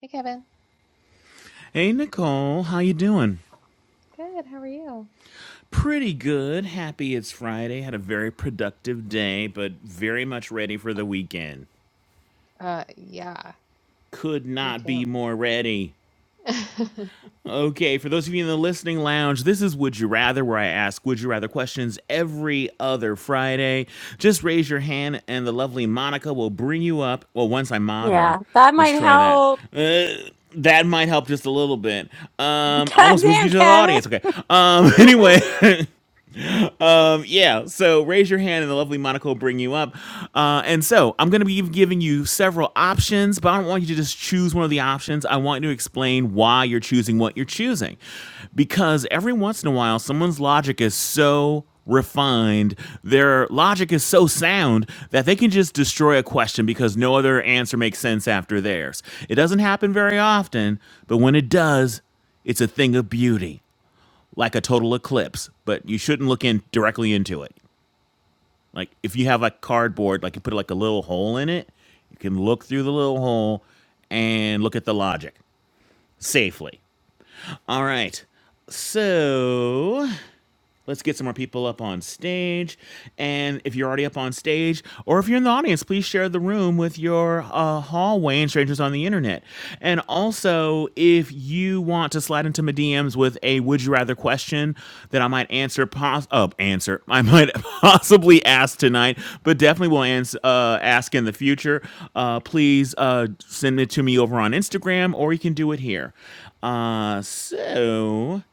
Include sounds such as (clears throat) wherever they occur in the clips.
Hey Kevin. Hey Nicole, how you doing? Good. How are you? Pretty good. Happy it's Friday. Had a very productive day, but very much ready for the weekend. Uh yeah, Could me not be too. more ready. (laughs) Okay, for those of you in the listening lounge, this is Would You Rather, where I ask Would You Rather questions every other Friday. Just raise your hand, and the lovely Monica will bring you up. Well, once I mod her, Yeah, that let's might try that. help. Uh, that might help just a little bit. Um, (laughs) I God almost moved damn, you to the Kevin. audience. Okay. Um, (laughs) anyway, (laughs) um, yeah. So raise your hand, and the lovely Monica will bring you up. Uh, and so I'm going to be giving you several options, but I don't want you to just choose one of the options. I want you to explain why you're choosing what you're choosing, because every once in a while, someone's logic is so refined their logic is so sound that they can just destroy a question because no other answer makes sense after theirs it doesn't happen very often but when it does it's a thing of beauty like a total eclipse, but you shouldn't look in directly into it. Like if you have a cardboard, like you put like a little hole in it, you can look through the little hole and look at the logic safely. All right. So Let's get some more people up on stage. And if you're already up on stage, or if you're in the audience, please share the room with your uh, hallway and strangers on the internet. And also, if you want to slide into my DMs with a would you rather question that I might answer, pos- uh, answer, I might (laughs) possibly ask tonight, but definitely will ans- uh, ask in the future, uh, please uh, send it to me over on Instagram, or you can do it here. Uh, so.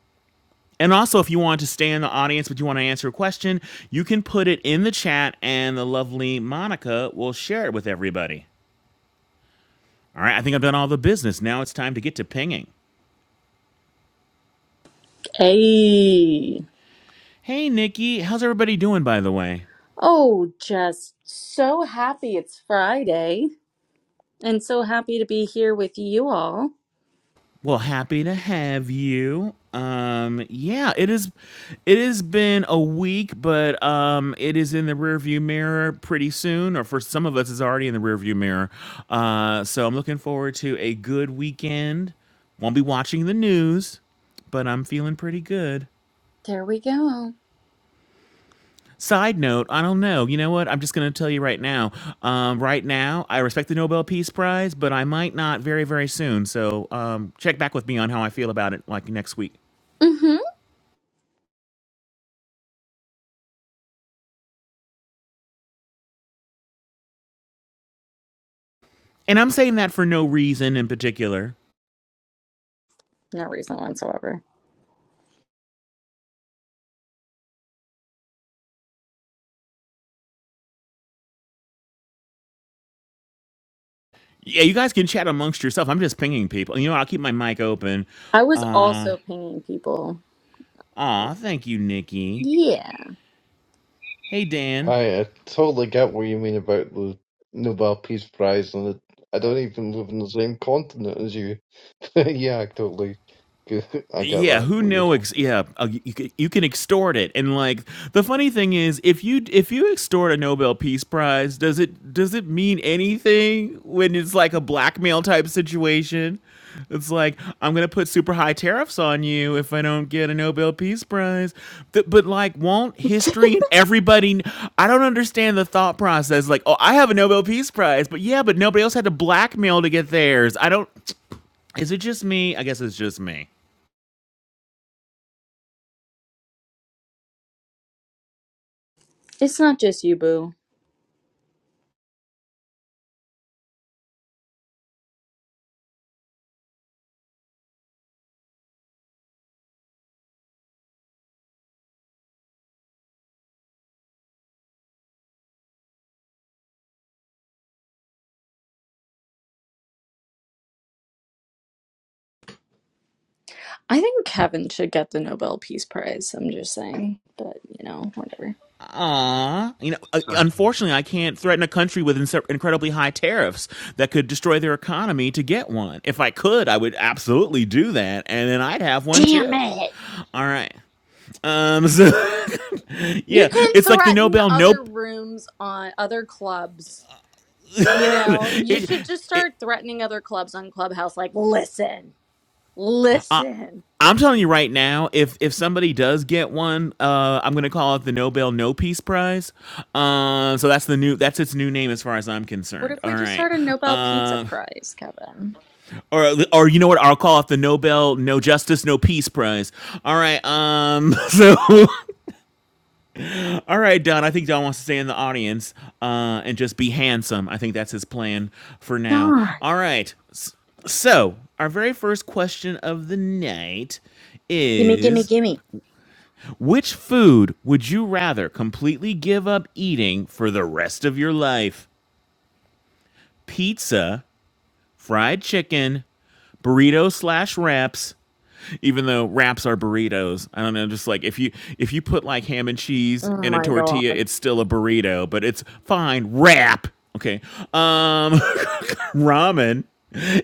And also, if you want to stay in the audience but you want to answer a question, you can put it in the chat and the lovely Monica will share it with everybody. All right, I think I've done all the business. Now it's time to get to pinging. Hey. Hey, Nikki, how's everybody doing, by the way? Oh, just so happy it's Friday and so happy to be here with you all. Well, happy to have you. Um, yeah, it is. It has been a week, but um, it is in the rearview mirror pretty soon, or for some of us, it's already in the rearview mirror. Uh, so I'm looking forward to a good weekend. Won't be watching the news, but I'm feeling pretty good. There we go. Side note, I don't know. You know what? I'm just going to tell you right now. Um, right now, I respect the Nobel Peace Prize, but I might not very, very soon. So um, check back with me on how I feel about it like next week. Mm-hmm. And I'm saying that for no reason in particular. No reason whatsoever. Yeah, you guys can chat amongst yourself. I'm just pinging people. You know, I'll keep my mic open. I was Uh, also pinging people. aw, thank you, Nikki. Yeah. (laughs) Hey, Dan. Hi, I totally get what you mean about the Nobel Peace Prize, and it, I don't even live in the same continent as you. (laughs) yeah, I totally. get- I get Yeah, that, who what you're know? Ex- talking. yeah, uh, you, c- you can extort it, and like the funny thing is, if you if you extort a Nobel Peace Prize, does it does it mean anything when it's like a blackmail type situation? It's like I'm gonna put super high tariffs on you if I don't get a Nobel Peace Prize. Th- but like, won't history and everybody? kn- I don't understand the thought process. Like, oh, I have a Nobel Peace Prize, but yeah, but nobody else had to blackmail to get theirs. I don't. Is it just me? I guess it's just me. It's not just you, Boo. I think Kevin should get the Nobel Peace Prize. I'm just saying. But, you know, whatever. Ah, you know, uh, Sorry. unfortunately, I can't threaten a country with inse- incredibly high tariffs that could destroy their economy to get one. If I could, I would absolutely do that, and then I'd have one Damn too. it. All right. Um. (laughs) So, You yeah, can it's like the threaten Nobel other Nope. (laughs) rooms on other clubs. You know, you It, should just it, start threatening other clubs on Clubhouse, like, listen, listen. I'm telling you right now, if if somebody does get one, uh, I'm gonna call it the Nobel No Peace Prize. Um, Uh, so that's the new that's its new name as far as I'm What concerned. if All we just right. start a Nobel Pizza Um, Prize, Kevin? or or you know what i'll call it the nobel no justice no peace prize all right um so (laughs) all right don i think don wants to stay in the audience uh and just be handsome i think that's his plan for now Darn. all right so our very first question of the night Gimme, gimme, is gimme. which food would you rather completely give up eating for the rest of your life pizza fried chicken burrito slash wraps even though wraps are burritos. I don't know, just like if you if you put like ham and cheese Oh in a my tortilla, God. it's still a burrito, but it's fine wrap. Okay. Um (laughs) ramen.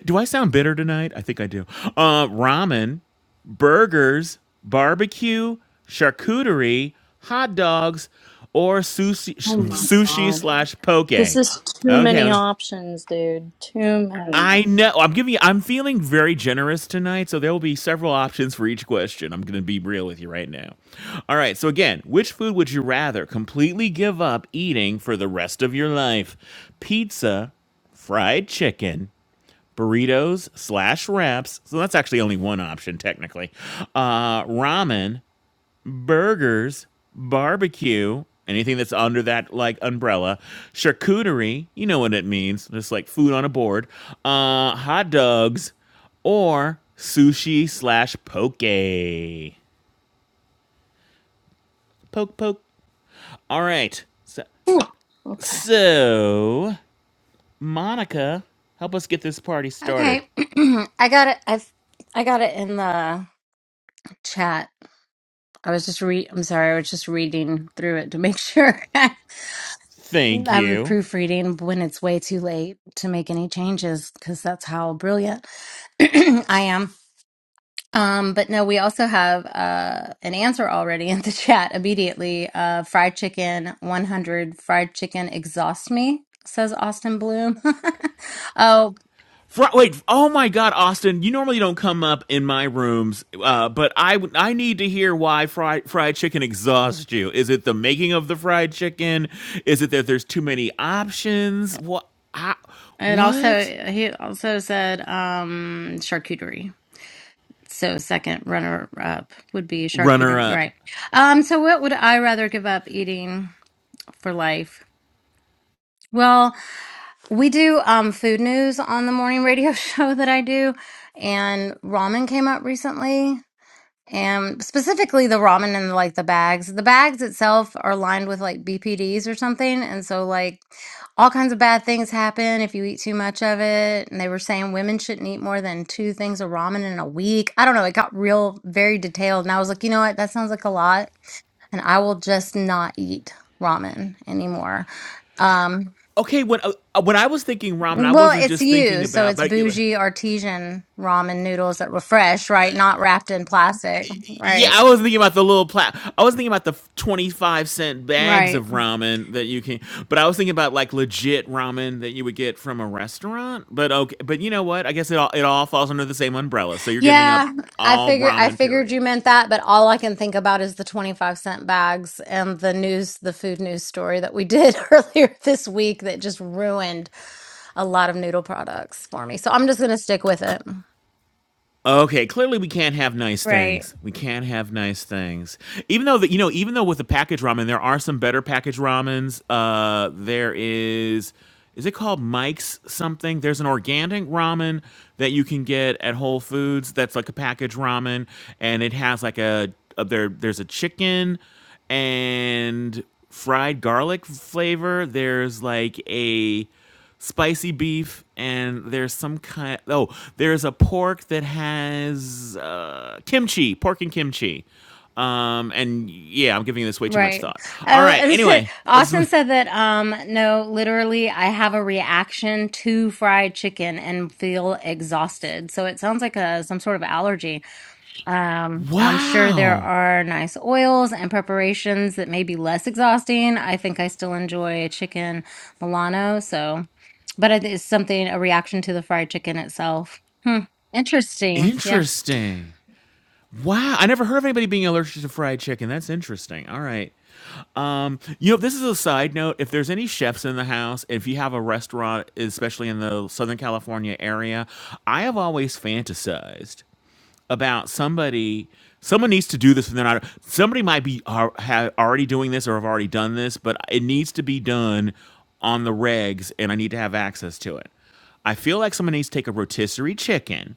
Do I sound bitter tonight? I think I do. Uh ramen, burgers, barbecue, charcuterie, hot dogs, or sushi Oh my sushi God. slash poke. This Okay, is too let many me options, dude. Too many. I know. I'm giving you, I'm feeling very generous tonight, so there will be several options for each question. I'm going to be real with you right now. All right. So, again, which food would you rather completely give up eating for the rest of your life? Pizza, fried chicken, burritos slash wraps. So, that's actually only one option, technically. Uh, ramen, burgers, barbecue, anything that's under that like umbrella, charcuterie, you know what it means, just like food on a board, uh, hot dogs, or sushi slash poke. Poke, poke. All right. So, Whew. Okay. so, Monica, help us get this party started. Okay, (clears throat) I got it. I have I got it in the chat. I was just re. I'm sorry. I was just reading through it to make sure (laughs) Thank I'm you. proofreading when it's way too late to make any changes because that's how brilliant (clears throat) I am. Um, but no, we also have uh, an answer already in the (laughs) chat immediately. Uh, fried chicken 100. Fried chicken exhaust me, says Austin Bloom. (laughs) oh, Fr- wait, oh my God, Austin! You normally don't come up in my rooms, uh, but I I need to hear why fried fried chicken exhausts you. Is it the making of the fried chicken? Is it that there's too many options? What? I, It also what? he also said um charcuterie. So second runner up would be Runner charcuterie, up. right? Um so what would I rather give up eating for life? Well, we do um food news on the morning radio (laughs) show that I do and ramen came up recently and specifically the ramen and like the bags. The bags itself are lined with like BPDs or something, and so like all kinds of bad things happen if you eat too much of it. And they were saying women shouldn't eat more than two things of ramen in a week. I don't know. It got real very detailed, and I was like, you know what? That sounds like a lot, and I will just not eat ramen anymore. Um, Okay, when uh, uh, when I was thinking ramen, I well, wasn't it's just you, thinking so about, it's but. bougie artesian ramen noodles that were fresh, right? Not wrapped in plastic, Yeah, right? I was thinking about the little plat. I was thinking about the twenty-five cent bags Right. of ramen that you can. But I was thinking about like legit ramen that you would get from a restaurant. But okay, but you know what? I guess it all it all falls under the same umbrella. So you're giving up Yeah, I all figure I ramen. figured Period. you meant that, but all I can think about is the 25 cent bags and the news, the food news story that we did (laughs) earlier this week that just ruined a lot of noodle products for me. So I'm just going to stick with it. Okay, clearly we can't have nice Right. things. We can't have nice things. Even though that you know, even though with the package ramen, there are some better package ramens. Uh, there is, is it called Mike's something? There's an organic ramen that you can get at Whole Foods. That's like a package ramen, and it has like a, a there. There's a chicken and fried garlic flavor. There's like a spicy beef, and there's some kind. Oh, there's a pork that has uh, kimchi, pork and kimchi. Um, and yeah, I'm giving this way too much Right. thought. All right. Oh, Anyway, (laughs) let's. Austin said that um no, literally I have a reaction to fried chicken and feel exhausted. So it sounds like a some sort of allergy. Um, I'm sure there Wow, are nice oils and preparations that may be less exhausting. I think I still enjoy chicken Milano, so, but it is something, a reaction to the fried chicken itself. Hmm. Interesting. Yeah. interesting. Wow, I never heard of anybody being allergic to fried chicken. That's interesting. All right. Um, you know, this is a side note. If there's any chefs in the house, if you have a restaurant, especially in the Southern California area, I have always fantasized about somebody. Someone needs to do this, and they're not. Somebody might be are, have already doing this or have already done this, but it needs to be done on the regs, and I need to have access to it. I feel like someone needs to take a rotisserie chicken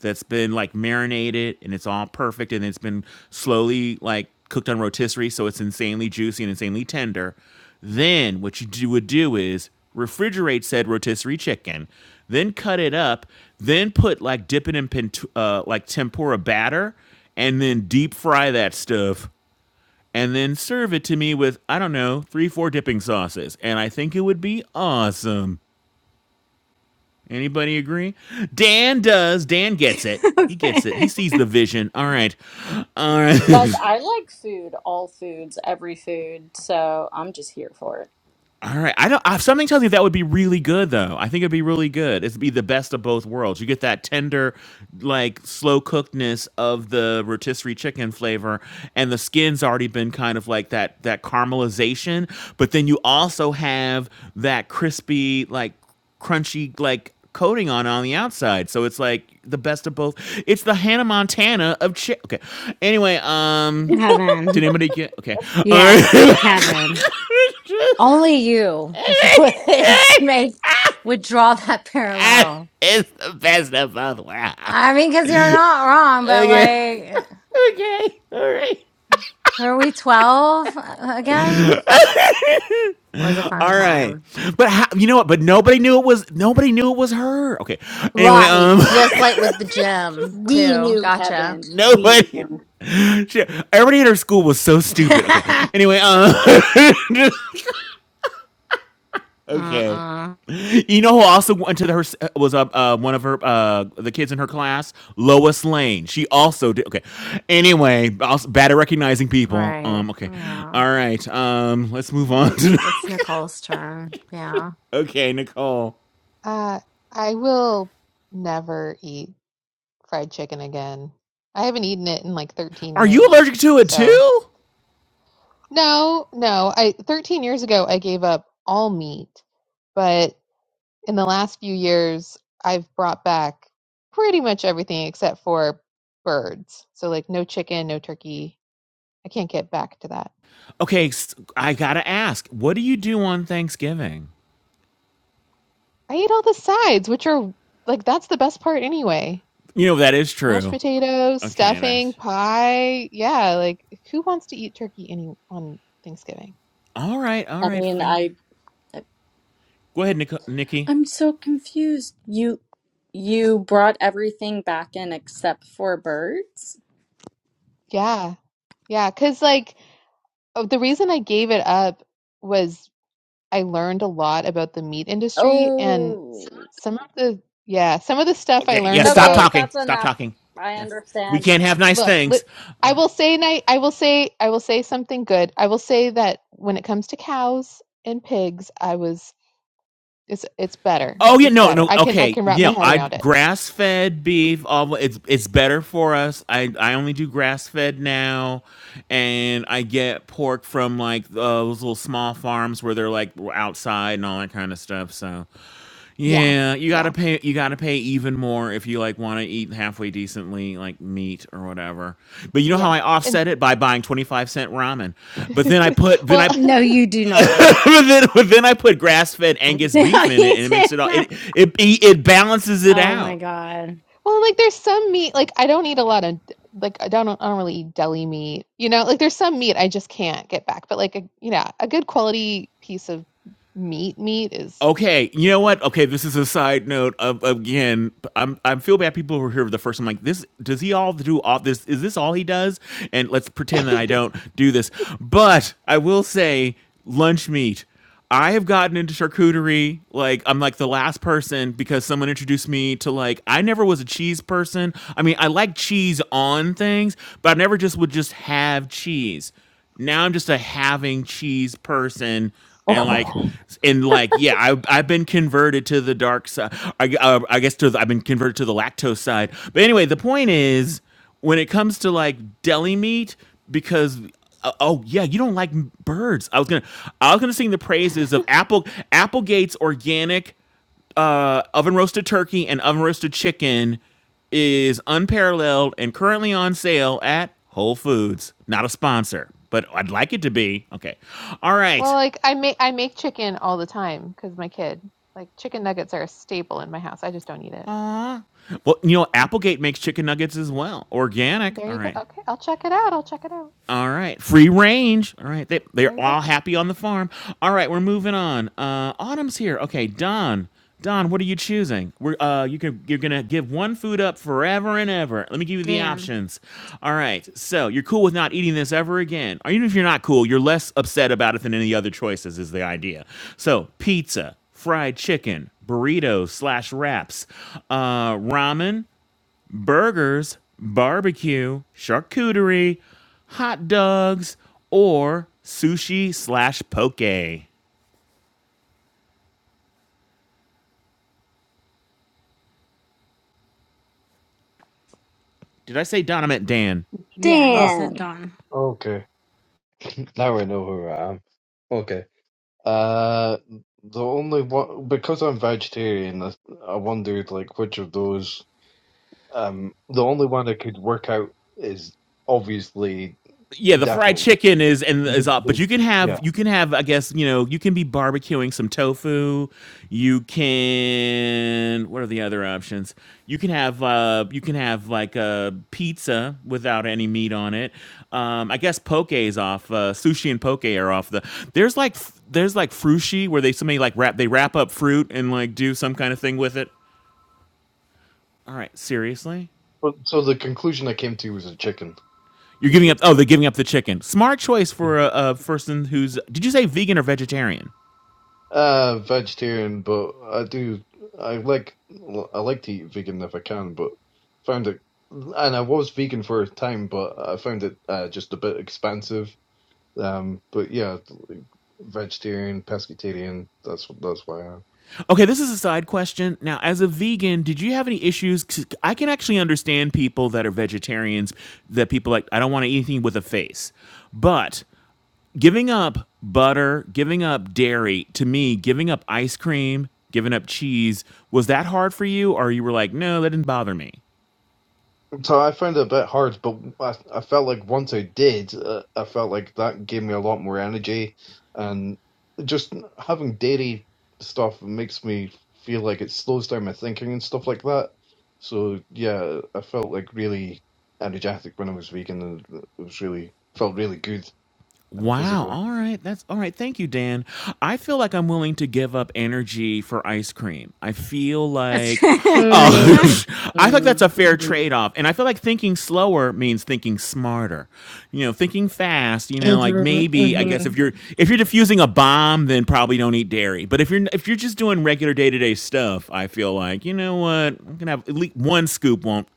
that's been like marinated and it's all perfect and it's been slowly like cooked on rotisserie so it's insanely juicy and insanely tender then what you do, would do is refrigerate said rotisserie chicken then cut it up then put like dip it in pent- uh, like tempura batter and then deep fry that stuff and then serve it to me with i don't know three four dipping sauces and i think it would be awesome Anybody agree? Dan does. Dan gets it. (laughs) He gets it. He okay. sees the vision. All right. All right. Guys, I like food, all foods, every food, so I'm just here for it. All right. I don't. I, something tells me that would be really good, though. I think it'd be really good. It'd be the best of both worlds. You get that tender, like slow cookedness of the rotisserie chicken flavor, and the skin's already been kind of like that that caramelization. But then you also have that crispy, like crunchy, like coating on on the outside. So it's like the best of both. It's the Hannah Montana of chick. Okay. Anyway, um, did Kevin. anybody get? Okay. All right. Yes, Kevin. Only you (laughs) would (laughs) make, would draw that (laughs) parallel. it's the best of both worlds. I mean, because you're not wrong, but Okay. like, Okay. All right. were we 12 uh, again? Was a fun All time. right. But how, you know what? But nobody knew it was nobody knew it was her. Okay. Anyway, Right. um Just like with the gym, We too. knew, Kevin. Gotcha. (laughs) We nobody knew. she, everybody at her school was so stupid. Okay. (laughs) Anyway, um (laughs) okay. Mm-mm. You know who also went to the, her was uh, uh, one of her uh, the kids in her class, Lois Lane. She also did okay. Anyway, also bad at recognizing people. Right. Um, okay, Yeah. all right. Um, let's move on. N- to (laughs) It's Nicole's turn. Yeah. Okay, Nicole. Uh I will never eat fried chicken again. I haven't eaten it in like 13 Are you years. allergic to it So, too? no, no. I 13 years ago I gave up all meat, but in the last few years I've brought back pretty much everything except for birds. So like no chicken, no turkey. I can't get back to that. Okay, I I gotta ask. What do you do on Thanksgiving? I eat all the sides, which are like that's the best part anyway. You know that is Mashed true. potatoes, Okay, stuffing, that's pie. Yeah, like who wants to eat turkey any on Thanksgiving? all right. All I right, mean, fair enough. I. Go ahead, Nico- Nikki. I'm so confused. You you brought everything back in except for birds? Yeah. Yeah, 'cause like oh, the reason I gave it up was I learned a lot about the meat industry and Oh. some of the yeah, some of the stuff I Okay, yeah. learned Stop Okay, about talking. that's Stop enough. talking. I Yeah, we understand. can't have nice look, li things. All right. I will say and I I will say I will say something good. I will say that when it comes to cows and pigs, I was It's it's better. Oh yeah, It's no, better. no, I can I okay, can wrap my yeah, head I around it. grass fed beef. All it's it's better for us. I I only do grass fed now, and I get pork from like uh, those little small farms where they're like outside and all that kind of stuff. So Yeah. yeah, you Yeah. gotta pay you gotta pay even more if you like want to eat halfway decently like meat or whatever. But you know how Yeah. I And offset it by buying twenty five cent ramen. (laughs) But then I put then well, I No, you (laughs) do not. (laughs) but then, but then I put grass fed (laughs) Angus No, beef in you it, and it do makes it all it not. it it balances it Oh my out. God. well, like there's some meat like I don't eat a lot of like I don't I don't really eat deli meat. You know, like there's some meat I just can't get back, but like a you know, a good quality piece of meat meat is Okay, you is know good. what? Okay, this is a side note. Of, again, I'm I feel bad people who are here for the first. I'm like, this does he all do all this? Is this all he does? And let's pretend that I (laughs) don't do this. But I will say, lunch meat. I have gotten into charcuterie. Like I'm like the last person because someone introduced me to like I never was a cheese person. I mean, I like cheese on things, but I never just would just have cheese. Now I'm just a having cheese person. And like, Oh, and like, yeah, I, I've been converted to the dark side. I, gu- uh, I guess to the, I've been converted to the lactose side. But anyway, the point is, when it comes to like deli meat because uh, oh yeah you don't like m- birds i was gonna i was gonna sing the praises of apple applegate's organic uh, oven roasted turkey and oven roasted chicken is unparalleled and currently on sale at Whole Foods. Not a sponsor, but I'd like it to be. Okay. All Well, right. like I make I make chicken all the time cuz my kid like chicken nuggets are a staple in my house. I just don't eat it. Well, you know, Yeah. Applegate makes chicken nuggets as well. Organic. There All you go. right. Okay, I'll check it out. I'll check it out. All right, free range. All right, they There they're you go. all happy on the farm. All right, we're moving on. Uh, autumn's here. Okay, Don. Don, what are you choosing? We're uh, you can you're gonna give one food up forever and ever. Let me give you the Dan. options. All right, so you're cool with not eating this ever again, or even if you're not cool, you're less upset about it than any other choices. Is the idea? So pizza, fried chicken, burritos slash wraps, uh, ramen, burgers, barbecue, charcuterie, hot dogs, or sushi slash poke. Did I say Don? I meant Dan. Yeah, you Ah, damn. said Don. okay. Now I know who I am. Okay. Uh, the only one, because I'm vegetarian, I, I wondered, like, which of those, um, the only one I could work out is obviously, yeah, the fried definitely. chicken is and is up, but you can Yeah. have you can have I guess you know you can be barbecuing some tofu. You can what are the other options? You can have uh you can have like a pizza without any meat on it. Um, I guess poke is off. Uh, sushi and poke are off the. There's like f- there's like frushi where they somebody like wrap they wrap up fruit and like do some kind of thing with it. All right, seriously. But, so the conclusion I came to was a chicken, You're because. giving up. Oh, they're giving up the chicken. Smart choice for a, a person who's. Did you say vegan or vegetarian? Uh, vegetarian, but I do I like I like to eat vegan if I can, but found it and I was vegan for a time, but I found it uh, just a bit expensive. Um, but yeah, like, vegetarian, pescatarian. That's that's why. I'm. Okay, this is a side question. Now, as a vegan, did you have any issues? 'Cause I can actually understand people that are vegetarians. That people like. I don't want to eat anything with a face. But giving up butter, giving up dairy, to me, giving up ice cream, giving up cheese, was that hard for you, or you were like, no, that didn't bother me? So I found it a bit hard, but I, I felt like once I did, uh, I felt like that gave me a lot more energy, and just having dairy stuff makes me feel like it slows down my thinking and stuff like that. So yeah, I felt like really energetic when I was vegan, and it was really felt really good uh, Wow. physically. All right. That's all right. Thank you, Dan. I feel like I'm willing to give up energy for ice cream. I feel That's (laughs) like, oh, Mm-hmm. (laughs) I feel like that's a fair Mm-hmm. trade off. And I feel like thinking slower means thinking smarter. You know, thinking fast. You know, like maybe I guess if Mm-hmm. you're if you're diffusing a bomb, then probably don't eat dairy. But if you're if you're just doing regular day to day stuff, I feel like you know what I'm gonna have at least one scoop won't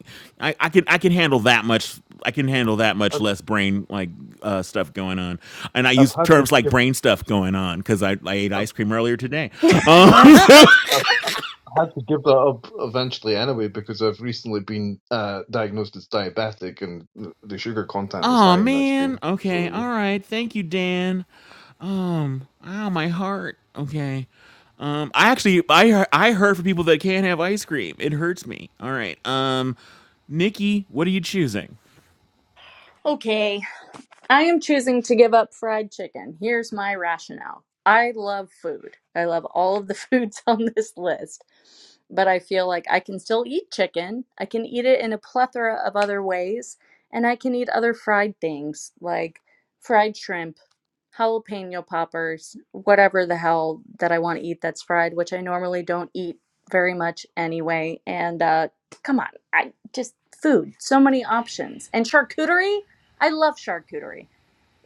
I, I can I can handle that much. I can handle that much I've less brain like uh, stuff going on, and I I've use had the terms like shift. brain stuff going on because I, I ate ice cream earlier today. Um, I've, i had to give that up eventually anyway because I've recently been uh, diagnosed as diabetic and th- the sugar (laughs) content is oh high in ice man. cream. So Okay. yeah. All right. Thank you, Dan. Um. Ow, my heart. Okay. Um. I actually I hear- I heard for people that can't have ice cream. It hurts me. All right. Um. Nikki, what are you choosing? (laughs) Okay. I am choosing to give up fried chicken. Here's my rationale. I love food. I love all of the (laughs) foods on this list, but I feel like I can still eat chicken. I can eat it in a plethora of other ways, and I can eat other fried things like fried shrimp, jalapeno poppers, whatever the hell that I want to eat that's fried, which I normally don't eat very much anyway. And uh, come on, I just food, so many options. And charcuterie, I love charcuterie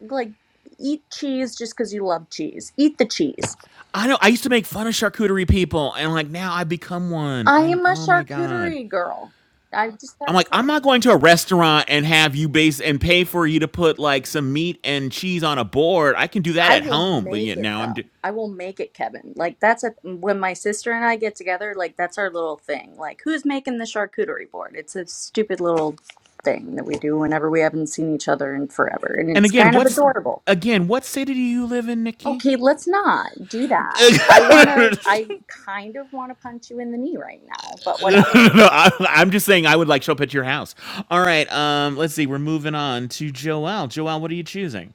like eat cheese just because you love cheese. Eat the cheese. I know I used to make fun of charcuterie people, and like now I become one. I I'm am a oh my god. charcuterie girl. I just I'm have like, to say, I'm not going to a restaurant and have you base and pay for you to put like some meat and cheese on a board. I can do that I at will home, but make yet it now I'm. though. Do- I will make it, Kevin. Like that's a mm, when my sister and I get together, like that's our little thing. Like who's making the charcuterie board? It's a stupid little thing that we do whenever we haven't seen each other in forever, and and it's again, kind of what's adorable. again? What city do you live in, Nikki? Okay, let's not do that. I want (laughs) no, to, I kind of want to punch you in the knee right now, but whatever. I, I'm just saying I would like show up at your house. All right, um, let's see. We're moving on to Joelle. Joelle, what are you choosing?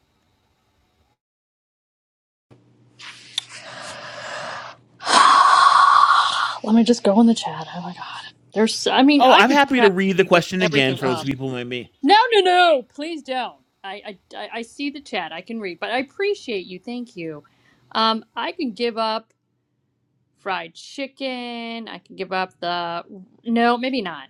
(gasps) Let me just go in the chat. Oh my god. There's I mean, Oh, I I'm could happy to read the practically get question again everything for those up. people who might be. No, no, no. Please don't. I I I I see the chat. I can read, but I appreciate you. Thank you. Um I can give up fried chicken. I can give up the No, maybe not.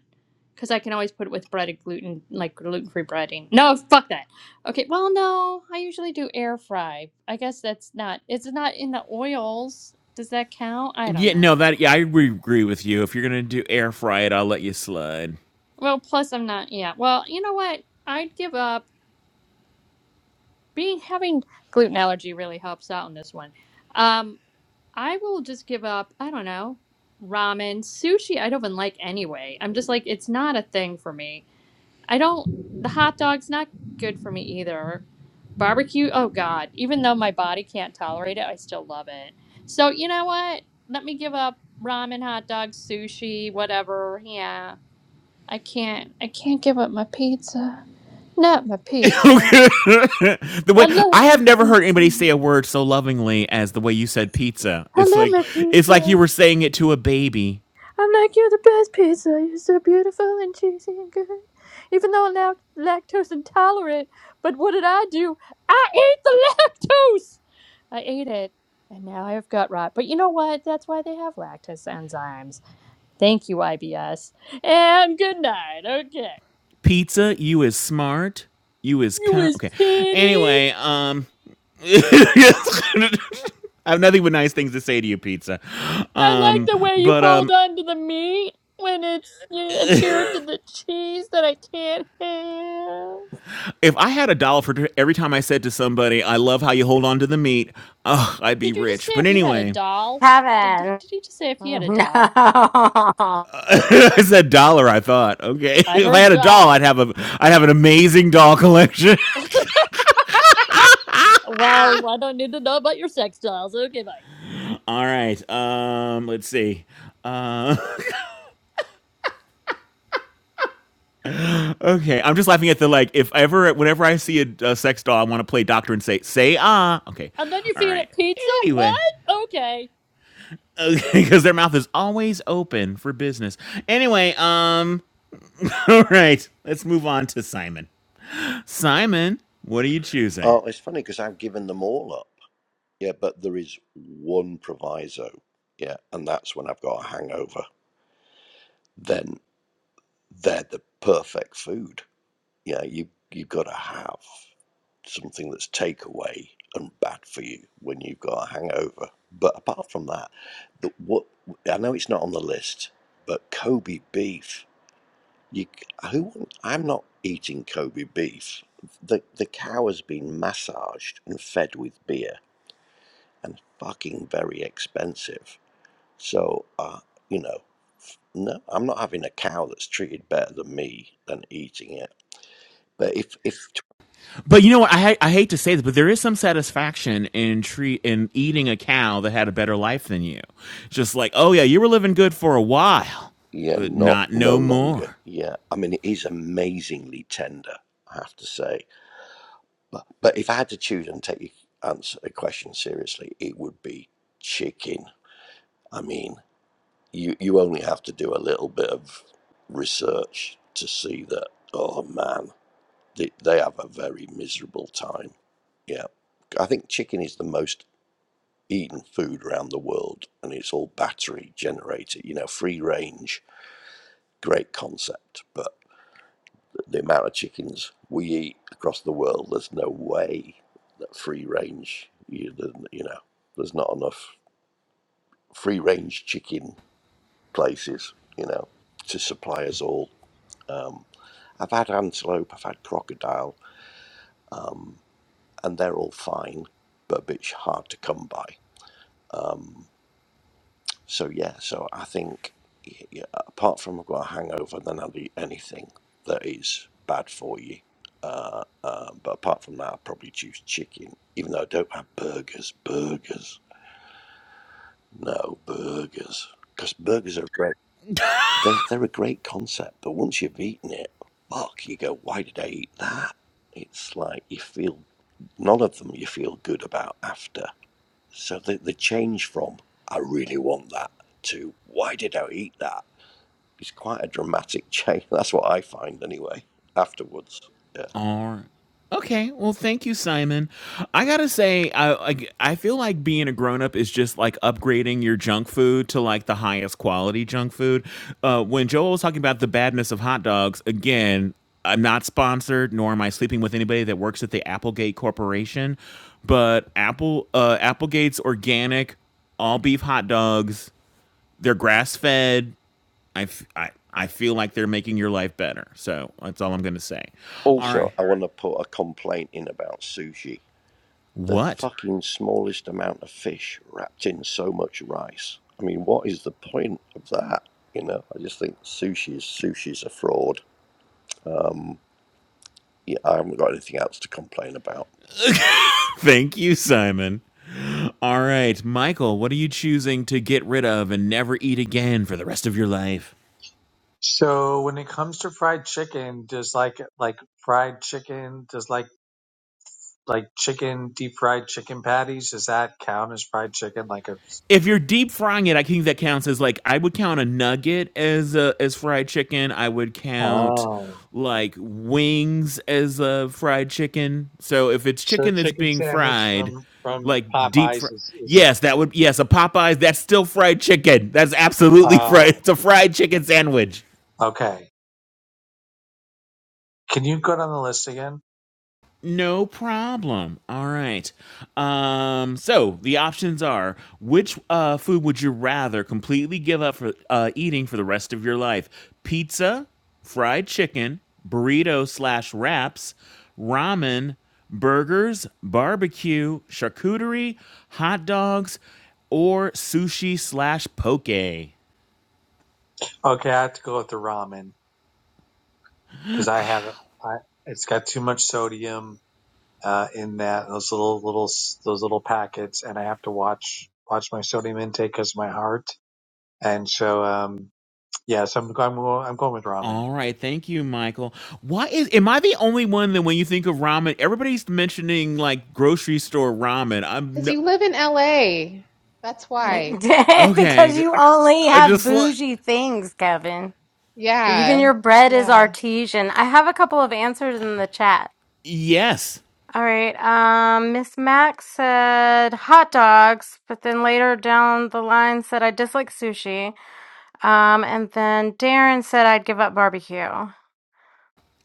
Cuz I can always put it with bread and gluten like gluten-free breading. No, fuck that. Okay, well, no. I usually do air fry. I guess that's not It's not in the oils. Does that count? I don't Yeah, know. no, that yeah, I agree with you. If you're gonna do air fry it, I'll let you slide. Well, plus I'm not. Yeah. Well, you know what? I'd give up. Being having gluten allergy really helps out in this one. Um, I will just give up. I don't know ramen, sushi. I don't even like anyway. I'm just like it's not a thing for me. I don't. The hot dog's not good for me either. Barbecue. Oh God. Even though my body can't tolerate it, I still love it. So you know what? Let me give up ramen, hot dogs, sushi, whatever. Yeah. I can't. I can't give up my pizza. Not my (laughs) pizza. the way I love I my have never heard anybody pizza. say a word so lovingly as the way you said pizza. I It's love like my it's like you pizza. were saying it to a baby. I'm like, you're the best pizza. You're so beautiful and cheesy and good. Even though I'm lact- lactose intolerant, but what did I do? I ate the lactose! I ate it, and now I have gut rot. But you know what? That's why they have lactase enzymes. Thank you, IBS. And good night, okay. Pizza, you is smart, you is You kind. was Okay. pity. Anyway, um, (laughs) I have nothing but nice things to say to you, pizza. I like Um, the way you but hold um, on to the meat when it's you adhere to the cheese that I can't have. if I had a dollar for every time I said to somebody, "I love how you hold on to the meat," oh, I'd be Did you just say rich. But if you had a anyway. doll? Did did Kevin. he just say if he had a No. doll? (laughs) I said dollar. I thought, okay, (laughs) I if I heard had a doll, I'd doll. have a, I'd have an amazing doll collection. (laughs) Well, I don't need to know about your sex dolls. Okay, bye. All right, um, let's see. Uh, okay, I'm just laughing at the like. If ever, whenever I see a, a sex doll, I want to play doctor and say, say ah. Okay, And then you all feed right. it pizza? Anyway, What? Okay. (laughs) okay, because their mouth is always open for business. Anyway, um, (laughs) all right, let's move on to Simon. Simon, what are you choosing? Oh, it's funny because I've given them all up. Yeah, but there is one proviso. Yeah, and that's when I've got a hangover. Then they're the perfect food. Yeah, you you've got to have something that's takeaway and bad for you when you've got a hangover. But apart from that, the, what I know it's not on the list, but Kobe beef. You c- who? want- I'm not eating Kobe beef. The the cow has been massaged and fed with beer and fucking very expensive. So, uh, you know, no, I'm not having a cow that's treated better than me than eating it. But if, if, But you know what? I I hate to say this, but there is some satisfaction in treat in eating a cow that had a better life than you. Just like, oh yeah, you were living good for a while, yeah, but not, not no no longer. more. Yeah. I mean, it is amazingly tender, I have to say. But, but if I had to choose and take your answer, a question seriously, it would be chicken. I mean, you, you only have to do a little bit of research to see that, oh man, They, they have a very miserable time. Yeah. I think chicken is the most eaten food around the world and it's all battery generated, you know, free range, great concept. But the amount of chickens we eat across the world, there's no way that free range, you, you know, there's not enough free range chicken places, you know, to supply us all. Um, I've had antelope, I've had crocodile, um, and they're all fine, but a bit hard to come by. Um, so yeah, so I think yeah, apart from I've got a hangover, then I'll eat anything that is bad for you. Uh, uh, but apart from that, I probably choose chicken, even though I don't have burgers. Burgers, no burgers, because burgers are great. They're they're a great concept, but once you've eaten it, fuck, you go, why did I eat that? It's like you feel none of them you feel good about after So the, the change from I really want that to why did I eat that is quite a dramatic change. (laughs) That's what I find anyway afterwards. Yeah. Alright. Okay. Well, thank you, Simon. I gotta say, I I, I feel like being a grown up is just like upgrading your junk food to like the highest quality junk food. Uh, when Joel was talking about the badness of hot dogs, again, I'm not sponsored, nor am I sleeping with anybody that works at the Applegate Corporation, but Apple uh, Applegate's organic all beef hot dogs. They're grass fed. I, f- I I feel like they're making your life better. So that's all I'm gonna say. All right. Also, I want to put a complaint in about sushi. The What? fucking smallest amount of fish wrapped in so much rice. I mean, what is the point of that? You know, I just think sushi is sushi's a fraud. Yeah, I haven't got anything else to complain about. Thank you, Simon. All right, Michael, what are you choosing to get rid of and never eat again for the rest of your life? So when it comes to fried chicken, does like like fried chicken, does like like chicken deep fried chicken patties, does that count as fried chicken? Like a If you're deep frying it, I think that counts as like I would count a nugget as a, as fried chicken. I would count oh, like wings as a fried chicken. So if it's so the chicken that's chicken being sandwich fried, from from like deep Popeyes fry. is is Yes, that would yes, a Popeyes, that's still fried chicken. That's absolutely fried. oh It's a fried chicken sandwich. okay. Can you go down the list again? No problem. All right. Um, so the options are: which uh, food would you rather completely give up for uh, eating for the rest of your life? Pizza, fried chicken, burrito slash wraps, ramen, burgers, barbecue, charcuterie, hot dogs, or sushi slash poke. Okay, I have to go with the ramen because I have I it's got too much sodium uh, in that those little little s- those little packets, and I have to watch watch my sodium intake because my heart. And so, um, yeah, so I'm going, more, I'm going with ramen. All right, thank you, Michael. Why is am I the only one that when you think of ramen, everybody's mentioning like grocery store ramen? I'm Because no you live in LA. That's (laughs) why. because because okay. you only Uh, have just like bougie things, Kevin. Even Yeah. your bread is Yeah. artesian. I have a couple of answers in the chat. yes, All right. Um, Miss Max said hot dogs, but then later down the line said I dislike sushi. Um, and then Darren said I'd give up barbecue.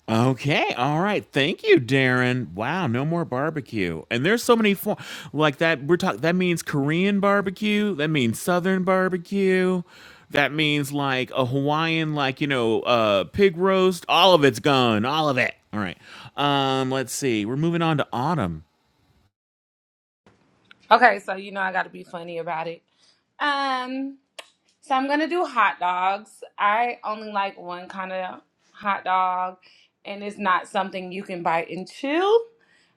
Okay, all right. Thank you, Darren. Wow, no more barbecue. And there's so many form like that. We're talking. That means Korean barbecue. That means Southern barbecue. That means like a Hawaiian, like you know, uh, pig roast. All of it's gone. All of it. All right. Um, let's see. We're moving on to autumn. Okay, so you know I got to be funny about it. Um, so I'm gonna do hot dogs. I only like one kind of hot dog, and it's not something you can bite and chew.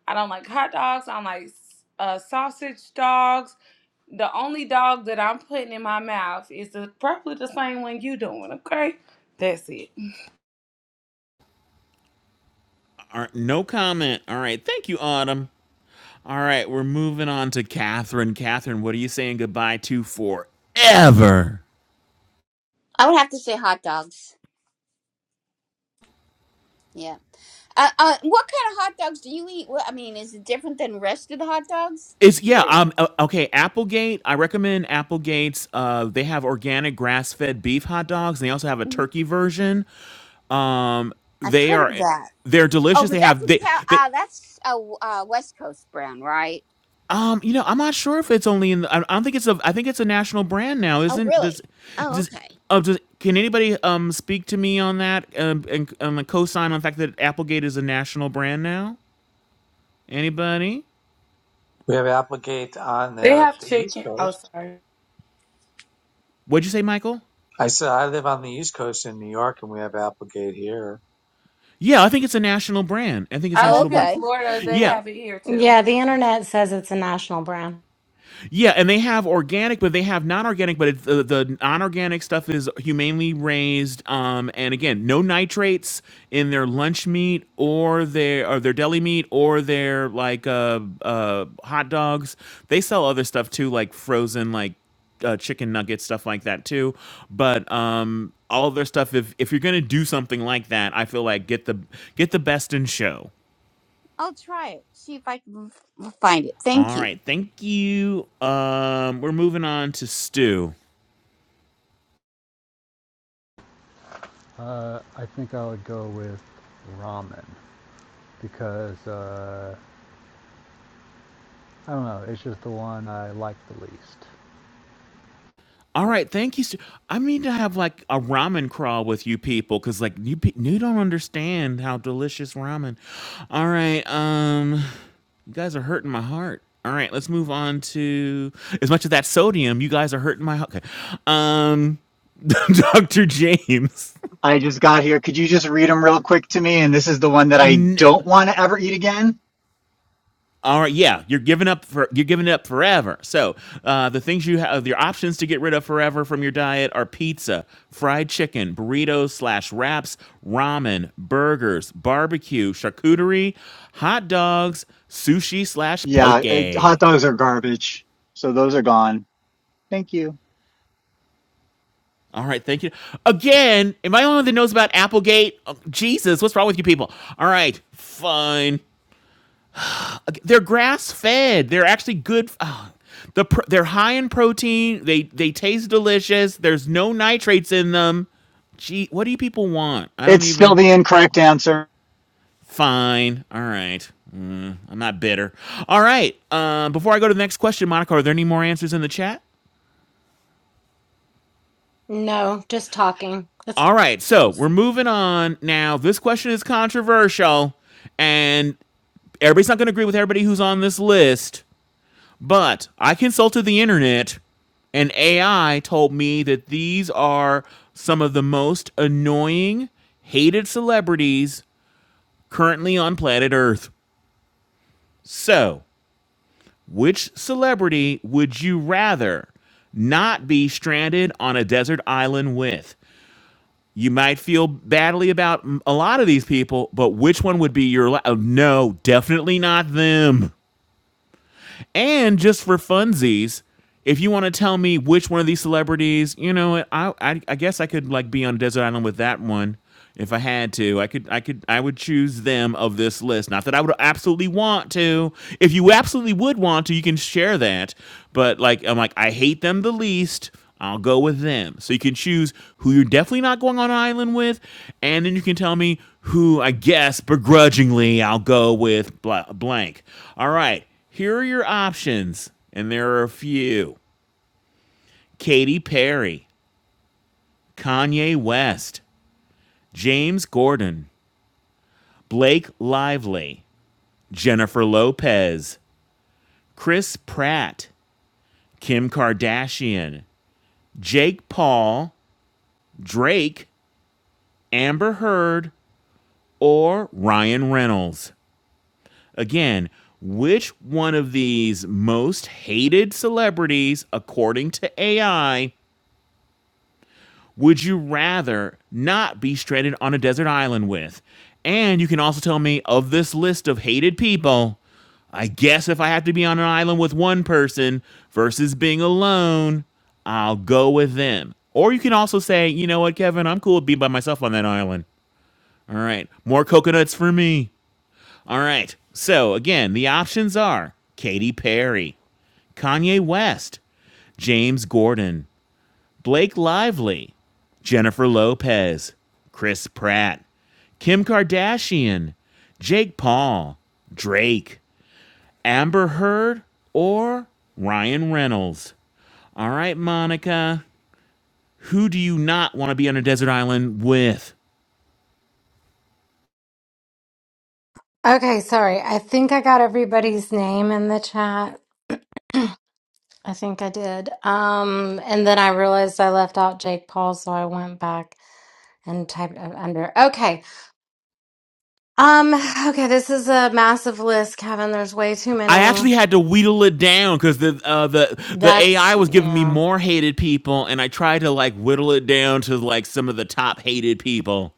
I don't like hot dogs. I don't like uh, sausage dogs. The only dog that I'm putting in my mouth is the, probably the same one you doing. Okay, that's it. All right, no comment. All right. Thank you, autumn. All right. We're moving on to Catherine. Catherine, what are you saying goodbye to forever? I would have to say hot dogs. Yeah. Uh, uh, what kind of hot dogs do you eat? What, I mean, is it different than the rest of the hot dogs? It's Just yeah. curious. Um. uh, Okay. Applegate. I recommend Applegate's. Uh. They have organic grass-fed beef hot dogs. They also have a Mhm. turkey version. Um. I've They heard are. of that. They're Oh, delicious. but They that's have a they town. they. Uh, that's a uh, West Coast brand, right? Um. You know. I'm not sure if it's only in. The, I I don't think it's a. I think it's a national brand now. Oh, Isn't really? does Oh, does. okay. Oh, does, can anybody um speak to me on that um, and um, co-sign on the fact that Applegate is a national brand now? Anybody? We have Applegate on They the, have the East chicken. Oh, Coast. sorry. What'd you say, Michael? I said I live on the East Coast in New York, and we have Applegate here. Yeah, I think it's a national brand. I think it's a I Oh, live national in brand. okay. Florida. They Yeah. Okay. have it here too. Yeah, the internet says it's a national brand. Yeah, and they have organic, but they have non-organic. But it's, uh, the non-organic stuff is humanely raised, um, and again, no nitrates in their lunch meat or their or their deli meat or their like uh, uh, hot dogs. They sell other stuff too, like frozen like uh, chicken nuggets, stuff like that too. But um, all of their stuff, if if you're gonna do something like that, I feel like get the get the best in show. I'll try it. See if I can f- find it. Thank All you. right, thank you. Um, we're moving on to Stu. Uh, I think I would go with ramen because uh, I don't know. It's just the one I like the least. All right, thank you. Stu- I mean to have like a ramen crawl with you people because like you pe- you don't understand how delicious ramen. All right, um, you guys are hurting my heart. All right, let's move on to as much of that sodium. You guys are hurting my heart. Okay, um, (laughs) Doctor James. (laughs) I just got here. Could you just read them real quick to me? And this is the one that I No. don't want to ever eat again. All right, yeah, you're giving up for you're giving it up forever. So uh, the things you have, your options to get rid of forever from your diet are pizza, fried chicken, burritos slash wraps, ramen, burgers, barbecue, charcuterie, hot dogs, sushi slash Yeah, poke. it, hot dogs are garbage. So those are gone. Thank you. All right, thank you again. Am I the only one that knows about Applegate? Oh, Jesus, what's wrong with you people? All right, fine. They're grass fed. They're actually good. Oh, the they're high in protein. They they taste delicious. There's no nitrates in them. Gee, what do you people want? I don't It's still even. the incorrect answer. Fine. All right. I'm not bitter. All right. Uh, before I go to the next question, Monica, are there any more answers in the chat? No, just talking. That's All right. So it's... we're moving on now. This question is controversial, and everybody's not going to agree with everybody who's on this list. But I consulted the internet, and AI told me that these are some of the most annoying, hated celebrities currently on planet Earth. So, which celebrity would you rather not be stranded on a desert island with? You might feel badly about mm, a lot of these people, but which one would be your la- oh, no, definitely not them. And just for funsies, if you want to tell me which one of these celebrities, you know, I, I I guess I could like be on a desert island with that one if I had to. I could I could I would choose them of this list. Not that I would absolutely want to. If you absolutely would want to, you can share that. But like I'm like I hate them the least. I'll go with them. So you can choose who you're definitely not going on an island with, and then you can tell me who I guess begrudgingly I'll go with bla- blank. All right. Here are your options, and there are a few Katy Perry, Kanye West, James Gordon, Blake Lively, Jennifer Lopez, Chris Pratt, Kim Kardashian, Jake Paul, Drake, Amber Heard, or Ryan Reynolds. Again, which one of these most hated celebrities, according to AI, would you rather not be stranded on a desert island with? And you can also tell me of this list of hated people, I guess if I have to be on an island with one person versus being alone, I'll go with them. Or you can also say, you know what, Kevin, I'm cool with being by myself on that island. All right, more coconuts for me. All right, so again, the options are Katy Perry, Kanye West, James Gordon, Blake Lively, Jennifer Lopez, Chris Pratt, Kim Kardashian, Jake Paul, Drake, Amber Heard, or Ryan Reynolds. All right, Monica, who do you not want to be on a desert island with? okay. Sorry. I think I got everybody's name in the chat. I think I did. Um, and then I realized I left out Jake Paul, so I went back. and typed up under. Okay. Um, okay, this is a massive list, Kevin. There's way too I many. actually had to wheedle it down because the uh, the the That's, AI was giving me yeah. more hated people, and I tried to like whittle it down to like some of the top hated people.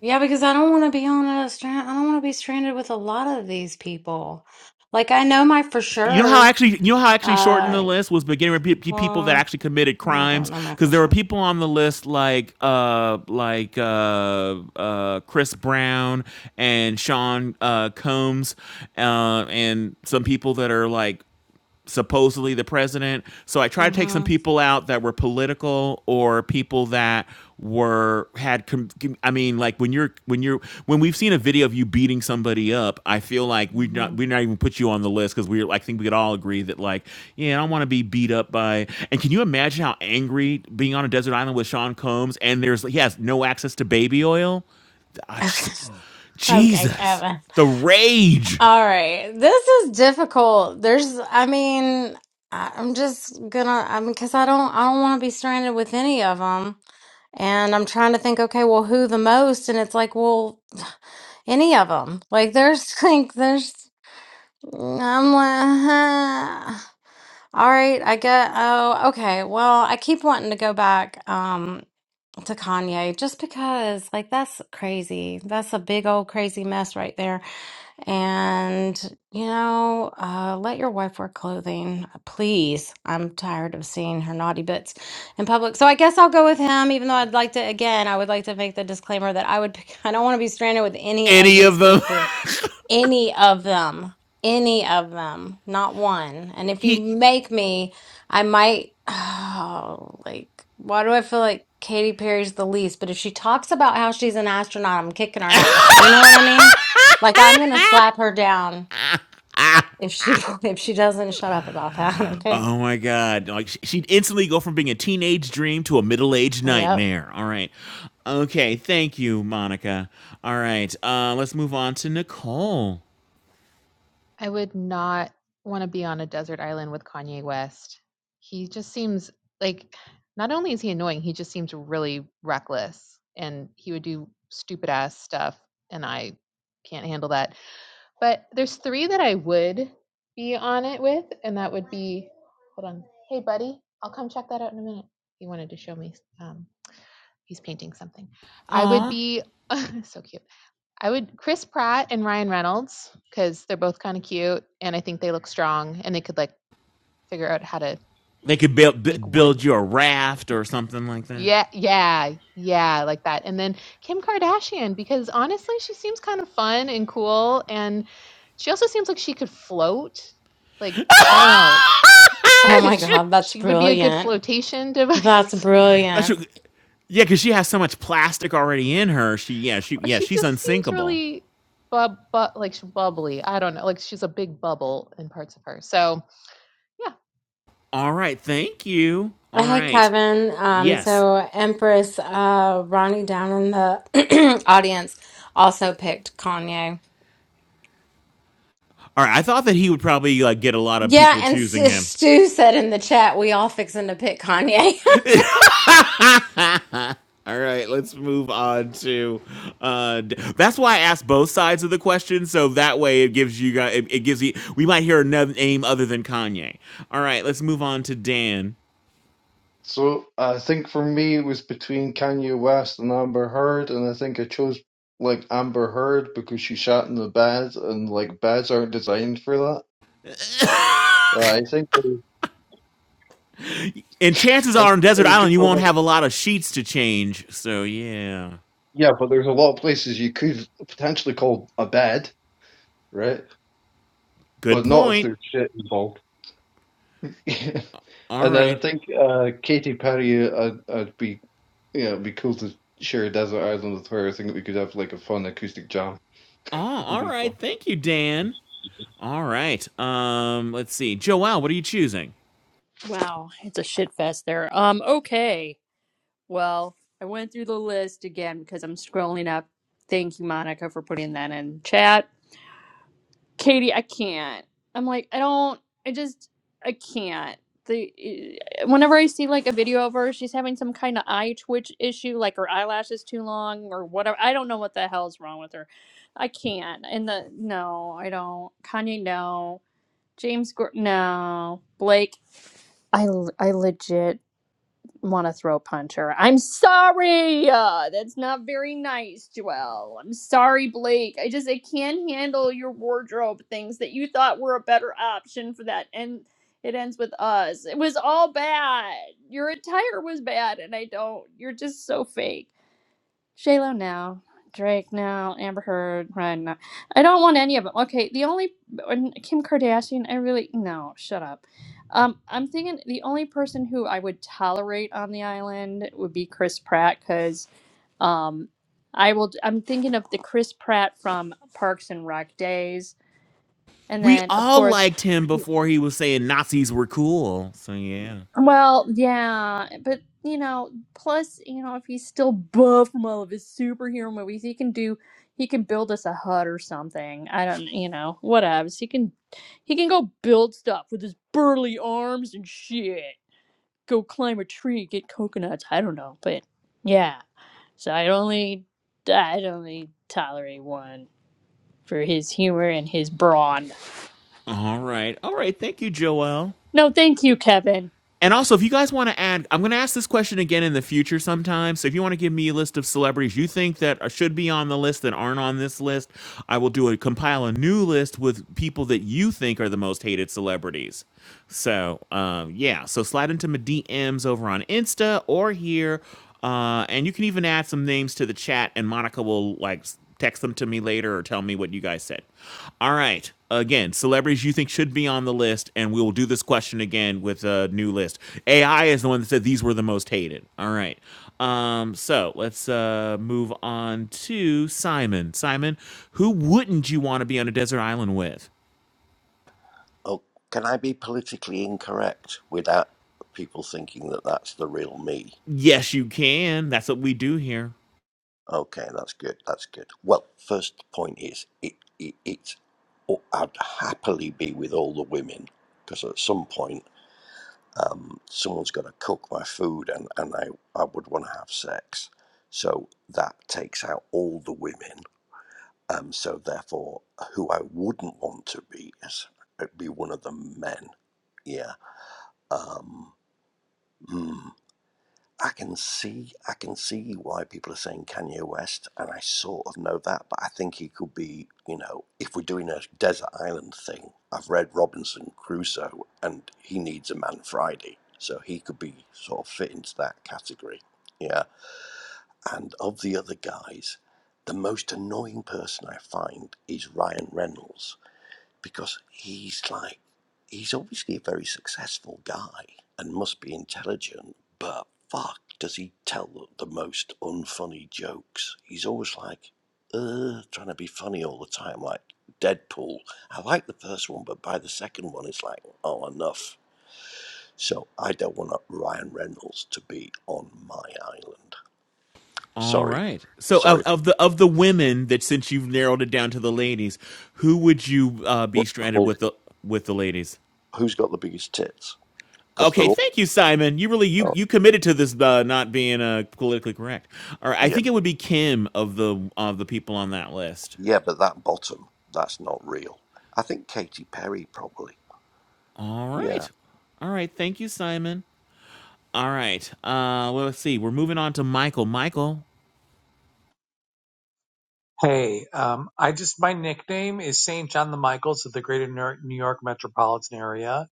Yeah, because I don't want to be on a strand. I don't want to be stranded with a lot of these people. Like I know my for You know how sure. actually you know how actually shortened the Uh, list was beginning with pe- people that well, actually committed no, I don't crimes know my because for there were sure. people on the list like uh like uh uh Chris Brown and Sean uh Combs uh and some people that are like supposedly the president. So I tried to take some Mm-hmm. people out that were political or people that were had I mean like when you're when you're when we've seen a video of you beating somebody up, I feel like we're not hmm we're not even put you on the list cuz we're I think we could all agree that like yeah, I don't want to be beat up by and can you imagine how angry being on a desert island with Sean Combs and there's he has no access to baby oil? I Okay. just (laughs) Okay, Jesus. Kevin. The rage. All right. This is difficult. There's, I mean, I- I'm just gonna, I mean, because I don't, I don't want to be stranded with any of them. And I'm trying to think, okay, well, who the most? And it's like, well, (sighs) any of them. Like, there's, (laughs) like, there's, I'm like, (laughs) huh. All right, I get, oh, okay. Well, I keep wanting to go back. um, to Kanye just because like that's crazy. That's a big old crazy mess right there. And you know, uh let your wife wear clothing, please. I'm tired of seeing her naughty bits in public. So I guess I'll go with him even though I'd like to again, I would like to make the disclaimer that I would pick, (laughs) I don't want to be stranded with any of Any of these them. (laughs) people. Any of them. Any of them. Not one. And if you He make me, I might. (sighs) Oh, like, why do I feel like Katy Perry's the least? But if she talks about how she's an astronaut, I'm kicking her ass. You know what I mean? Like, I'm gonna slap her down if she (laughs) if she doesn't shut up about that. (laughs) Okay. Oh my God. Like she'd instantly go from being a teenage dream to a middle aged Yep. nightmare. All right. Okay. Thank you, Monica. All right. Uh, let's move on to Nicole. I would not want to be on a desert island with Kanye West. He just seems like not only is he annoying, he just seems really reckless and he would do stupid ass stuff and I can't handle that. But there's three that I would be on it with and that would be hold on. Hey buddy, I'll come check that out in a minute. He wanted to show me um he's painting something. I would Aw. be (clears throat) so cute. I would Chris Pratt and Ryan Reynolds because they're both kind of cute and I think they look strong and they could like figure out how to They could build, b- make wood. build you a raft or something like that. Yeah, yeah, yeah, like that. And then Kim Kardashian because honestly, she seems kind of fun and cool and she also seems like she could float. Like, I don't know. You Oh (laughs) my could Shit. God, that's she would be a good brilliant. flotation That's device That's brilliant. your, yeah, because she has so much plastic already in her. She, yeah, she, (laughs) or yeah, she she's just seems unsinkable. really bub, bu- like she's bubbly. I don't know. Like she's a big bubble in parts of her. So, yeah, All right, thank you. Uh, All Hey right, Kevin. Um, yes. so Empress uh, Ronnie down in the (clears throat) audience also picked Kanye. All right, I thought that he would probably like get a lot of Yeah, people and choosing S- him. Stu said in the chat, we all fixing to pick Kanye. All right, let's move on to. Uh, that's why I asked both sides of the question, so that way it gives you guys. It, it gives you. We might hear a no- name other than Kanye. All right, let's move on to Dan. So I think for me it was between Kanye West and Amber Heard, and I think I chose like Amber Heard because she shat in the bed, and like beds aren't designed for that. Uh, I think I, And chances I think are, on I Desert would Island, just you go won't like have a lot of sheets to change. So yeah, yeah, but there's a lot of places you could potentially call a bed, right? good But not if point. there's shit involved. (laughs) All And then I right. think uh, Katy Perry, I'd, I'd be, you know, it'd be cool to share a desert island with her. I think we could have like a fun acoustic jam. Oh, (laughs) It'd all be fun. right. Thank you, Dan. All right. Um, let's see. Joelle, what are you choosing? Wow, it's a shit fest there. Um, okay. Well, I went through the list again because I'm scrolling up. Thank you, Monica, for putting that in chat. Katie, I can't. I'm like, I don't, I just, I can't. The eh, whenever I see like a video of her, she's having some kind of eye twitch issue, like her eyelash is too long or whatever. I don't know what the hell's wrong with her. I can't. And the no, I don't. Kanye, no. James, Gor- no. Blake, I, l- I legit want to throw a punch her. I'm sorry. Uh, that's not very nice, Joelle. I'm sorry, Blake. I just I can't handle your wardrobe things that you thought were a better option for that, and it ends with us. It was all bad. Your attire was bad, and I don't. You're just so fake. J-Lo now, Drake now, Amber Heard, Ryan now. I don't want any of them. Okay, the only Kim Kardashian. I really no. Shut up. Um, I'm thinking the only person who I would tolerate on the island would be Chris Pratt because, um, I will. I'm thinking of the Chris Pratt from Parks and Rec days, and We then of all course liked him before he was saying Nazis were cool. So yeah. Well, yeah, but you know, plus, you know, if he's still buff from all of his superhero movies, he can do he can build us a hut or something. I don't, you know, whatevs. He can he can go build stuff with his burly arms and shit. Go climb a tree, get coconuts. I don't know, but yeah. So I'd only I'd only tolerate one for his humor and his brawn. All right. All right. Thank you, Joelle. No, thank you, Kevin. And also, if you guys want to add, I'm going to ask this question again in the future sometime. So if you want to give me a list of celebrities you think that should be on the list that aren't on this list, I will do a compile a new list with people that you think are the most hated celebrities. So um, yeah, so slide into my DMs over on Insta or here, uh, and you can even add some names to the chat, and Monica will like text them to me later or tell me what you guys said. All right. Again, celebrities you think should be on the list, and we will do this question again with a new list. AI is the one that said these were the most hated. All right. Um, so let's uh, move on to Simon. Simon, who wouldn't you want to be on a desert island with? Oh, can I be politically incorrect without people thinking that that's the real me? Yes, you can. That's what we do here. Okay, that's good. That's good. Well, first point is it, it it's oh, I'd happily be with all the women because at some point um, someone's got to cook my food and and I I would want to have sex, so that takes out all the women. Um, so therefore, who I wouldn't want to be is it'd be one of the men. Yeah. Um. hmm. I can see I can see why people are saying Kanye West, and I sort of know that, but I think he could be, you know, if we're doing a desert island thing, I've read Robinson Crusoe, and he needs a man Friday, so he could be sort of fit into that category, yeah. And of the other guys, the most annoying person I find is Ryan Reynolds because he's like he's obviously a very successful guy and must be intelligent, but fuck, does he tell the most unfunny jokes? He's always like, uh, trying to be funny all the time, like Deadpool. I like the first one, but by the second one, it's like, oh, enough. So I don't want Ryan Reynolds to be on my island. All Sorry, right. So of, sorry. of the of the women that since you've narrowed it down to the ladies, who would you uh, be What, stranded who- with the with the ladies? who's got the biggest tits? Because they're Okay, all. thank you, Simon. You really you oh, you committed to this uh, not being uh, politically correct. All right, I yeah. think it would be Kim of the of the people on that list. Yeah, but that bottom, that's not real. I think Katy Perry probably. All Yeah. right, all right. Thank you, Simon. All right. Uh, well, let's see. We're moving on to Michael. Michael. Hey, um, I just my nickname is Saint John the Michaels of the Greater Ner- New York metropolitan area,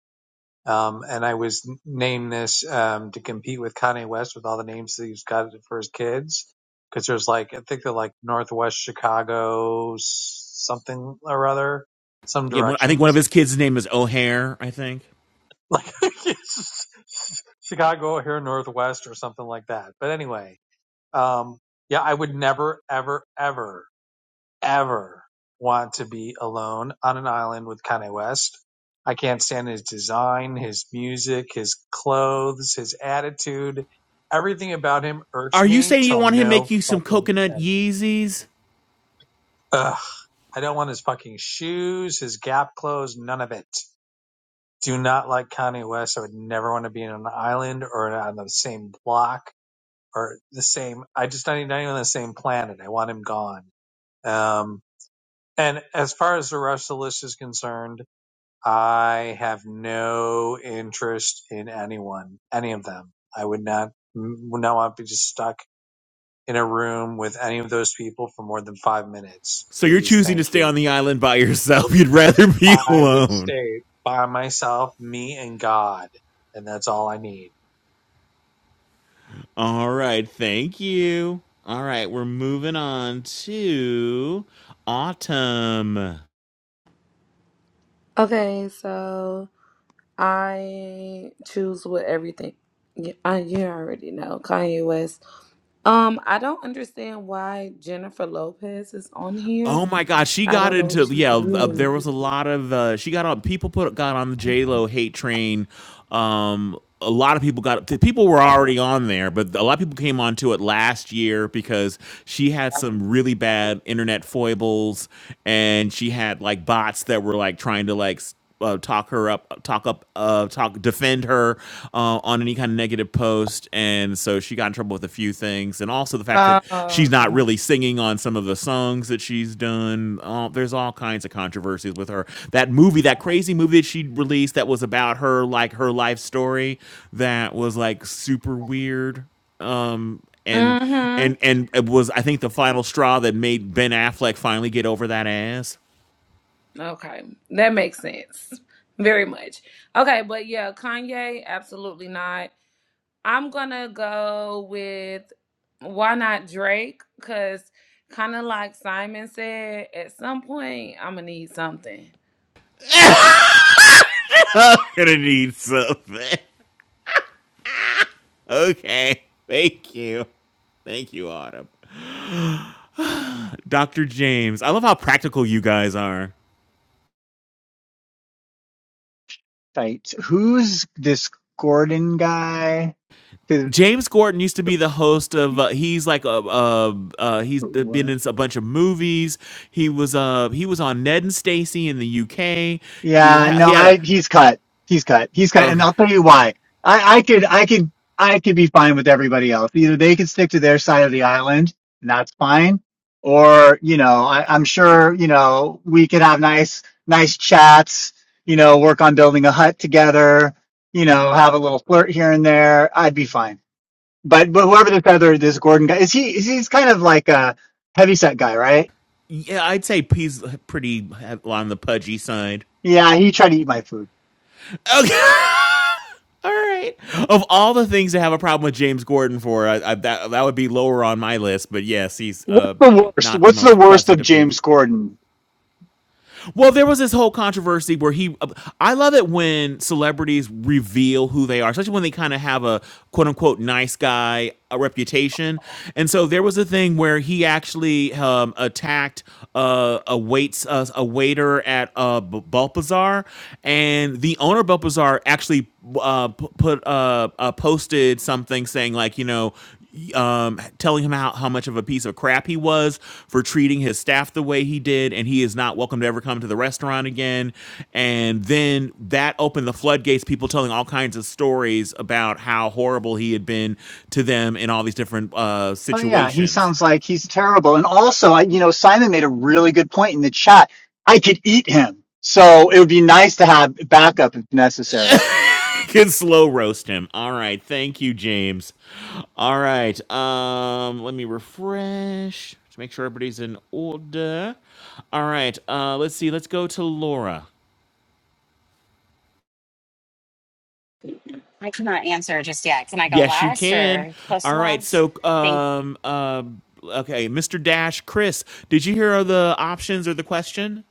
um, and I was n- named this um, to compete with Kanye West with all the names that he's got for his kids because there's like I think they're like Northwest Chicago s- something or other, some Yeah, one, I think one directions of his kids' name is O'Hare. I think. like (laughs) Chicago here, Northwest or something like that. But anyway, um, yeah, I would never, ever, ever, ever want to be alone on an island with Kanye West. I can't stand his design, his music, his clothes, his attitude. Everything about him irks Are you me saying you till want him to no make you some fucking coconut end. Yeezys? Ugh, I don't want his fucking shoes, his Gap clothes, none of it. do not like Kanye West. I would never want to be in an island or on the same block or the same. I just not even, not even on the same planet. I want him gone. Um, and as far as the rest of the list is concerned, I have no interest in anyone, any of them. I would not, would not want to be just stuck in a room with any of those people for more than five minutes. So you're Please, choosing to thank stay you. on the island by yourself. (laughs) You'd rather be (laughs) I would alone. stay by myself, me and God, and that's all I need. All right, thank you. All right, we're moving on to Autumn. Okay, so I choose with everything. Y- I you already know Kanye West. Um, I don't understand why Jennifer Lopez is on here. Oh my God, she I got don't know what into she yeah. Uh, there was did. a lot of uh, she got on. People put got on the J Lo hate train. Um, a lot of people got people were already on there, but a lot of people came onto it last year because she had some really bad internet foibles, and she had like bots that were like trying to like uh, talk her up, talk up, uh, talk, defend her uh, on any kind of negative post, and so she got in trouble with a few things, and also the fact that Oh, she's not okay. really singing on some of the songs that she's done. Uh, there's all kinds of controversies with her. That movie, that crazy movie that she released, that was about her like her life story, that was like super weird. Um, and and Mm-hmm. and it was I think the final straw that made Ben Affleck finally get over that ass. Okay. That makes sense. Very much. Okay, but yeah, Kanye, absolutely not. I'm gonna go with why not Drake? Cause kinda like Simon said, at some point I'm gonna need something. (laughs) (laughs) I'm gonna need something. Okay. Thank you. Thank you, Autumn. (sighs) Dr. James. I love how practical you guys are. Right. Who's this Gordon guy? 'Cause- James Gordon used to be the host of. Uh, he's like a. Uh, uh, he's what? been in a bunch of movies. He was. Uh, he was on Ned and Stacy in the UK. He Yeah, no, he had a. I he's cut. He's cut. He's cut. And Okay. I'll tell you why. I, I could I could I could be fine with everybody else. Either they could stick to their side of the island, and that's fine. Or, you know, I, I'm sure, you know, we could have nice nice chats, you know, work on building a hut together, you know, have a little flirt here and there. I'd be fine. But but whoever this other this Gordon guy is he is he's kind of like a heavyset guy, right? Yeah, I'd say he's pretty on the pudgy side. Yeah, he tried to eat my food. Okay. all right. Of all the things to have a problem with James Gordon for, I, I, that that would be lower on my list. But yes, he's What's uh, the worst? not the What's the most worst of pleasant of people. James Gordon? Well, there was this whole controversy where he. I love it when celebrities reveal who they are, especially when they kind of have a quote unquote nice guy a reputation. And so there was a thing where he actually um, attacked uh, a waits uh, a waiter at uh, B- Balpazar, and the owner of Balpazar actually uh, p- put uh, uh, posted something saying like, you know, um, telling him how, how much of a piece of crap he was for treating his staff the way he did, and he is not welcome to ever come to the restaurant again. And then that opened the floodgates, people telling all kinds of stories about how horrible he had been to them in all these different uh, Oh yeah, he situations. sounds like he's terrible. And also, I, you know, Simon made a really good point in the chat. I could eat him, so it would be nice to have backup if necessary. (laughs) Can slow roast him. All right, thank you, James. All right, um, let me refresh to make sure everybody's in order. All right, uh, let's see. Let's go to Laura. I cannot answer just yet. Can I go Yes, you last can. or close to All right. last? So, Think um, um, okay, Mr. Dash, Chris, did you hear the options or the question?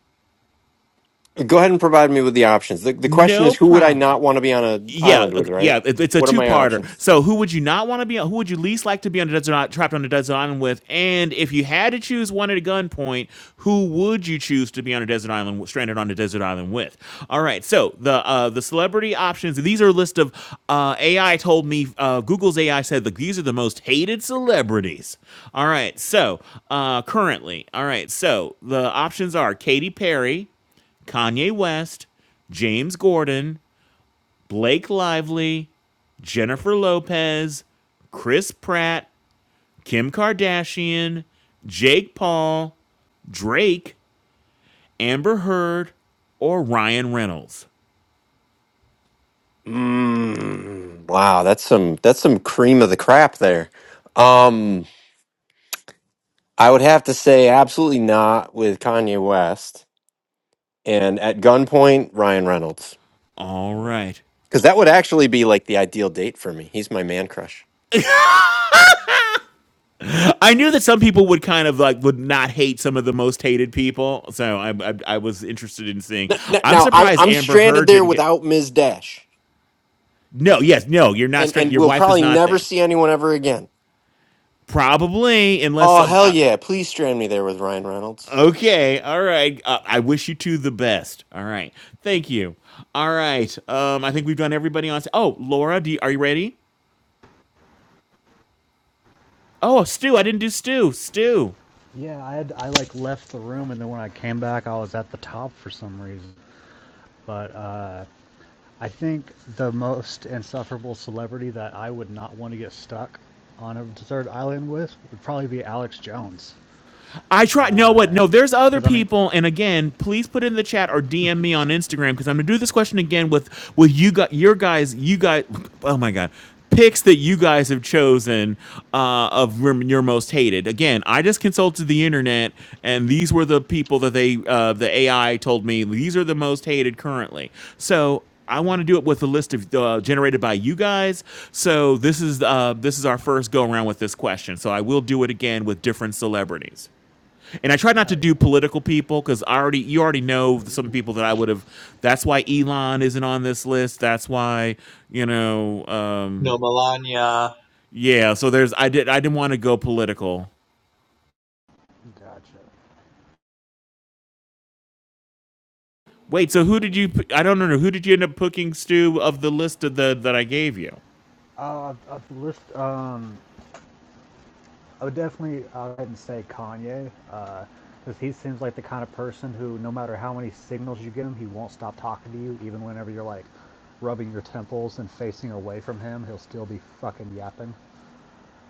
Go ahead and provide me with the options. The, the question No is, who would I problem. not want to be on an yeah, island with? okay, Right? yeah, it- it's a What are my two-parter. options? So, who would you not want to be? Who would you least like to be on a desert island, trapped on a desert island with? And if you had to choose one at a gunpoint, who would you choose to be on a desert island, with- stranded on a desert island with? All right. So the uh, the celebrity options. These are a list of uh, AI told me uh, Google's AI said that these are the most hated celebrities. All right. So uh, currently, all right. So the options are Katy Perry, Kanye West, James Gordon, Blake Lively, Jennifer Lopez, Chris Pratt, Kim Kardashian, Jake Paul, Drake, Amber Heard, or Ryan Reynolds. Mm, wow, that's some that's some cream of the crap there. Um, I would have to say absolutely not with Kanye West, and at gunpoint Ryan Reynolds, All right. because that would actually be like the ideal date for me. He's my man crush. I knew that some people would kind of like would not hate some of the most hated people, so I I, I was interested in seeing. N- n- I'm Now I'm surprised I'm Amber stranded Heard there didn't get. without Ms. Dash, No, yes, no, you're not. and straight- and Your we'll wife is probably not never there. see anyone ever again. Probably, unless Oh uh, hell uh, yeah! Please strand me there with Ryan Reynolds. Okay. All right. Uh, I wish you two the best. All right. Thank you. All right. Um, I think we've done everybody on. Oh, Laura, do you, are you ready? Oh, Stu. I didn't do Stu. Stu. Yeah, I had I like left the room and then when I came back, I was at the top for some reason. But uh, I think the most insufferable celebrity that I would not want to get stuck on a desert island with would probably be Alex Jones. I try. No, what? No, there's other Because I mean, people. And again, please put it in the chat or DM me on Instagram because I'm gonna do this question again with with you got your guys, you guys. Oh my god, picks that you guys have chosen uh, of your your most hated. Again, I just consulted the internet, and these were the people that they uh, the AI told me these are the most hated currently. So I want to do it with a list of uh, generated by you guys. So this is uh, this is our first go around with this question. So I will do it again with different celebrities. And I try not to hell yeah. do political people because I already you already know some people that Ooh, I would have. That's why Elon isn't on this list. That's why you know. Um, No, Melania. yeah. So there's I did I didn't want to go political. gotcha. Wait. So who did you? I I don't know. Who did you end up picking, Stu, of the list of the that I gave you? Uh, I've, I've list um I would definitely uh, go ahead and say Kanye, because uh, he seems like the kind of person who, no matter how many signals you give him, he won't stop talking to you, even whenever you're like rubbing your temples and facing away from him, he'll still be fucking yapping.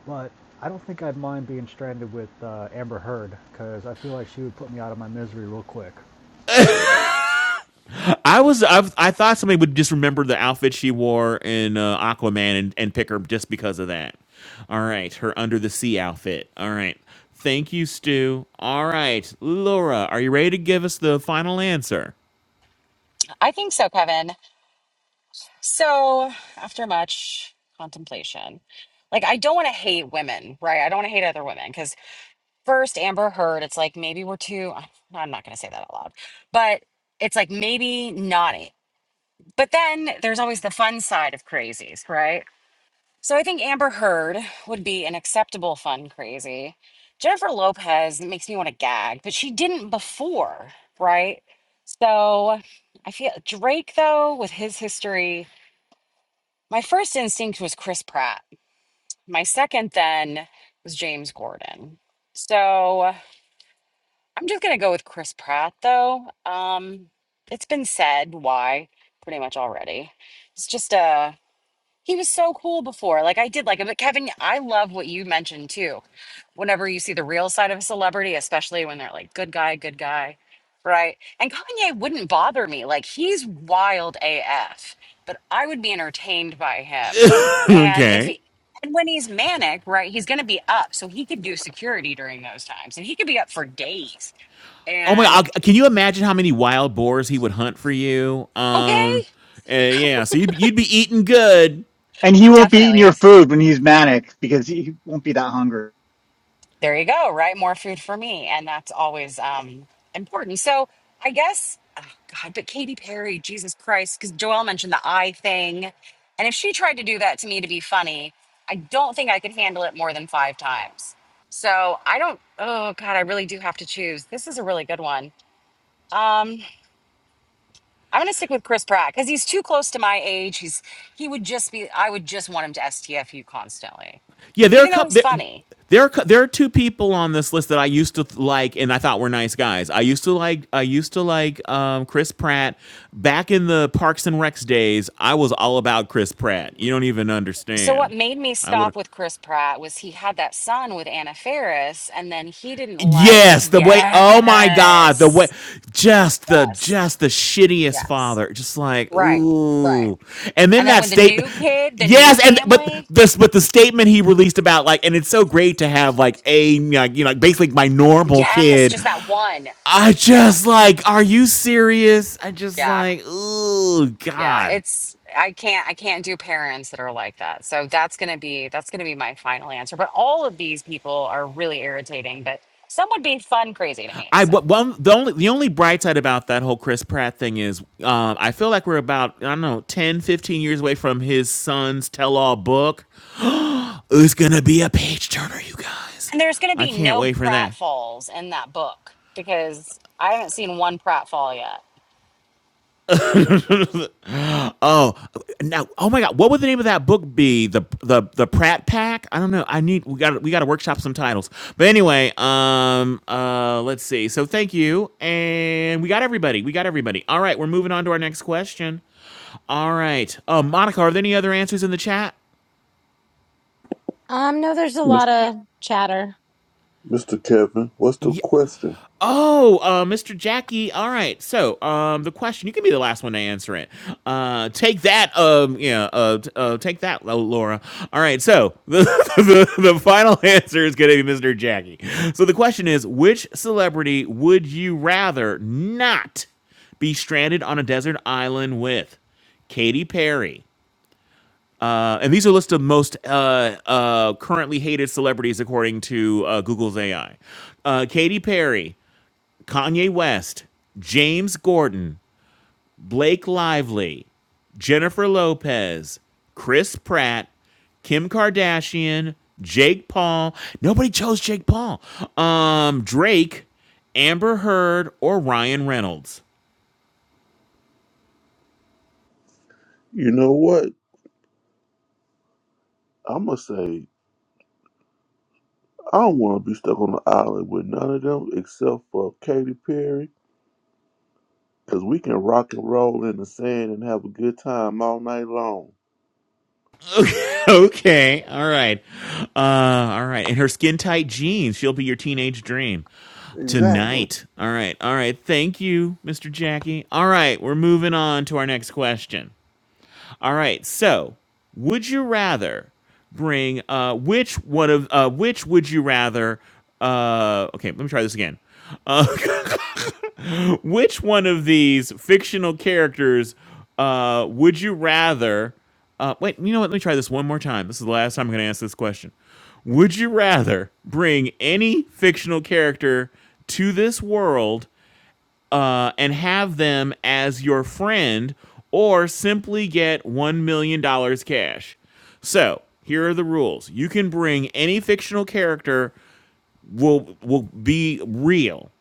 But I don't think I'd mind being stranded with uh, Amber Heard, because I feel like she would put me out of my misery real quick. I was I, I thought somebody would just remember the outfit she wore in uh, Aquaman and, and pick her just because of that. All right, her under the sea outfit. All right. Thank you, Stu. All right, Laura, are you ready to give us the final answer? I think so, Kevin. So, after much contemplation, like I don't want to hate women, right? I don't want to hate other women because first Amber Heard, it's like maybe we're too. I'm not going to say that out loud, but it's like maybe not. it. But then there's always the fun side of crazies, right? So I think Amber Heard would be an acceptable fun crazy. Jennifer Lopez makes me want to gag, but she didn't before, right? So I feel Drake though with his history, my first instinct was Chris Pratt. My second then was James Gordon. So I'm just going to go with Chris Pratt though. Um it's been said why pretty much already. It's just a He was so cool before. Like I did like him. But Kevin, I love what you mentioned too. Whenever you see the real side of a celebrity, especially when they're like good guy, good guy, right? And Kanye wouldn't bother me. Like he's wild AF, but I would be entertained by him. (laughs) And if okay. he and when he's manic, right, he's going to be up. So he could do security during those times and he could be up for days. Oh my! And God, can you imagine how many wild boars he would hunt for you? okay, Um, uh, yeah. So you'd, you'd be eating good. And he won't be eating your definitely. food when he's manic because he won't be that hungry. there you go right more food for me and that's always um important so i guess oh god but katy perry jesus christ because joelle mentioned the eye thing and if she tried to do that to me to be funny i don't think i could handle it more than five times so i don't oh god i really do have to choose this is a really good one um i'm gonna stick with chris pratt because he's too close to my age he's he would just be i would just want him to stfu constantly Yeah, there are a even though couple. he's There, funny there are cou- there are two people on this list that I used to like, and I thought were nice guys. I used to like I used to like um, Chris Pratt back in the Parks and Recs days. I was all about Chris Pratt. You don't even So what understand. made me I stop would. with Chris Pratt was he had that son with Anna Faris, and then he didn't like. Yes, the way oh my god, the way Yes, just the yes, just the shittiest yes. father. Just like, Right, right. ooh. And then And then that with the statement new kid, the new Yes, and but family. this but the statement he released about like and it's so great to have like a like, you know like basically my normal Yes, kid. just that one. I Yeah, just like, are you serious? I just yeah, like, ooh, yeah. God. It's I can't I can't do parents that are like that. So that's gonna be that's gonna be my final answer. But all of these people are really irritating. But some would be fun crazy to me. I So. but one the only the only bright side about that whole Chris Pratt thing is um, I feel like we're about I don't know 10 15 years away from his son's tell all book. It's going to be a page turner you guys. And there's going to I be can't no wait for that. pratfalls in that book because I haven't seen one pratfall yet. Oh, now, oh my God, what would the name of that book be? The the the Pratt Pack? I don't know. I need we got we got to workshop some titles. But anyway, um, uh, let's see. So thank you, and we got everybody. We got everybody. All right, we're moving on to our next question. All right, uh, Monica, are there any other answers in the chat? (laughs) um, no, there's a Mis- lot of chatter. Mr. Kevin, what's the Yeah, question? Oh, uh, Mr. Jackie. All right. So, um, the question you can be the last one to answer it. Uh, take that. Um, yeah. Uh, t- uh take that, Lo- Laura. All right. So the, (laughs) the the final (laughs) answer is going to be Mr. Jackie. So the question is, which celebrity would you rather not be stranded on a desert island with? Katy Perry. Uh, and these are lists of most uh, uh, currently hated celebrities according to uh, Google's AI. Uh, Katy Perry, Kanye West, James Gordon, Blake Lively, Jennifer Lopez, Chris Pratt, Kim Kardashian, Jake Paul. Nobody chose Jake Paul. Um, Drake, Amber Heard, or Ryan Reynolds. (laughs) You know what? I'm going to say I don't want to be stuck on the island with none of them except for Katy Perry because we can rock and roll in the sand and have a good time all night long. Okay, all right, uh, all right. And her skin tight jeans. She'll be your teenage dream Exactly. tonight. All right, all right. Thank you, Mr. Jackie. All right, we're moving on to our next question. All right. So, would you rather bring uh which one of uh which would you rather uh okay, let me try this again. (laughs) Which one of these fictional characters uh would you rather uh wait, you know what? Let me try this one more time. This is the last time I'm going to ask this question. Would you rather bring any fictional character to this world uh, and have them as your friend or simply get $1 million dollars cash. So here are the rules. You can bring any fictional character will will be real.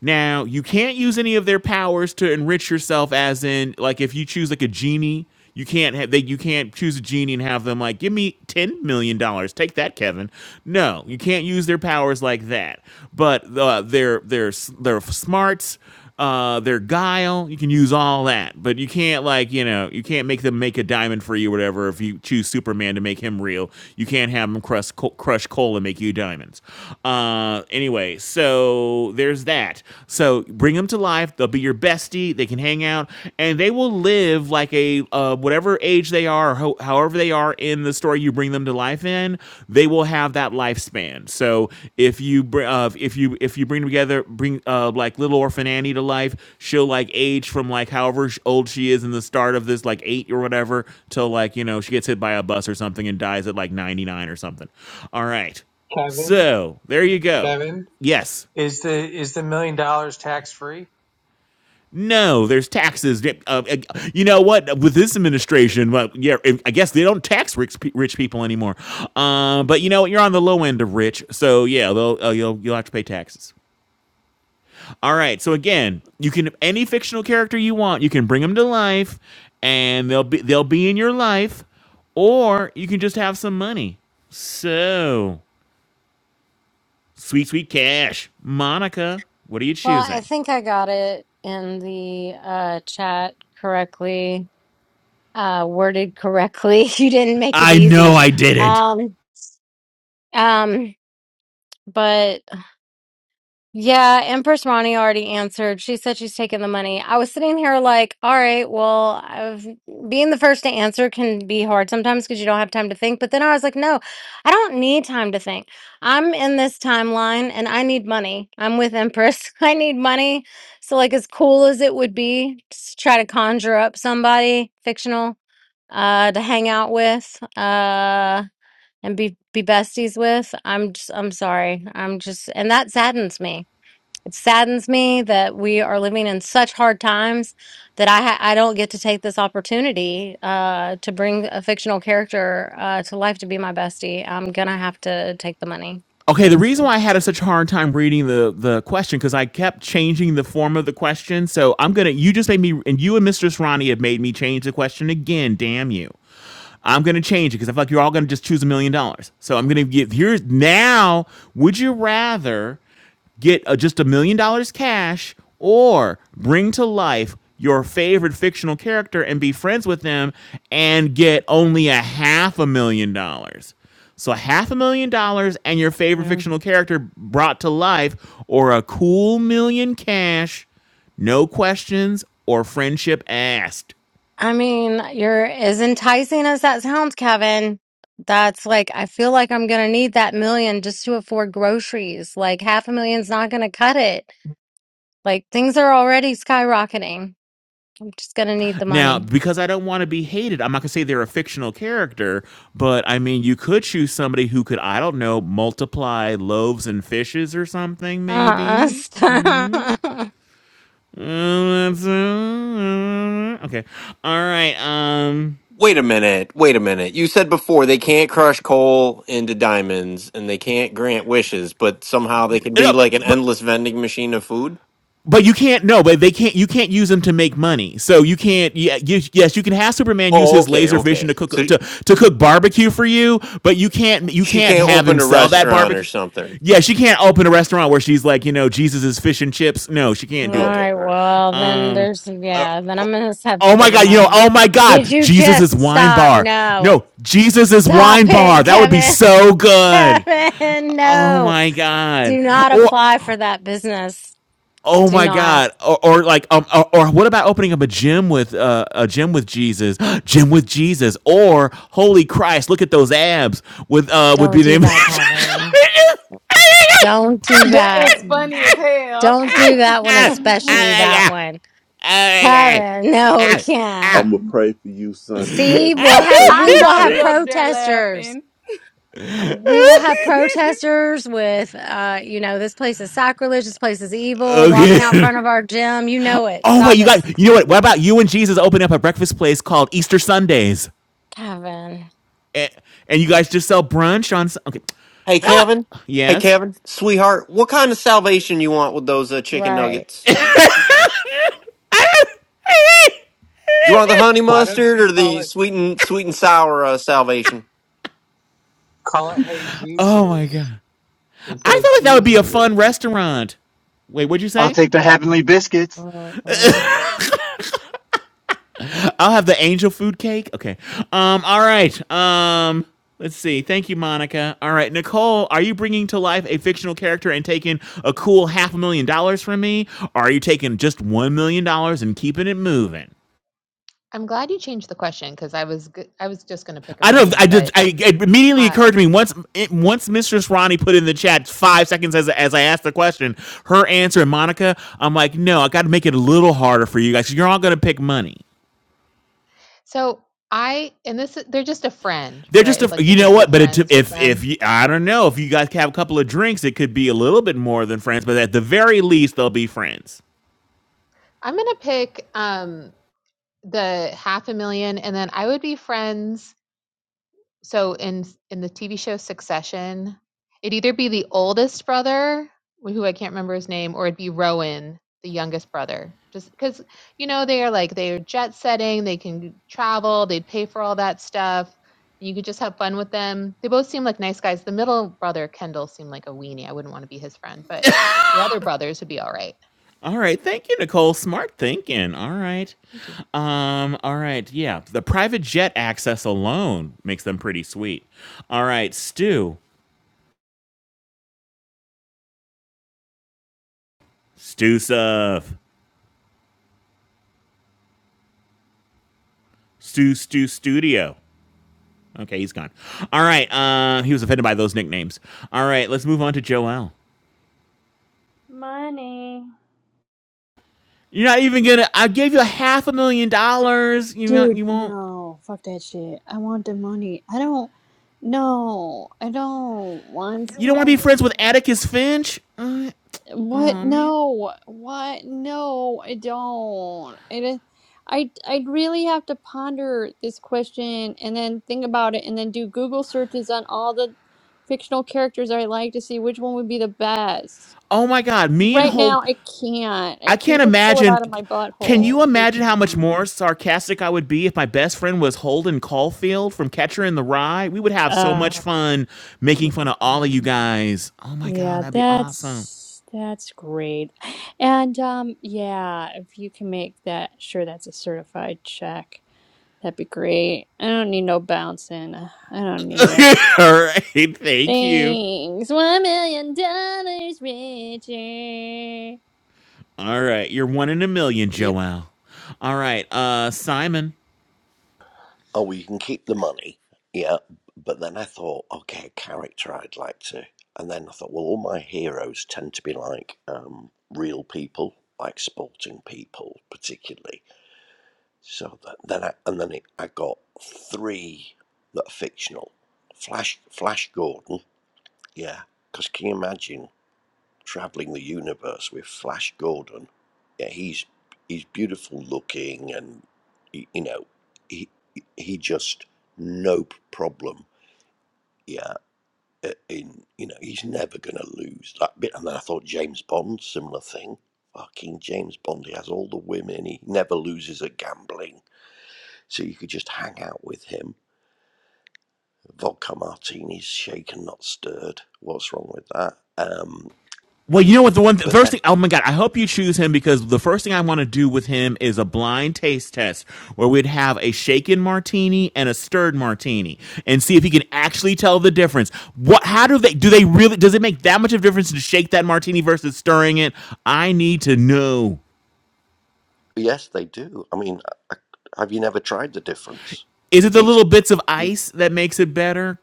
Now, you can't use any of their powers to enrich yourself as in like if you choose like a genie, you can't have they you can't choose a genie and have them like give me 10 million dollars. Take that, Kevin. No, you can't use their powers like that. But uh, their their s- their smarts uh, their guile. You can use all that, but you can't like you know you can't make them make a diamond for you, or whatever. If you choose Superman to make him real, you can't have him crush co- crush coal and make you diamonds. Uh, anyway, so there's that. So bring them to life. They'll be your bestie. They can hang out, and they will live like a uh, whatever age age they are, or ho- however they are in the story you bring them to life in, they will have that lifespan. So if you br- uh, if you if you bring together bring uh, like little orphan Annie to life, she'll like age from like however sh- old she is in the start of this like eight or whatever till like you know she gets hit by a bus or something and dies at like ninety nine or something. All right, Kevin, so there you go. Kevin, Yes. is the is the million dollars tax free? No, there's taxes. Yep, Uh, uh, you know what? With this administration, well, yeah, I guess they don't tax rich, rich people anymore. Uh, but you know what? You're on the low end of rich, so yeah, they'll, uh, you'll you'll have to pay taxes. All right. So again, you can any fictional character you want, you can bring them to life, and they'll be they'll be in your life, or you can just have some money. So sweet, sweet cash, Monica. What are you Well, I choosing? think I got it in the uh, chat correctly, uh, worded correctly. (laughs) you didn't make it I know easy. I didn't. Um, um, but. Yeah, Empress Ronnie already answered. She said she's taking the money. I was sitting here like, all right, well, I've, being the first to answer can be hard sometimes because you don't have time to think. But then I was like, no, I don't need time to think. I'm in this timeline and I need money. I'm with Empress. (laughs) I need money. So, like, as cool as it would be to try to conjure up somebody fictional uh, to hang out with, uh, and be be besties with. I'm just I'm sorry. I'm just and that saddens me it saddens me that we are living in such hard times that I ha- I don't get to take this opportunity uh, to bring a fictional character uh, to life to be my bestie. I'm gonna have to take the money. Okay, the Thanks. reason why I had a such a hard time reading the the question because I kept changing the form of the question. So I'm gonna you just made me and you and Mistress Ronnie have made me change the question again. Damn you! I'm gonna change it because I feel like you're all gonna just choose a million dollars. So I'm gonna give here's now. Would you rather get uh just a million dollars cash or bring to life your favorite fictional character and be friends with them and get only a half a million dollars? So half a million dollars and your favorite Yeah. fictional character brought to life, or a cool million cash, no questions or friendship asked. I mean, you're as enticing as that sounds, Kevin. That's like I feel like I'm gonna need that million just to afford groceries. Like half a million's not gonna cut it. Like things are already skyrocketing. I'm just gonna need the Now, money. because I don't want to be hated, I'm not going to say they're a fictional character, but I mean, you could choose somebody who could, I don't know, multiply loaves and fishes or something, Uh, maybe. (laughs) Uh, that's, uh, Okay. All right. Um. Wait a minute. Wait a minute. You said before they can't crush coal into diamonds and they can't grant wishes, but somehow they can be No, like an but endless vending machine of food? but you can't no but they can't you can't use them to make money so you can't yeah you, yes you can have superman use Oh, his okay. laser vision Okay. to cook So to, to cook barbecue for you but you can't you she can't can't have him open a sell that restaurant or barbecue something. yeah she can't open a restaurant where she's like you know jesus is fish and chips no she All can't do that Okay. right, All right. well, then um there's, yeah, then I'm gonna have to oh my get the god you know money. oh my Did god you jesus is just wine stop? bar No. no jesus is Stop wine bar it, that would be Kevin. so (laughs) good Kevin, oh no. my Do god not or apply for that business. Oh Do my not. God! Or, or like, um, or, or what about opening up a gym with uh, a gym with Jesus, (gasps) gym with Jesus, or Holy Christ, look at those abs! With uh, would Don't be do the. name. that, Kevin. Don't do That that. is funny as hell. Don't do that one, (laughs) especially that (laughs) one. Kevin, no, we can't. I'm going to pray for you You Sunday, see, Kevin. I'm we'll going to have, pray for I we you will know have he Sunday. up there protesters. laughing. we will have protesters with uh you know this place is sacrilege this place is evil walking out okay. front of our gym you know it Oh wait, stop you it got. You know what? What about you and Jesus opening up a breakfast place called Easter Sundays, kevin and, and you guys just sell brunch on. Okay, Hey, that. Kevin. Hey, Yes. Kevin. Sweetheart, what kind of salvation you want with those uh, chicken right nuggets? Do you want the honey Why don't mustard you or call the it sweet and sweet and sour uh, salvation? call it Oh my Jesus's God. I instead of feel like that would be a fun Jesus's? restaurant. Wait, what'd you I'll say? take the heavenly biscuits. Mhm. I'll have the angel food cake. Okay. Um. All right. Um. Let's see. Thank you, Monica. All right, Nicole, are you bringing to life a fictional character and taking a cool half a million dollars from me? Or are you taking just one million dollars and keeping it moving? I'm glad you changed the question because I was g- I was just going to pick a I don't. million, I did. but I, it immediately uh, occurred to me once. It, once Mistress Ronnie put in the chat five seconds as as I asked the question, her answer and Monica. I'm like, no, I got to make it a little harder for you guys. You're all gonna pick money. so I and this they're just a friend, They're just right? a, Like you're you know just what, good but it, friends with if if them. you, I don't know if you guys have a couple of drinks, it could be a little bit more than friends, but at the very least, they'll be friends. I'm going to pick um, the half a million, and then I would be friends so in in the TV show Succession, it'd either be the oldest brother, who I can't remember his name, or it'd be Rowan, the youngest brother. Just because you know they are like they are jet setting, they can travel, they pay for all that stuff. You could just have fun with them. They both seem like nice guys. The middle brother, Kendall, seemed like a weenie. I wouldn't want to be his friend, but the other brothers would be all right. All right, thank you, Nicole. Smart thinking. All right, Thank you. um, all right, yeah. The private jet access alone makes them pretty sweet. All right, Stu, Stu Suf, Stu Stu Studio. Okay, he's gone. All right, uh, he was offended by those nicknames. All right, let's move on to Joel. Money. You're not even gonna. I gave you a half a million dollars. You not, Dude, you won't. no, fuck that shit. I want the money. I don't. No, I don't want You don't want to be money. friends with Atticus Finch. Uh, What? oh man. No. What? No, I don't. It is. I I really have to ponder this question and then think about it and then do Google searches on all the fictional characters I like to see which one would be the best. Oh my God. Me and Right Holden. now, I can't. I I can't can't just pull it imagine. out of my Can butthole you and pick imagine how much one. more sarcastic I would be if my best friend was Holden Caulfield from Catcher in the Rye? We would have so much Uh, fun making fun of all yeah. of you guys. Oh my God, Yeah, that'd be awesome. that's that's great. And um yeah, if you can make that sure that's a certified check, that'd be great. I don't need no bouncing. I don't need it. (laughs) All right, thank you. Thanks. One million dollars richer. All right, you're one in a million, Yep. Joelle. All right, uh, Simon. Oh, well, you can keep the money. Yeah. But then I thought, okay, a character I'd like to. And then I thought, well, all my heroes tend to be like um, real people, like sporting people, particularly. So that, then I, and then it, I got three that are fictional. Flash, Flash Gordon. Yeah. Because can you imagine? traveling the universe with Flash Gordon. Yeah, he's he's beautiful looking, and he, you know, he he just no problem. Yeah, uh, in you know, he's never gonna lose that bit. And then I thought James Bond, similar thing. Fucking James Bond, he has all the women. He never loses at gambling, so you could just hang out with him. Vodka martinis, shaken not stirred. What's wrong with that? Um, Well, and you know what? The one th- but then. first thing. Oh my god! I hope you choose him because the first thing I want to do with him is a blind taste test where we'd have a shaken martini and a stirred martini and see if he can actually tell the difference. What? How do they? Do they really? Does it make that much of a difference to shake that martini versus stirring it? I need to know. Yes, they do. I mean, I, have you never tried the difference? Is it the It's little bits of it, ice that makes it better?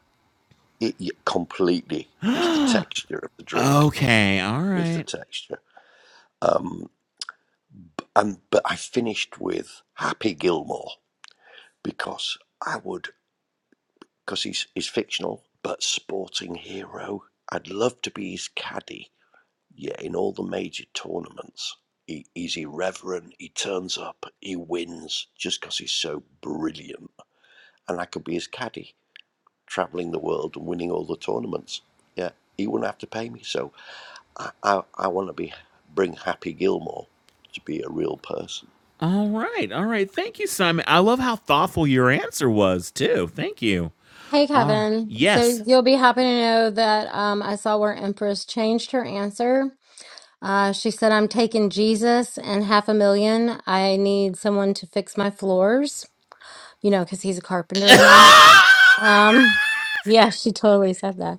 it y- completely. It's the texture of the drink. Okay. All It's the right. texture. Um, and but I finished with Happy Gilmore because I would because he's he's fictional but sporting hero. I'd love to be his caddy. Yeah, in all the major tournaments, he, he's irreverent. He turns up. He wins just because he's so brilliant, and I could be his caddy traveling the world and winning all the tournaments. Yeah, he wouldn't have to pay me. So I, I, I want to be bring Happy Gilmore to be a real person. All right. All right. Thank you, Simon. I love how thoughtful your answer was too. Thank you. hey All right. kevin Yes. so you'll be happy to know that um i saw where empress changed her answer uh she said i'm taking jesus and half a million i need someone to fix my floors you know because he's a carpenter and (laughs) all um yeah she totally said that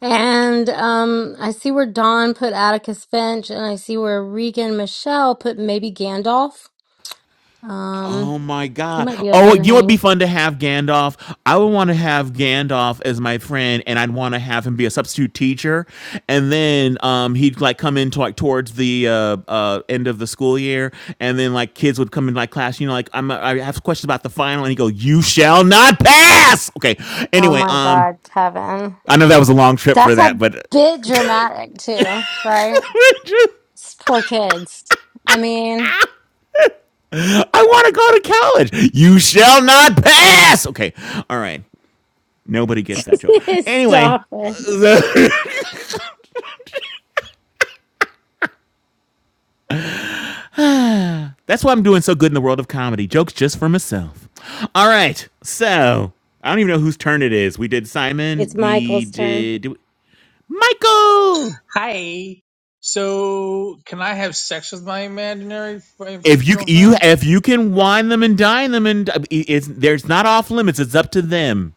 And um, I see where Don put Atticus Finch, and I see where Regan Michelle put maybe Gandalf. Um, Oh my he god. might be a Oh, you fun know what'd be hang. fun to have Gandalf? I would want to have Gandalf as my friend and I'd want to have him be a substitute teacher. And then um he'd like come into like towards the uh uh end of the school year and then like kids would come in like class, you know, like I'm I have questions about the final and he'd go, You shall not pass. Okay. Oh Anyway, my um God, Kevin, I know that was a long trip for that's that, a but (laughs) bit dramatic too, right? It's poor kids. I mean, I want to go to college. You shall not pass. Okay. All right. Nobody gets (laughs) that joke. Anyway, stop it. that's why I'm doing so good in the world of comedy. Jokes just for myself. All right. So I don't even know whose turn it is. We did It's Simon. We Michael's turn. did, did we- Michael. Hi. So, can I have sex with my imaginary f- If you fictional you friend? if you can wine them and dine them and it's there's not off limits. It's up to them.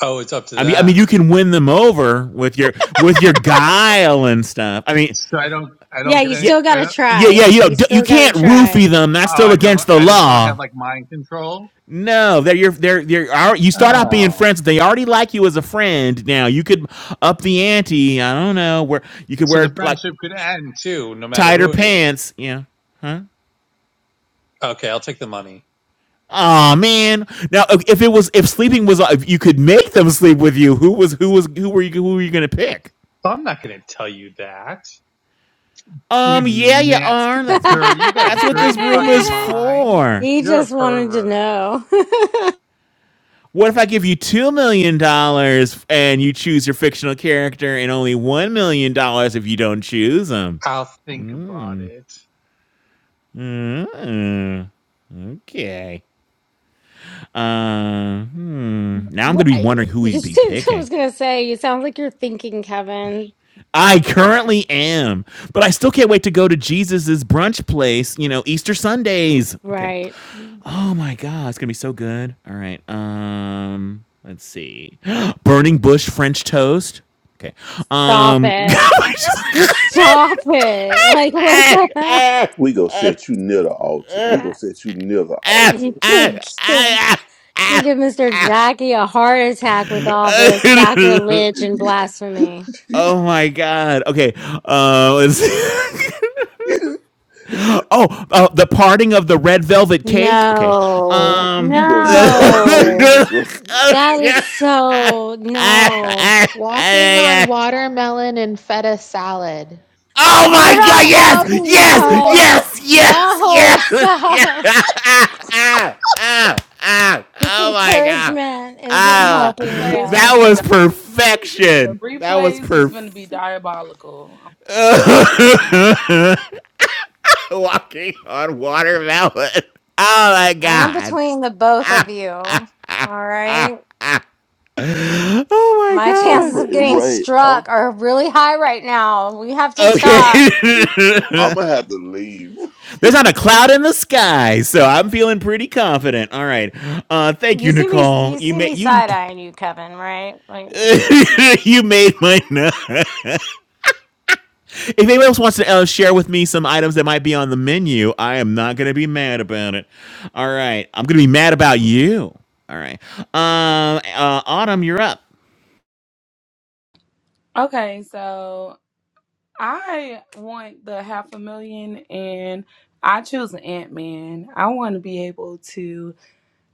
Oh, it's up to I mean I mean them. you can win them over with your with your guile and stuff. I mean So I don't I Yeah, don't you get yeah any. still I gotta don't, yeah try. yeah you know You you still gotta can't try. roofie them. That's oh, still I don't against the I just don't law. have like mind control. No, they're your they're they're you start out being Oh. friends. They already like you as a friend. Now you could up the ante. I don't know where you could So the wear like friendship could end too, no matter tighter who it is. pants. Yeah. Okay, I'll take the money. Oh man! Now if if it was if sleeping was if you could make them sleep with you, who was who was who were you who were you gonna pick? I'm not going to tell you that. You Um, yeah, you net are. That's what dirty. You got a that's what this dirty room fucking is (laughs) mind. for. he You're a just wanted to pervert. know. (laughs) What if I give you two million dollars and you choose your fictional character, and only one million dollars if you don't choose them? I'll think about it. Okay. Uh, hmm. Now I'm Well, going to be I, wondering who you he'd be sounds- (laughs) I was picking. gonna say, it sounds like you're thinking, Kevin. I currently am, but I still can't wait to go to Jesus's brunch place. You know, Easter Sundays. Okay. Right. Oh my God, it's gonna be so good. All right. Um, let's see. (gasps) Burning bush French toast. Okay. Stop Um. (laughs) it. I just- Just stop it. (laughs) Like, (laughs) what ah, the hell? ah, We going to set you near the altar. We going to set you near the ah, You altar. ah, can't give ah, you give Mr. Jackie a heart attack with all this ah. (laughs) sacrilege (laughs) and you blasphemy. oh my God. Okay. Uh, let's see. (laughs) going Oh, uh, the parting of the red velvet cake. Okay. No. Um. to need some No. amazing That grace. is Yeah. so, no. Ah, ah, Walking ah, ah. on watermelon and feta salad. Oh We're my not God! Yes! (laughs) healthy, Yes! (laughs) Nicole. Yes! Yes! No, (laughs) Yes! stop. Yes! (laughs) Ah, ah, This oh my God! encouragement isn't These Ah, helping you replays gonna that guys. be was di- the perfection. That was replays is gonna be perfect. diabolical. Walking on watermelon. Oh my I am God. between the both of you. All right. Oh my My (laughs) I'm God. chances of praying. getting right. struck are really high right now. We have to stop. Okay. (laughs) I'm gonna have to leave. There's not a cloud in the sky, so I'm feeling pretty confident. All right, uh, thank You you, see me Nicole. you You see made me you side eyeing you, Kevin, right? Like (laughs) you made my night. If anyone else wants to uh, share with me some items that might be on the menu, I am not gonna be mad about it. All right, I'm gonna be mad about you. All right, um, uh, Autumn, you're up. Okay, so I want the half a million, and I choose an Ant Man. I want to be able to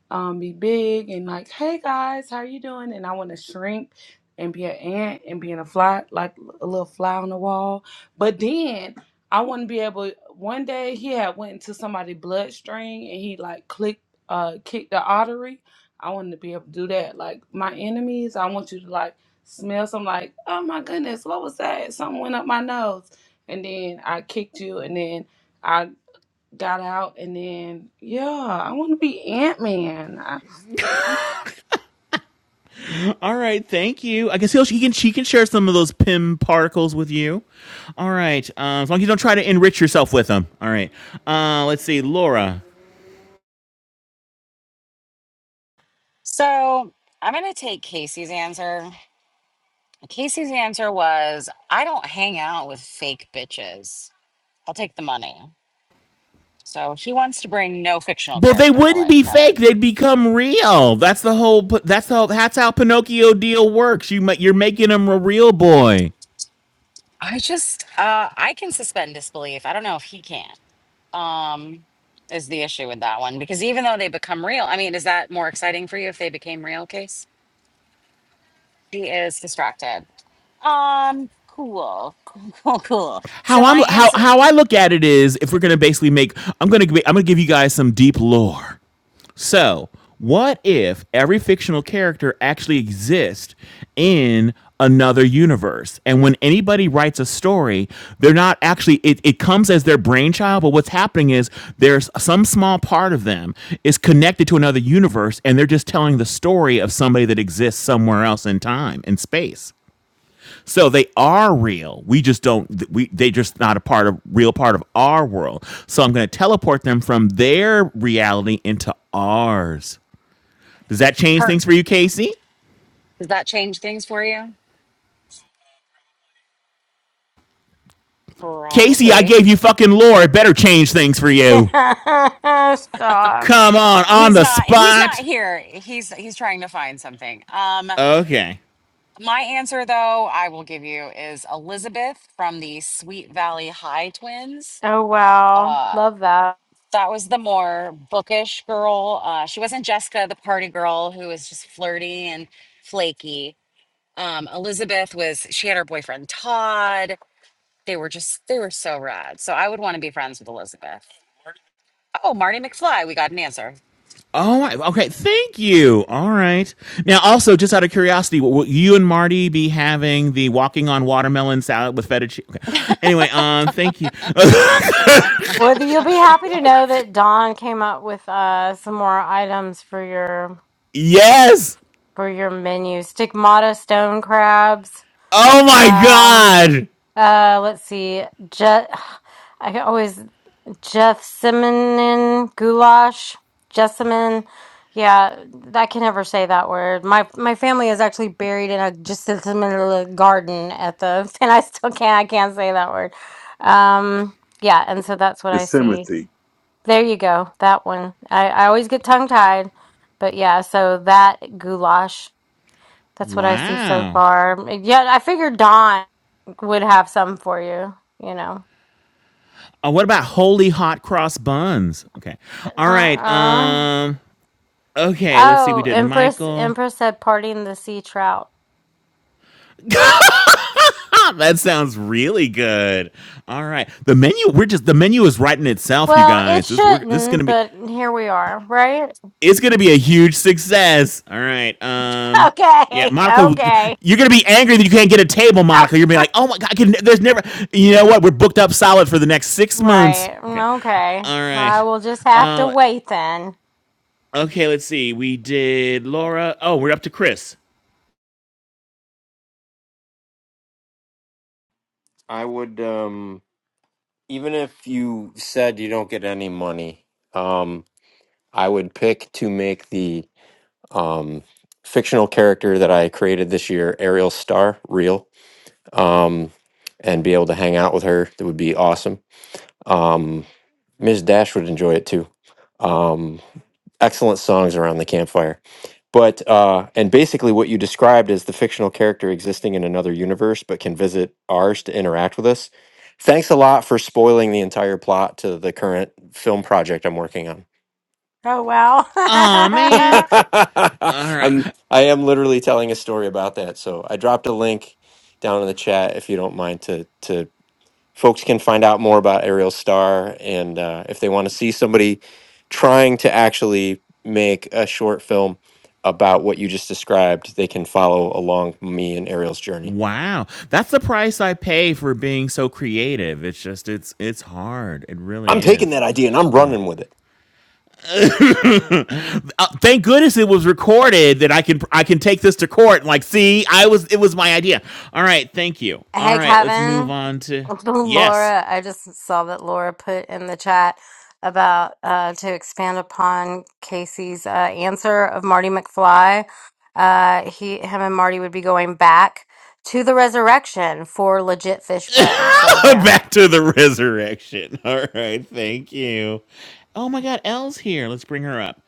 um, be big and like, hey guys, how you doing? And I want to shrink and be an ant and being a fly, like a little fly on the wall. But then I want to be able. One day he had went into somebody's bloodstream and he like clicked, uh, kicked the artery. I want to be able to do that. Like my enemies, I want you to like smell some like, oh my goodness, what was that? Something went up my nose, and then I kicked you, and then. I got out and then yeah, I want to be Ant-Man. I- All right, thank you. I guess he'll, he can she can share some of those pim particles with you. All right, uh, as long as you don't try to enrich yourself with them. All right, uh, let's see, Laura. So I'm going to take Casey's answer. Casey's answer was I don't hang out with fake bitches. I'll take the money. So he wants to bring no fictional Well, they character to wouldn't life, be fake. Kevin. They'd become real. That's the whole. That's how. That's how Pinocchio deal works. You you're making him a real boy. I just, uh, I can suspend disbelief. I don't know if he can. Um, is the issue with that one because even though they become real, I mean, is that more exciting for you if they became real? Case he is distracted. Um, cool, cool, (laughs) cool, cool. So How I'm my how answer, how I look at it is, if we're gonna basically make, I'm gonna I'm gonna give you guys some deep lore. So, what if every fictional character actually exists in another universe? And when anybody writes a story, they're not actually, it, it comes as their brainchild, but what's happening is there's some small part of them is connected to another universe, and they're just telling the story of somebody that exists somewhere else in time and space. So they are real. We just don't. We they just not a part of real part of our world. So I'm going to teleport them from their reality into ours. Does that change her. things for you, Casey? Does that change things for you? Casey, I Probably. gave you fucking lore. It better change things for (laughs) you. stop. Come on, on He's the not. He's not spot. here. He's he's trying to find something. Um, Okay. my answer though, I will give you is Elizabeth from the Sweet Valley High Twins. Oh wow. Uh, Love that. that was the more bookish girl. Uh, she wasn't Jessica, the party girl who was just flirty and flaky. Um, Elizabeth was. She had her boyfriend Todd They were just, they were so rad. So I would want to be friends with Elizabeth. Oh, Marty McFly, we got an answer. Oh, okay. Thank you. All right. Now, also, just out of curiosity, will- you and Marty be having the walking on watermelon salad with feta cheese? Okay. Anyway, um, thank you. (laughs) Well, you'll be happy to know that Dawn came up with uh some more items for your yes. for your menu. Stigmata stone crabs. Oh my Um. God. Uh, let's see. Je- I always Gethsemane goulash, Jessamine. Yeah, I can never say that word. My my family is actually buried in a Gethsemane garden at the, (laughs) and I still can't. I can't say that word. Um, yeah, and so that's what The I see. Yosemite. There you go. That one. I I always get tongue tied, but yeah. So that goulash. That's what I see so Wow. far. Yeah, I figured Dawn would have some for you, you know. Uh, what about holy hot cross buns? Okay. All right. Uh-uh. Um. Okay. Let's see. We Oh, did Empress Michael. Empress said partying the sea trout. (laughs) that sounds really good. All right, the menu. We're just the menu is writing itself, you Well, it guys. This we're this is gonna shouldn't, be but here we are, right? (laughs) it's gonna be a huge success. All right. Um. Yeah, Okay. Monica, Okay. you're gonna be angry that you can't get a table, Monica. You're gonna be (laughs) like, oh my god, I can, there's never. You know what? We're booked up solid for the next six months. Right. Okay. Okay. All right. I will just have to Uh. wait then. Okay. Let's see. We did Laura. Oh, we're up to Chris. I would um even if you said you don't get any money. um, I would pick to make the um, fictional character that I created this year, Ariel Star, real, um, and be able to hang out with her. That would be awesome. Um, Ms. Dash would enjoy it too. Um, excellent songs around the campfire. But, uh, and basically, what you described is the fictional character existing in another universe but can visit ours to interact with us. Thanks a lot for spoiling the entire plot to the current film project I'm working on. Oh well. Oh (laughs) (laughs) man. All right. I'm I am literally telling a story about that. So I dropped a link down in the chat if you don't mind to to folks can find out more about Ariel Star and uh, if they want to see somebody trying to actually make a short film about what you just described, they can follow along me and Ariel's journey. Wow. That's the price I pay for being so creative. It's just it's it's hard. It I'm really taking is. that idea and I'm running with it. Uh, thank goodness it was recorded that I can I can take this to court and like see I was it was my idea. All right, thank you. All Hey, right, let's move Kevin. on to (laughs) yes. Laura, I just saw that Laura put in the chat about uh, to expand upon Casey's uh, answer of Marty McFly. Uh, he, him, and Marty would be going back to the resurrection for legit fish bread. So (laughs) there. Back to the resurrection. (laughs) All right, thank you. Oh my God, Elle's here. Let's bring her up.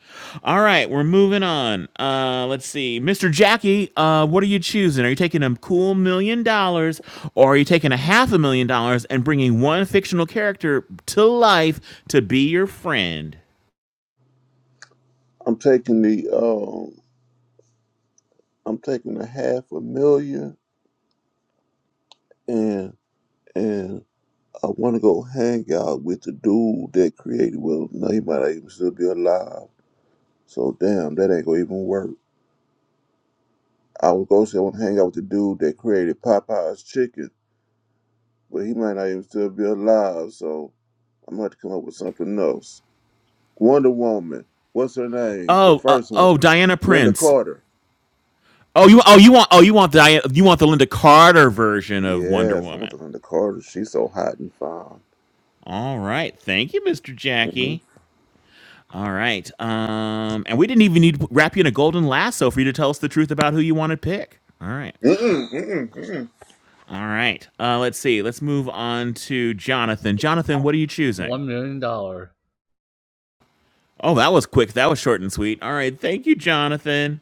All right, we're moving on. Uh, let's see, Mr. Jackie. Uh, what are you choosing? Are you taking a cool million dollars, or are you taking a half a million dollars and bringing one fictional character to life to be your friend? I'm taking the um I'm taking a half a million and and I wanna go hang out with the dude that created well no he might not even still be alive. So damn that ain't gonna even work. I was gonna say I wanna hang out with the dude that created Popeye's chicken, but he might not even still be alive, so I'm gonna have to come up with something else. Wonder Woman. What's her name? The Oh, uh, first one. oh, Diana Linda Prince. Carter. Oh, you, oh, you want, oh, you want Diana, you want the Linda Carter version of Wonder Yes, I want Woman. to learn the Carter. She's so hot and fine. All right, thank you, Mr. Mm-hmm. Jackie. All right. Um, and we didn't even need to wrap you in a golden lasso for you to tell us the truth about who you want to pick. All right. Mm-mm, mm-mm, mm-mm. All right. Uh, let's see. Let's move on to Jonathan. Jonathan, what are you choosing? one million dollar Oh, that was quick. That was short and sweet. All right. Thank you, Jonathan.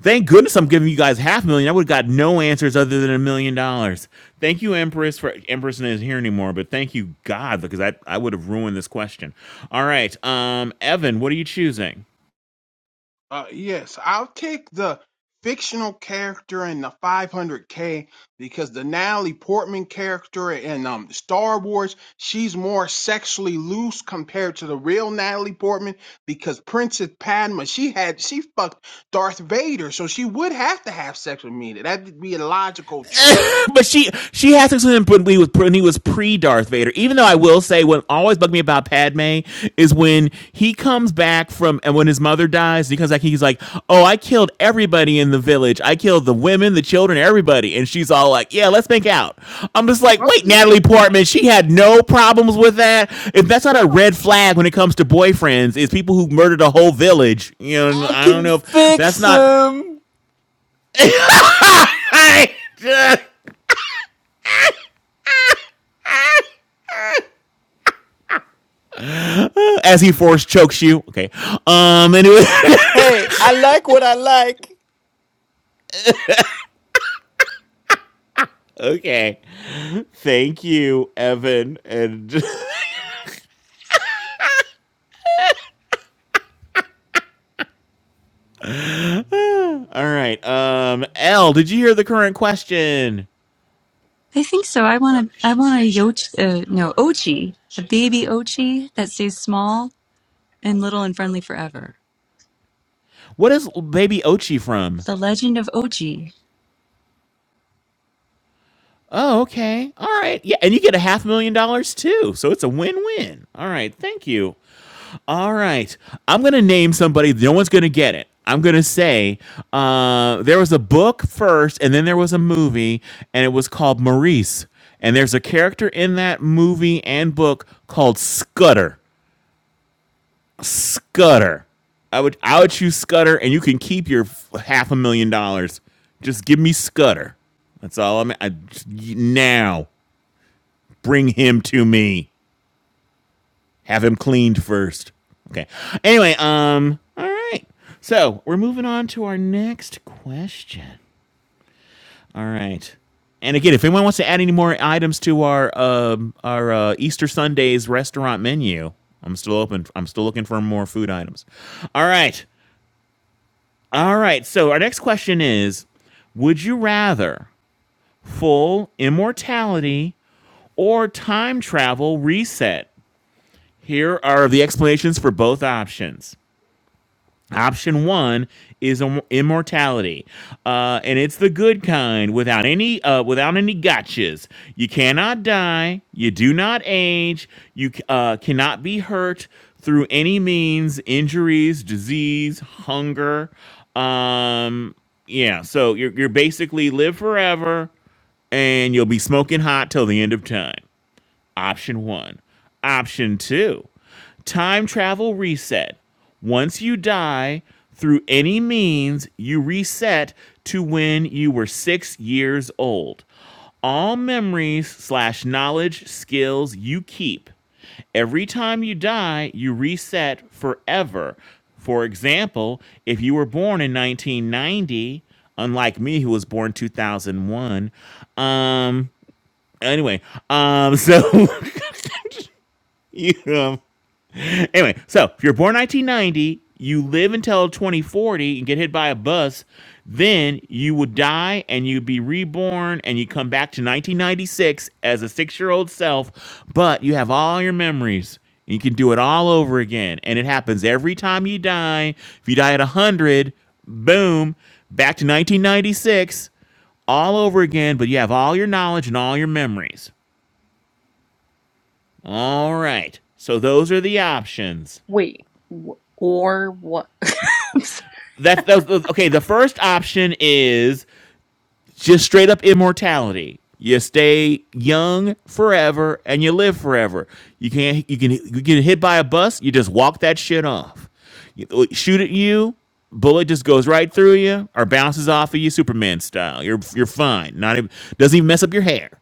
Thank goodness I'm giving you guys half a million. I would have got no answers other than a million dollars. Thank you, Empress, for Empress isn't here anymore, but thank you, God, because I, I would have ruined this question. All right. Um, Evan, what are you choosing? Uh, yes, I'll take the fictional character and the 500k because the Natalie Portman character in um Star Wars, she's more sexually loose compared to the real Natalie Portman because Princess Padma, she had she fucked Darth Vader, so she would have to have sex with me. That'd be a logical choice. But she she has to him when he was when he was pre Darth Vader. Even though I will say what always bugged me about Padme is when he comes back from and when his mother dies, he comes back. He's like, "Oh, I killed everybody in the village. I killed the women, the children, everybody." And she's all like, "Yeah, let's make out." I'm just like, Well, "Wait, Natalie Portman, she had no problems with that. If that's not a red flag when it comes to boyfriends, is people who murdered a whole village. You know, I I don't can know if that's fix not." him. (laughs) I Uh, as he force chokes you. Okay. Um. Anyway. Hey, I like what I like. (laughs) okay. Thank you, Evan. And (laughs) all right. Um. L. Did you hear the current question? I think so. I want a I want a yoch uh, no ochi, a baby ochi that stays small and little and friendly forever. What is Baby Ochi from? The legend of ochi. Oh, okay. All right. Yeah, and you get a half million dollars too. So it's a win-win. All right. Thank you. All right. I'm going to name somebody. No one's going to get it. I'm going to say uh, there was a book first, and then there was a movie, and it was called Maurice. And there's a character in that movie and book called Scudder. Scudder. I would I would choose Scudder, and you can keep your half a million dollars. Just give me Scudder. That's all I'm. I, now, bring him to me. Have him cleaned first. Okay. Anyway, um, all right. So we're moving on to our next question. All right. And again, if anyone wants to add any more items to our um our uh, Easter Sunday's restaurant menu, I'm still open. I'm still looking for more food items. All right. All right. So our next question is Would you rather full immortality or time travel reset? Here are the explanations for both options. Option one is immortality, uh, and it's the good kind without any uh, without any gotchas. You cannot die. You do not age. You uh, cannot be hurt through any means, injuries, disease, hunger. Um, yeah, so you're you're basically live forever, and you'll be smoking hot till the end of time. Option one. Option two time travel reset. Once you die, through any means, you reset to when you were six years old. All memories slash knowledge skills you keep. Every time you die, you reset forever. For example, if you were born in 1990, unlike me who was born 2001, um anyway, um so (laughs) you, um, anyway, so if you're born 1990, you live until 2040 and get hit by a bus, then you would die and you'd be reborn and you come back to 1996 as a six year old self, but you have all your memories. You can do it all over again. And it happens every time you die. If you die at 100, boom, back to 1996 all over again, but you have all your knowledge and all your memories. All right. So those are the options. Wait, w- or what? (laughs) I'm sorry. That's that okay. The first option is just straight up immortality. You stay young forever and you live forever. You can't you can you get hit by a bus. You just walk that shit off. You- uh, shoot at you, bullet just goes right through you or bounces off of you, Superman style. You're you're fine. Not even doesn't even mess up your hair.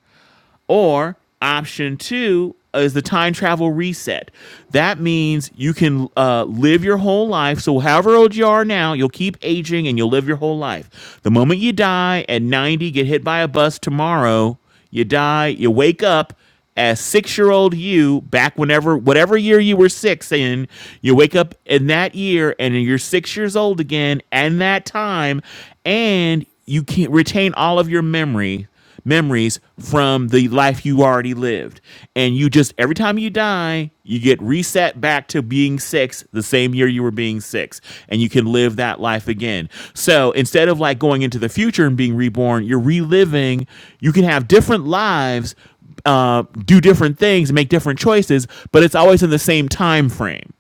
Or option two is the time travel reset. That means you can uh, live your whole life. So, however old you are now, you'll keep aging and you'll live your whole life. The moment you die at 90, get hit by a bus tomorrow, you die, you wake up as six year old you back whenever, whatever year you were six in, you wake up in that year and you're six years old again and that time, and you can retain all of your memory memories from the life you already lived. And you just, every time you die, you get reset back to being six the same year you were being six. And you can live that life again. So instead of like going into the future and being reborn, you're reliving, you can have different lives. Uh, do different things, make different choices, but it's always in the same time frame.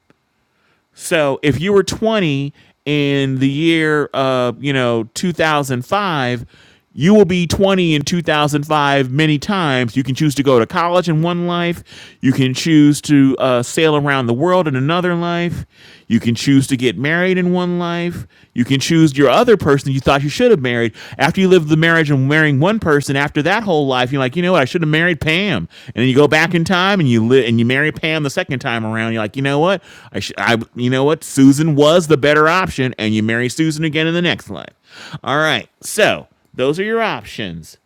So if you were 20 in the year uh, you know 2005, you will be 20 in 2005 many times. You can choose to go to college in one life. You can choose to uh, sail around the world in another life. You can choose to get married in one life. You can choose your other other person you thought you should have married after you live the marriage and marrying one person after that whole life you're like you know what i should have married pam and then you go back in time and you live and you marry pam the second time around you're like you know what i should i you know what susan was the better option and you marry susan again in the next life all right so those are your options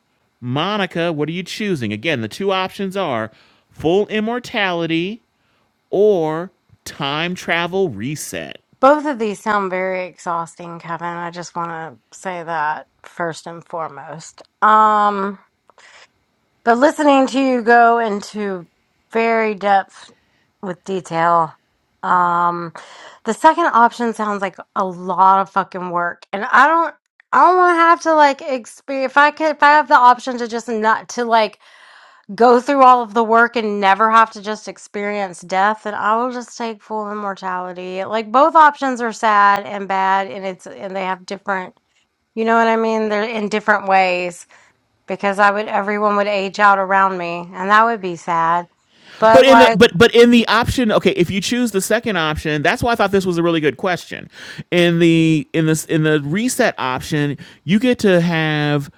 monica what are you choosing again the two options are full immortality or time travel reset Both of these sound very exhausting, Kevin. I just want to say that first and foremost. Um, But listening to you go into very depth with detail, um, the second option sounds like a lot of fucking work, and I don't. I don't want to have to like experience. If I could, if I have the option to just not to like go through all of the work and never have to just experience death, then I will just take full immortality. Like both options are sad and bad, and it's and they have different. You know what I mean? They're in different ways because I would everyone would age out around me and that would be sad. But But in the like but but in the option, okay, if you choose the second option, that's why I thought this was a really good question. In the in this in the reset option, you get to have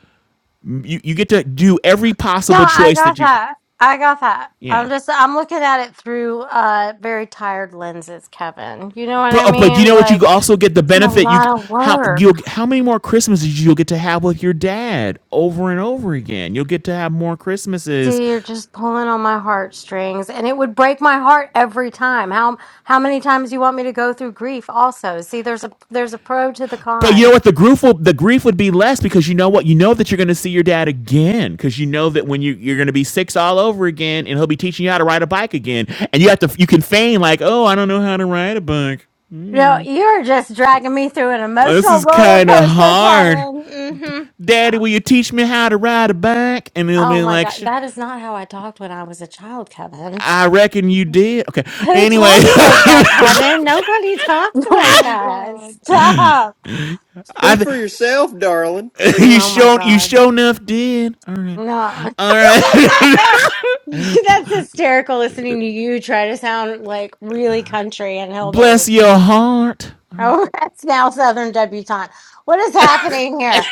you, you get to do every (laughs) no, possible I choice got that you that. I got that. yeah. I'm just I'm looking at it through uh very tired lenses, Kevin. You know what But I oh, but you mean? know what? You Like also get the it's a benefit. You lot of how work. you how many more Christmases you'll get to have with your dad over and over again. You'll get to have more Christmases See, you're just pulling on my heartstrings and it would break my heart every time. How how many times you want me to go through grief also? See, there's a there's a pro to the But you con. know what? The grief will the grief would be less because you know what? You know that you're going to see your dad again because you know that when you you're going to be six all over again, and he'll be teaching you how to ride a bike again, and you have to you can feign like, oh, I don't know how to ride a bike. You know, you're just dragging me through an This emotional is roller kind of coaster, hard. Kevin. Mhm. Yeah. Daddy, will you teach me how to ride a bike? And he'll Oh be my like, God, "Sh- that is not how I talked when I was a child, Kevin. I reckon you did. Okay. (laughs) Who Anyway, talks like that, Kevin? Nobody (laughs) talks oh like my that. God. Stop. (laughs) I Speak for th- yourself, darling. (laughs) you Oh my shown you God. show enough did. All right. No. (laughs) All right. (laughs) what the hell? (laughs) You- That's hysterical listening to you try to sound like really country and hillbilly. Bless your heart. Oh, (laughs) that's now Southern debutante. What is happening here?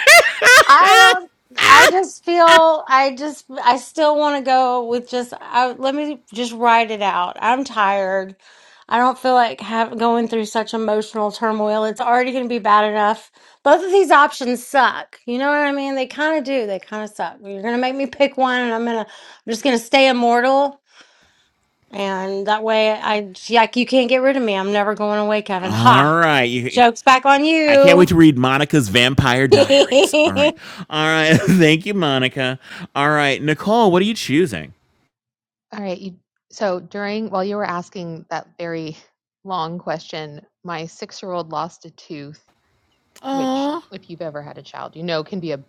I don't. I just feel. I just. I still want to go with just. I, let me just ride it out. I'm tired. I don't feel like have, going through such emotional turmoil. It's already going to be bad enough. Both of these options suck. You know what I mean? They kind of do. They kind of suck. You're going to make me pick one, and I'm gonna. I'm just going to stay immortal, and that way, I like you can't get rid of me. I'm never going away, Kevin. All Ha! right. Jokes back on I can't wait you. to read Monica's Vampire Diaries. All (laughs) right. All right. (laughs) Thank you, Monica. All right. Nicole, what are you choosing? All right. You, so during while you were asking that very long question, my six-year-old lost a tooth, which Aw. if you've ever had a child, you know can be a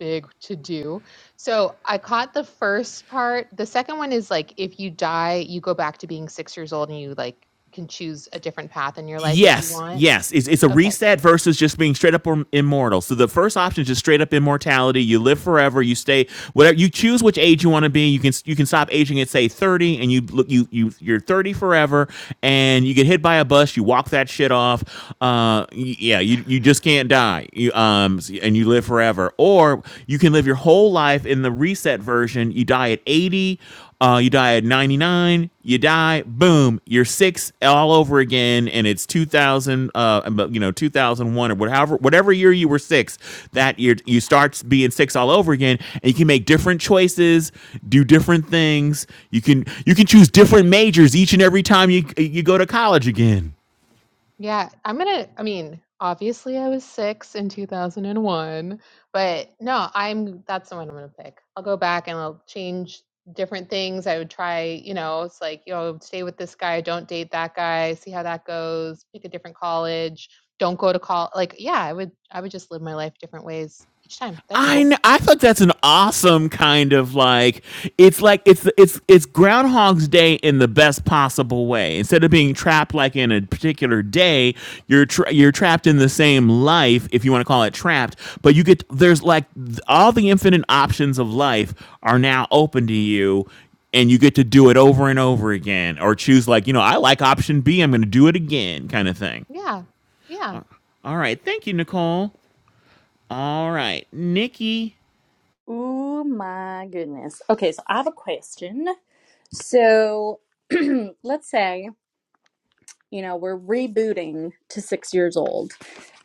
big to do. So I caught the first part. The second one is like if you die, you go back to being six years old and you like can choose a different path in your life if you Yes, want. yes. It's, it's a Okay. reset versus just being straight up immortal. So the first option is just straight up immortality. You live forever. You stay whatever you choose which age you want to be. You can you can stop aging at say thirty, and you look you you you're thirty forever, and you get hit by a bus. You walk that shit off. Uh, yeah, you you just can't die. You um and you live forever, or you can live your whole life in the reset version. You die at eighty uh, you die at 99, you die, boom, you're six all over again, and it's 2000, uh, you know, 2001 or whatever, whatever year you were six, that year you start being six all over again, and you can make different choices, do different things. You can you can choose different majors each and every time you you go to college again. Yeah, I'm gonna, I mean, obviously I was six in 2001, but no, I'm, that's the one I'm gonna pick. I'll go back and I'll change different things. I would try, you know, it's like, you know, stay with this guy, don't date that guy, see how that goes, pick a different college, don't go to call. Like, yeah, I would, I would just live my life different ways each time. That'd be I cool. kn- I thought that's an awesome kind of like it's like it's it's it's Groundhog's Day in the best possible way. Instead of being trapped like in a particular day, you're tra- you're trapped in the same life if you want to call it trapped. But you get there's like th- all the infinite options of life are now open to you, and you get to do it over and over again, or choose like you know I like option B, I'm going to do it again kind of thing. Yeah. Yeah. Uh, All right, thank you, Nicole. All right, Nikki. Oh my goodness. Okay, so I have a question. So (clears throat) let's say, you know, we're rebooting to six years old.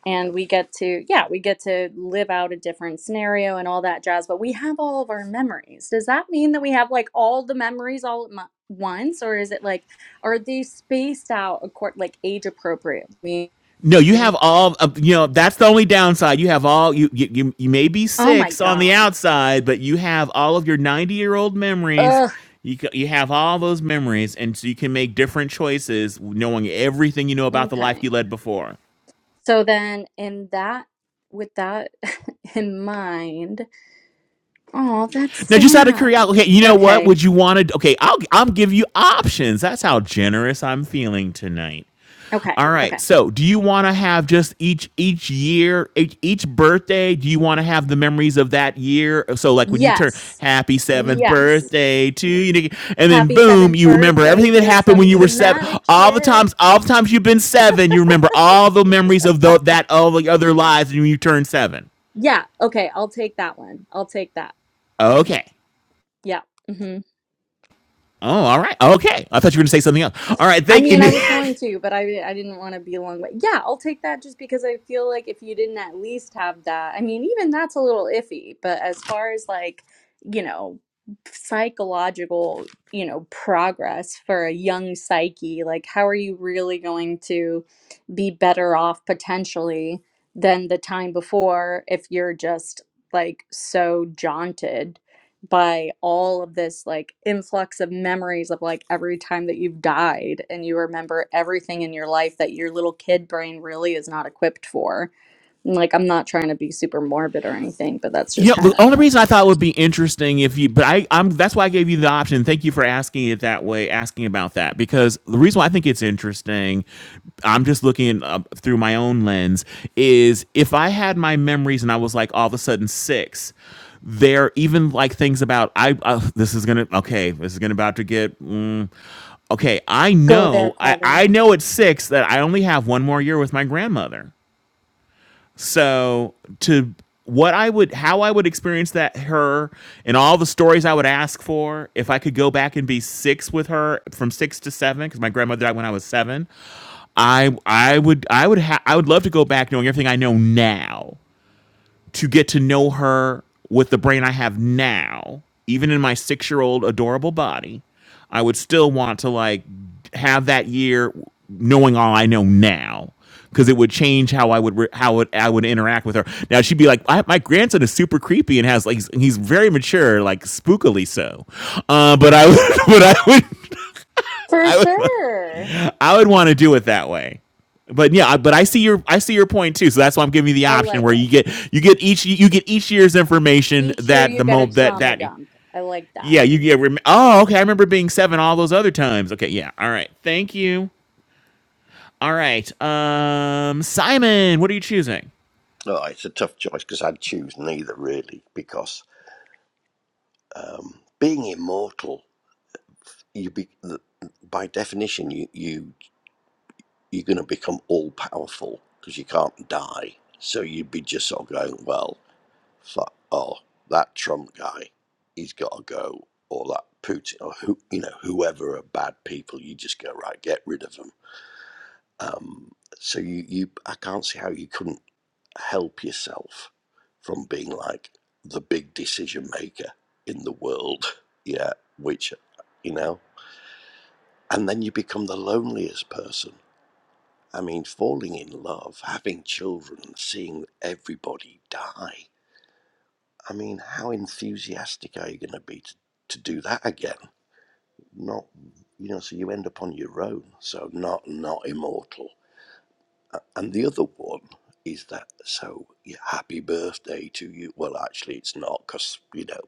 and we get to yeah we get to live out a different scenario and all that jazz but we have all of our memories does that mean that we have like all the memories all at mo- once or is it like are they spaced out accord like age appropriate I No, you mean, have all. Of, you know that's the only downside. You have all. You, you you you may be oh my six on the god outside, but you have all of your ninety-year-old memories. ugh You ca- you have all those memories, and so you can make different choices, knowing everything you know about the life okay you led before. so then in that with that (laughs) in mind oh that's Now, just out of sad curiosity, okay, you know what? okay Would you want to? Okay, I'll I'll give you options. That's how generous I'm feeling tonight. okay All right. okay So, do you want to have just each each year, each, each birthday? Do you want to have the memories of that year? So, like when you turn yes happy seventh yes birthday to you, and then Happy boom, seventh you remember birthday. everything that Here's happened when some you were seven. traumatic All the shit. times, all the times you've been seven, you remember all the memories of tho- that all the other lives when you turn seven. Yeah. Okay. I'll take that one. I'll take that. Okay. Yeah. mm-hmm. Oh, all right. Okay. I thought you were going to say something else. All right. I Thank you, mean, I Nick. was going to, but I I didn't want to be a long way. Yeah, I'll take that just because I feel like if you didn't at least have that, I mean, even that's a little iffy. But as far as like, you know, psychological, you know, progress for a young psyche, like how are you really going to be better off potentially than the time before if you're just like so jaunted? by all of this like influx of memories of like every time that you've died and you remember everything in your life that your little kid brain really is not equipped for. And, like I'm not trying to be super morbid or anything, but that's you just know, kind the of what only I'm reason I thought it thinking. would be interesting if you, but I, I'm that's why I gave you the option. Thank you for asking it that way, asking about that because the reason why I think it's interesting, I'm just looking uh, through my own lens, is if I had my memories and I was like all of a sudden six, there even like things about I uh, this is gonna okay this is gonna about to get mm, okay I Go there, know I Kevin. I know at six that I only have one more year with my grandmother so to what I would how I would experience that her and all the stories I would ask for if I could go back and be 6 with her from 6 to 7 cuz my grandmother died when I was 7 I I would I would ha- I would love to go back knowing everything I know now to get to know her with the brain I have now, even in my six year old adorable body, I would still want to like have that year knowing all I know now. Because it would change how I would re- how it, I would interact with her. Now she'd be like, I, "My grandson is super creepy and has like he's, he's very mature, like spookily so." Uh, but I would, (laughs) but I would, For I would. sure. I would want to do it that way. But yeah, but I see your I see your point too. So that's why I'm giving you the I option like where it. you get you get each you get each year's information Each year that you the get mo a that trauma that dump. I like that. yeah you get rem- oh okay I remember being seven all those other times okay yeah all right thank you all right um Simon what are you choosing Oh, it's a tough choice because I'd choose neither really because um, being immortal, you be the, by definition you you you're going to become all powerful because you can't die. So you'd be just sort of going well. thought, oh, that Trump guy, he's got to go, or that Putin, or who, you know, whoever are bad people, you just go right, get rid of them. Um, so you, you, I can't see how you couldn't help yourself from being like the big decision maker in the world, yeah, which, you know, and then you become the loneliest person. I mean, falling in love, having children, seeing everybody die I mean, how enthusiastic are you going to be to, to do that again? Not, you know, so you end up on your own. So not, not immortal. And the other one is that, so yeah, happy birthday to you. Well, actually, it's not because, you know,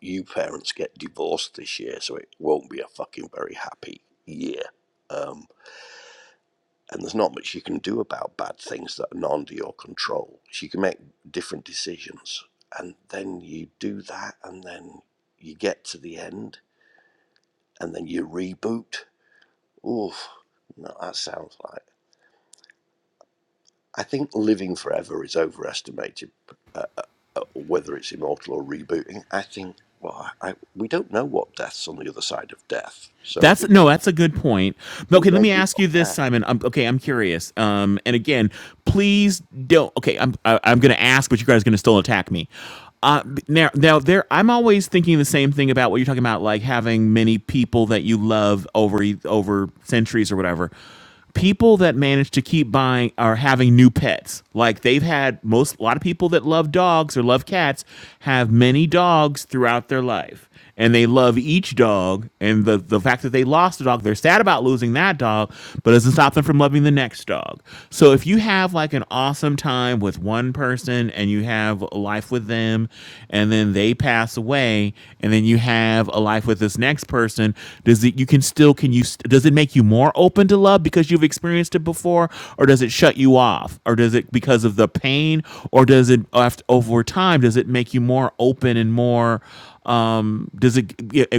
you parents get divorced this year, so it won't be a fucking very happy year. Um, and there's not much you can do about bad things that are not under your control. So you can make different decisions, and then you do that, and then you get to the end, and then you reboot. Oof, no, that sounds like. I think living forever is overestimated, uh, uh, uh, whether it's immortal or rebooting. I think, well, I, we don't know what death's on the other side of death, so That's it no, that's a good point. But, may, it Okay, let may me be ask not you this, bad. Simon. Um, okay, I'm curious. Um, and again, please don't. Okay, I'm I, I'm gonna ask, but you guys are gonna still attack me. Uh, b- now, now there, I'm always thinking the same thing about what you're talking about, like having many people that you love over e- over centuries or whatever people that manage to keep buying are having new pets. Like they've had most a lot of people that love dogs or love cats have many dogs throughout their life. And they love each dog and the, the fact that they lost a dog, they're sad about losing that dog, but it doesn't stop them from loving the next dog. So if you have like an awesome time with one person and you have a life with them and then they pass away and then you have a life with this next person does it you can still can you does it make you more open to love because you've experienced it before or does it shut you off or does it because of the pain or does it after, over time does it make you more open and more um does it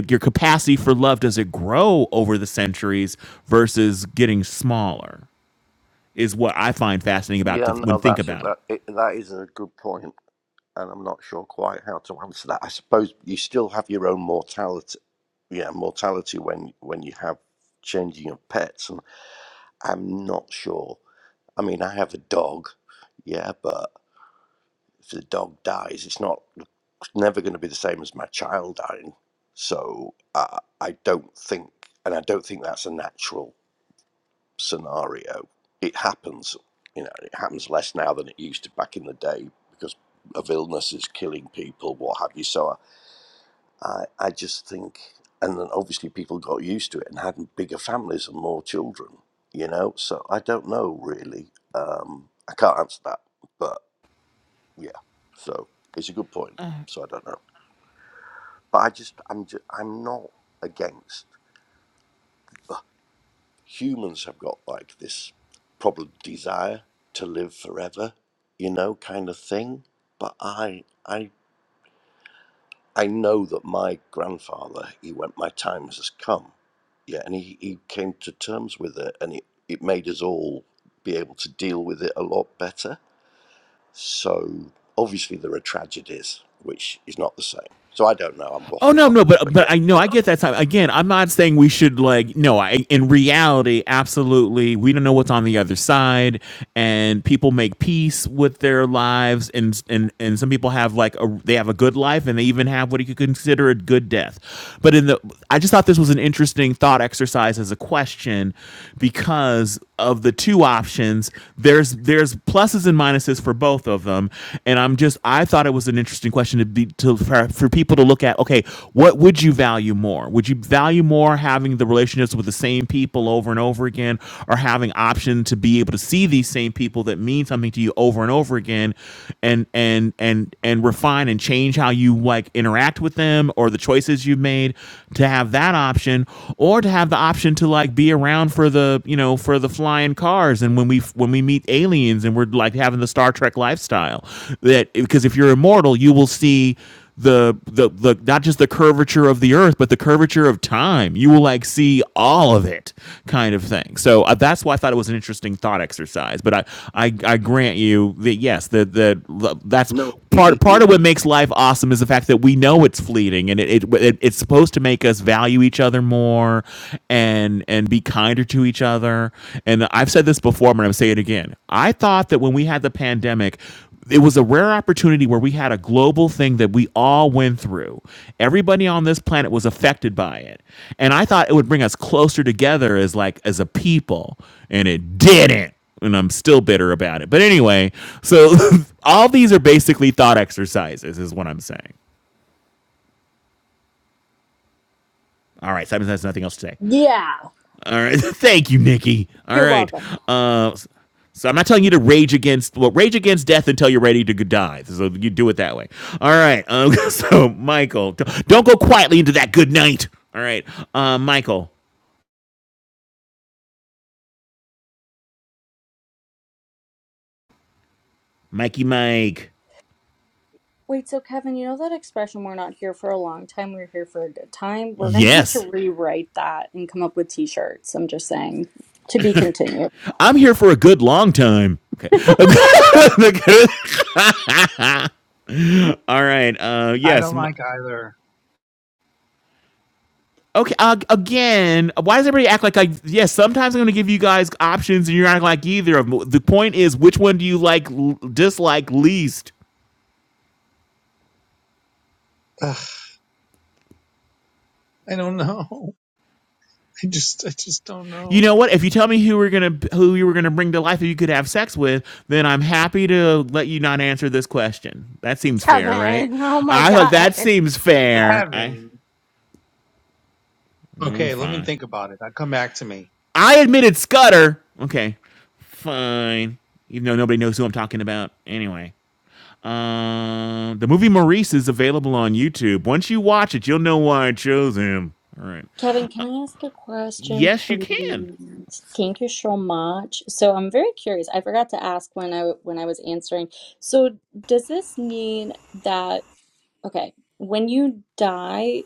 your capacity for love does it grow over the centuries versus getting smaller is what i find fascinating about to Yeah, when no, think that's it. about it That, it, that is a good point. and I'm not sure quite how to answer that. I suppose you still have your own mortality, yeah, mortality when when you have changing of pets, and I'm not sure. I mean, I have a dog, yeah, but if the dog dies, it's not it's never going to be the same as my child dying. So uh, I don't think, and I don't think that's a natural scenario. It happens, you know, it happens less now than it used to back in the day because of illnesses killing people, what have you. So I, I just think, and then obviously people got used to it and had bigger families and more children, you know. So I don't know really. Um, I can't answer that, but yeah. So it's a good point. So I don't know, but I just I'm just, I'm not against. Ugh, humans have got like this problem desire to live forever, you know, kind of thing. But I I I know that my grandfather, he went, my time has come. Yeah, and he, he came to terms with it and it, it made us all be able to deal with it a lot better. So obviously there are tragedies, which is not the same. So I don't know, I'm Oh waffling no, on. no, but But but yeah, I know I anyway. get that time. Again, I'm not saying we should like no. I in reality, absolutely, we don't know what's on the other side, and people make peace with their lives, and and and some people have like a they have a good life, and they even have what you could consider a good death. But in the, I just thought this was an interesting thought exercise as a question, because of the two options, there's there's pluses and minuses for both of them, and I'm just I thought it was an interesting question to be to for, for people to look at. Okay, what would you value more? Would you value more having the relationships with the same people over and over again, or having option to be able to see these same people that mean something to you over and over again, and and and and refine and change how you like interact with them or the choices you've made to have that option, or to have the option to like be around for the you know for the flying car cars and when we when we meet aliens and we're like having the Star Trek lifestyle. That because if you're immortal, you will see the the the not just the curvature of the earth but the curvature of time you will like see all of it kind of thing so uh, that's why i thought it was an interesting thought exercise but i i, I grant you that yes that that that's No, part it, it, part of what makes life awesome is the fact that we know it's fleeting and it, it, it it's supposed to make us value each other more and and be kinder to each other and i've said this before but i'm saying it again i thought that when we had the pandemic it was a rare opportunity where we had a global thing that we all went through. Everybody on this planet was affected by it. And I thought it would bring us closer together as like as a people, and it didn't and I'm still bitter about it. But anyway, so (laughs) all these are basically thought exercises, is what I'm saying. All right, Simon has nothing else to say. Yeah. All right, (laughs) thank you, Nikki. All You're right, welcome. uh, so I'm not telling you to rage against well, rage against death until you're ready to die. So you do it that way. All right, um, (laughs) so Michael, don't go quietly into that good night. All right, uh, Michael, Mikey, Mike. Wait, so Kevin, you know that expression we're not here for a long time, we're here for a good time? We're gonna have Yes, to rewrite that and come up with t shirts. I'm just saying. To be continued. I'm here for a good long time. Okay. (laughs) (laughs) All right. Uh, I don't yes. like either. Okay, uh, again, why does everybody act like I? Yes, yeah, sometimes I'm going to give you guys options, and you're not like either of them. The point is, which one do you like, l- dislike least? Ugh, I don't know. (laughs) I just, I just don't You know. know what? If you tell me who we're gonna who you were gonna bring to life, who you could have sex with, then I'm happy to let you not answer this question. That seems fair, right? Kevin, oh my I thought god. that seems fair. I, Kevin. am Okay, let me fine. think about it. I'll come back to me. I admitted Scudder. Okay, fine. Even though nobody knows who I'm talking about, anyway. Uh, the movie Maurice is available on YouTube. Once you watch it, you'll know why I chose him. All right. Kevin, can Uh, I ask a question, yes, you can. please? Thank you so much. So I'm very curious. I forgot to ask when I when I was answering. So does this mean that okay, when you die?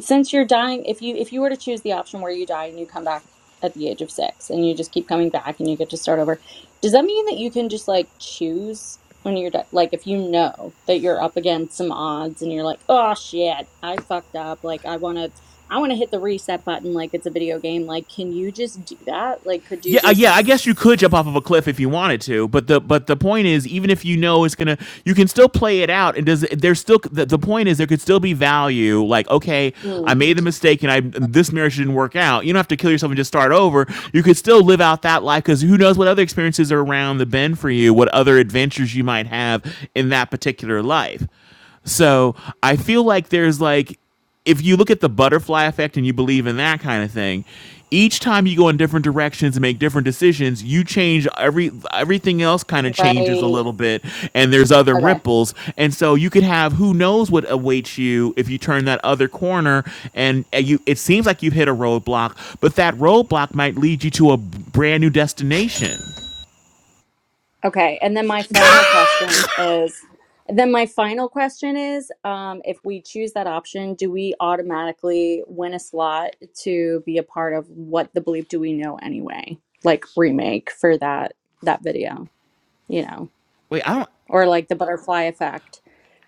since you're dying if you if you were to choose the option where you die and you come back at the age of six and you just keep coming back and you get to start over does that mean that you can just like choose when you're di- like if you know that you're up against some odds and you're like oh shit i fucked up like i want to i want to hit the reset button like it's a video game like can you just do that like could you Yeah, uh, yeah. just I guess you could jump off of a cliff if you wanted to, but the but the point is, even if you know it's gonna, you can still play it out. And does there's still the, the point is there could still be value. Like, okay, I Mm, made the mistake, and I this marriage didn't work out. You don't have to kill yourself and just start over. You could still live out that life because who knows what other experiences are around the bend for you, what other adventures you might have in that particular life. So I feel like there's like, if you look at the butterfly effect and you believe in that kind of thing, each time you go in different directions and make different decisions, you change every everything else kind of changes a right little bit, and there's other okay ripples, and so you could have who knows what awaits you if you turn that other corner, and uh, you it seems like you've hit a roadblock, but that roadblock might lead you to a brand new destination. Okay, and then my final question is, then my final question is, um, if we choose that option, do we automatically win a slot to be a part of what the bleep do we know anyway, like remake for that that video, you know, Wait, I don't. or like the butterfly effect,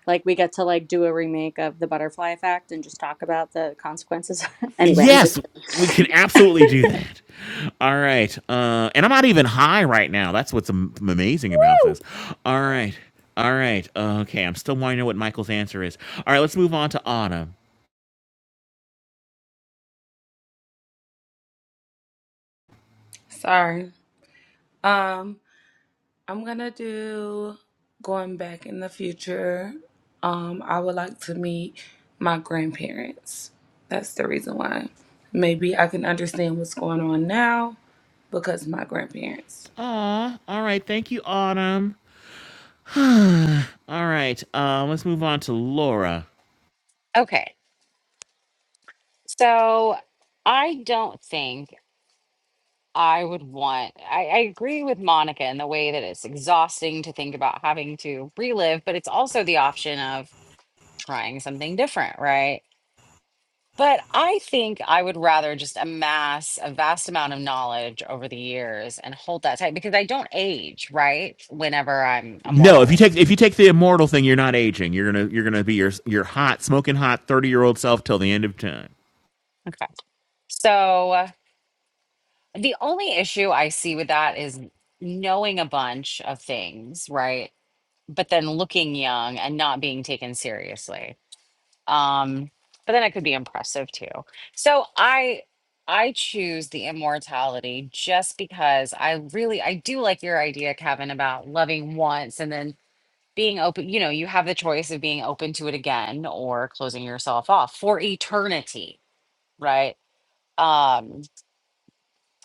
like we get to like do a remake of the butterfly effect and just talk about the consequences. (laughs) anyway, I'm just Yes, we can absolutely do that. All right. Uh, and I'm not even high right now. That's what's am- amazing about (laughs) this. All right. All right. Okay. I'm still wanting to know what Michael's answer is. All right. Let's move on to Autumn. sorry. Um I'm going to do going back in the future. Um I would like to meet my grandparents. That's the reason why. Maybe I can understand what's going on now because my grandparents. Aw. All right. Thank you, Autumn. (sighs) All right. Um, let's move on to Laura. Okay. So I don't think I would want, I, I agree with Monica in the way that it's exhausting to think about having to relive, but it's also the option of trying something different, right? But I think I would rather just amass a vast amount of knowledge over the years and hold that tight because I don't age, right? Whenever I'm No, if you immortal. take if you take the immortal thing, you're not aging. You're gonna you're gonna be your your hot smoking hot thirty year old self till the end of time. Okay. So The only issue I see with that is knowing a bunch of things, right? But then looking young and not being taken seriously. Um, but then it could be impressive too. So I I choose the immortality just because I really I do like your idea, Kevin, about loving once and then being open, you know, you have the choice of being open to it again or closing yourself off for eternity, right? Um,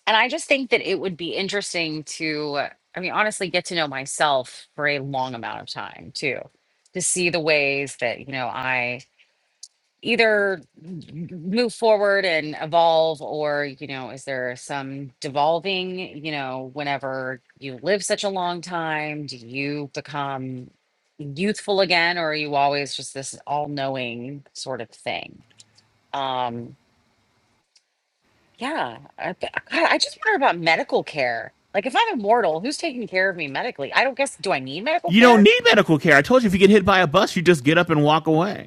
and I just think that it would be interesting to, uh, I mean, honestly, get to know myself for a long amount of time too, to see the ways that, you know, I either m- move forward and evolve or, you know, is there some devolving, you know, whenever you live such a long time, do you become youthful again or are you always just this all knowing sort of thing? Um, yeah, I bet- God, I just wonder about medical care. Like, if I'm immortal, who's taking care of me medically? I don't guess. Do I need medical You don't care? need medical care. I told you if you get hit by a bus, you just get up and walk away.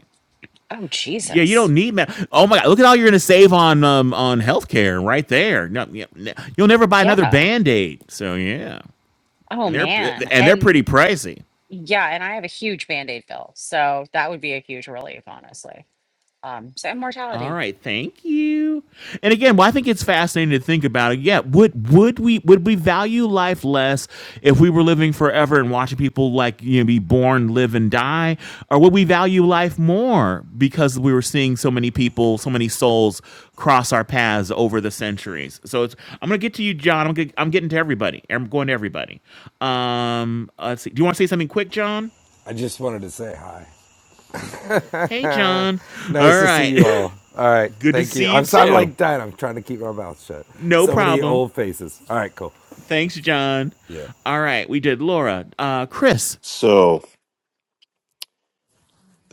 Oh, Yeah, you don't Jesus. need med. Oh my god, look at all you're gonna save on um on healthcare right there. No, yeah, n- you'll never buy another Yeah. band aid. So yeah, Oh, and they're man. and they're And pretty pricey. yeah, and I have a huge Band-Aid bill, so that would be a huge relief, honestly. Um, so All immortality. right, thank you. And again, well, I think it's fascinating to think about it. Yeah, would would we would we value life less if we were living forever and watching people like you know be born, live, and die, or would we value life more because we were seeing so many people, so many souls cross our paths over the centuries? So it's I'm gonna get to you, John. I'm gonna, I'm getting to everybody. I'm going to everybody. Um, let's see. Do you want to say something quick, John? I just wanted to say hi. Hey, John. (laughs) nice All to see right, you all. All right, (laughs) good to thank you. see you I'm so, I'm too. like dying. I'm trying to keep my mouth shut. No So many problem. old faces. All right, cool. Thanks, John. Yeah. All right, we did Laura, uh, Chris, So.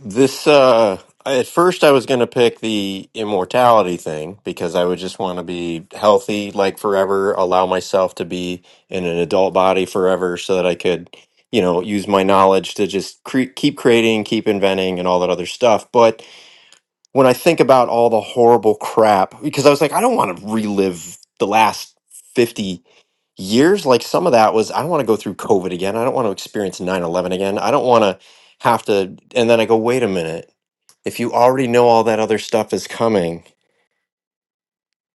This uh I- at first I was going to pick the immortality thing because I would just want to be healthy like forever, allow myself to be in an adult body forever so that I could, you know, use my knowledge to just cre- keep creating, keep inventing and all that other stuff. But when I think about all the horrible crap because I was like I don't want to relive the last 50 years like some of that was I don't want to go through COVID again. I don't want to experience nine eleven again. I don't want to have to and then I go wait a minute if you already know all that other stuff is coming,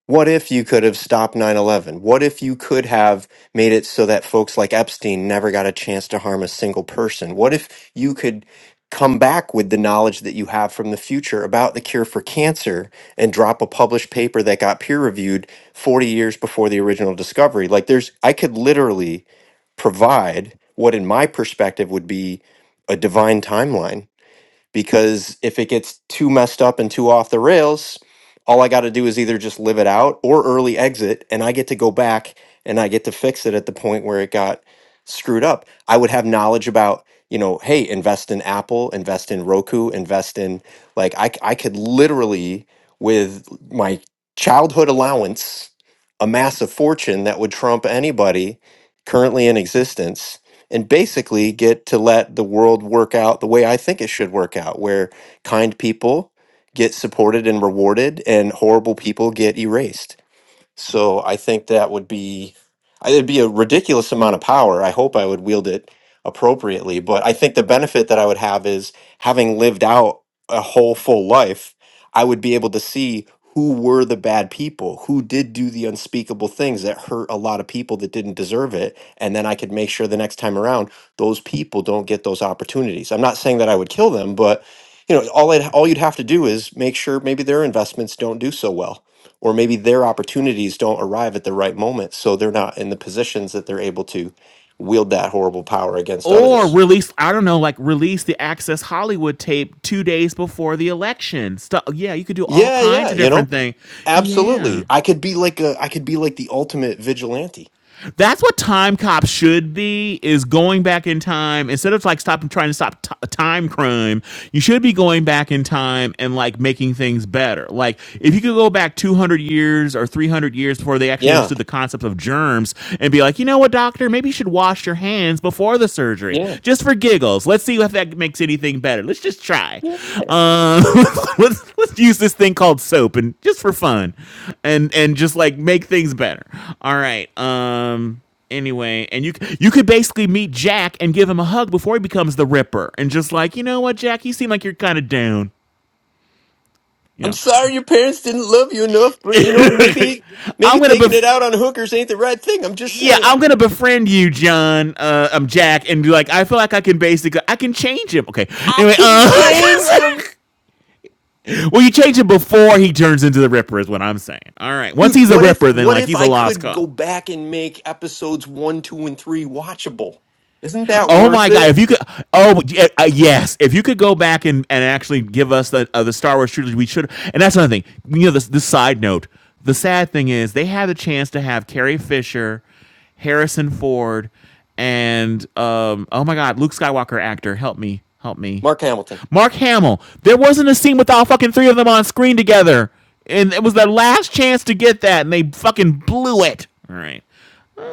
what if you could have stopped 9 11? What if you could have made it so that folks like Epstein never got a chance to harm a single person? What if you could come back with the knowledge that you have from the future about the cure for cancer and drop a published paper that got peer reviewed 40 years before the original discovery? Like, there's, I could literally provide what, in my perspective, would be a divine timeline because if it gets too messed up and too off the rails, all I got to do is either just live it out or early exit, and I get to go back and I get to fix it at the point where it got screwed up. I would have knowledge about, you know, hey, invest in Apple, invest in Roku, invest in like I c- I could literally with my childhood allowance amass a fortune that would trump anybody currently in existence and basically get to let the world work out the way I think it should work out, where kind people get supported and rewarded and horrible people get erased. So I think that would be I- it'd be a ridiculous amount of power. I hope I would wield it appropriately, but I think the benefit that I would have is having lived out a whole full life, I would be able to see who were the bad people, who did do the unspeakable things that hurt a lot of people that didn't deserve it, and then I could make sure the next time around those people don't get those opportunities. I'm not saying that I would kill them, but you know, all I'd, all you'd have to do is make sure maybe their investments don't do so well or maybe their opportunities don't arrive at the right moment so they're not in the positions that they're able to wield that horrible power against or others release. I don't know, like release the Access Hollywood tape two days before the election. Stuff. Yeah, you could do all yeah kinds yeah of you know different things. Yeah. absolutely i could be like a i could be like the ultimate vigilante That's what Time Cop should be is going back in time instead of like stopping trying to stop t- time crime. You should be going back in time and like making things better. Like if you could go back 200 years or 300 years before they actually yeah understood the concept of germs and be like, "You know what, doctor, maybe you should wash your hands before the surgery." yeah Just for giggles. Let's see if that makes anything better. Let's just try. yeah, yeah. Um, (laughs) let's let's use this thing called soap and just for fun, and and just like make things better. All right. Um. Anyway, and you you could basically meet Jack and give him a hug before he becomes the Ripper, and just like you know what, Jack, you seem like you're kind of down. You I'm know, sorry your parents didn't love you enough, but you know, (laughs) maybe maybe I'm gonna taking it bef- out on hookers ain't the right thing. I'm just yeah, saying. I'm gonna befriend you, John. Uh, I'm Jack, and be like, I feel like I can basically, I can change him. Okay, I anyway, can uh, change them. (laughs) Well, you change it before he turns into the Ripper, is what I'm saying. All right. Once Dude, he's a what if Ripper, then what like if he's a I lost could cause. go back and make episodes 1, 2 and 3 watchable? Isn't that Oh worth my god! it? If you could, oh yeah, uh, yes, if you could go back and, and actually give us the uh, the Star Wars trilogy, we should. And that's another thing. You know, this this side note. The sad thing is they had the chance to have Carrie Fisher, Harrison Ford, and um oh my god, Luke Skywalker actor. Help me, help me. Mark Hamilton. Mark Hamill. There wasn't a scene with all fucking three of them on screen together, and it was their last chance to get that, and they fucking blew it. All right.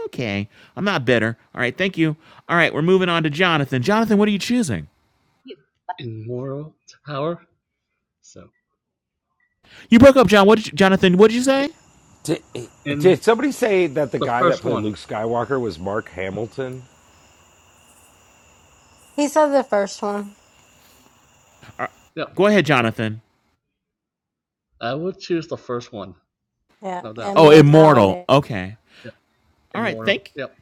Okay. I'm not bitter. All right. Thank you. All right. We're moving on to Jonathan. Jonathan, what are you choosing? in moral power. So You broke up, John. What did you, Jonathan? What did you say? Did, in did somebody say that the the guy that first played one, Luke Skywalker was Mark Hamilton? He said the first one. Uh, yep, go ahead, Jonathan. I would choose the first one, Yeah, no doubt. Oh, Then immortal. immortality. Okay. yeah, All right. immoral, Thank yep.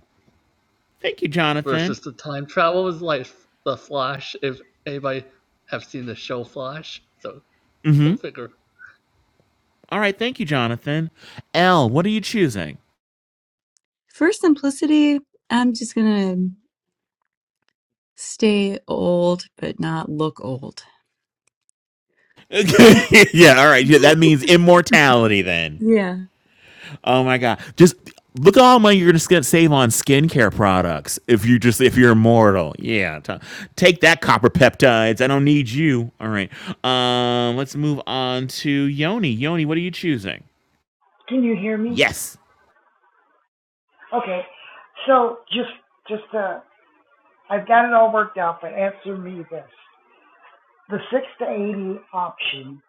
thank you, Jonathan. Versus the time travel is like the Flash. If anybody have seen the show Flash, so Mm-hmm. go figure. All right. Thank you, Jonathan. L, what are you choosing? For simplicity, I'm just gonna stay old but not look old. (laughs) yeah. All right. Yeah, that (laughs) means immortality then. yeah. Oh my god! Just look at all the money you're gonna save on skincare products if you just if you're immortal. Yeah, t- take that copper peptides. I don't need you. All right. Um, let's move on to Yoni. Yoni, what are you choosing? Can you hear me? Yes. Okay. So just just uh I've got it all worked out, but answer me this. The six to eighty option,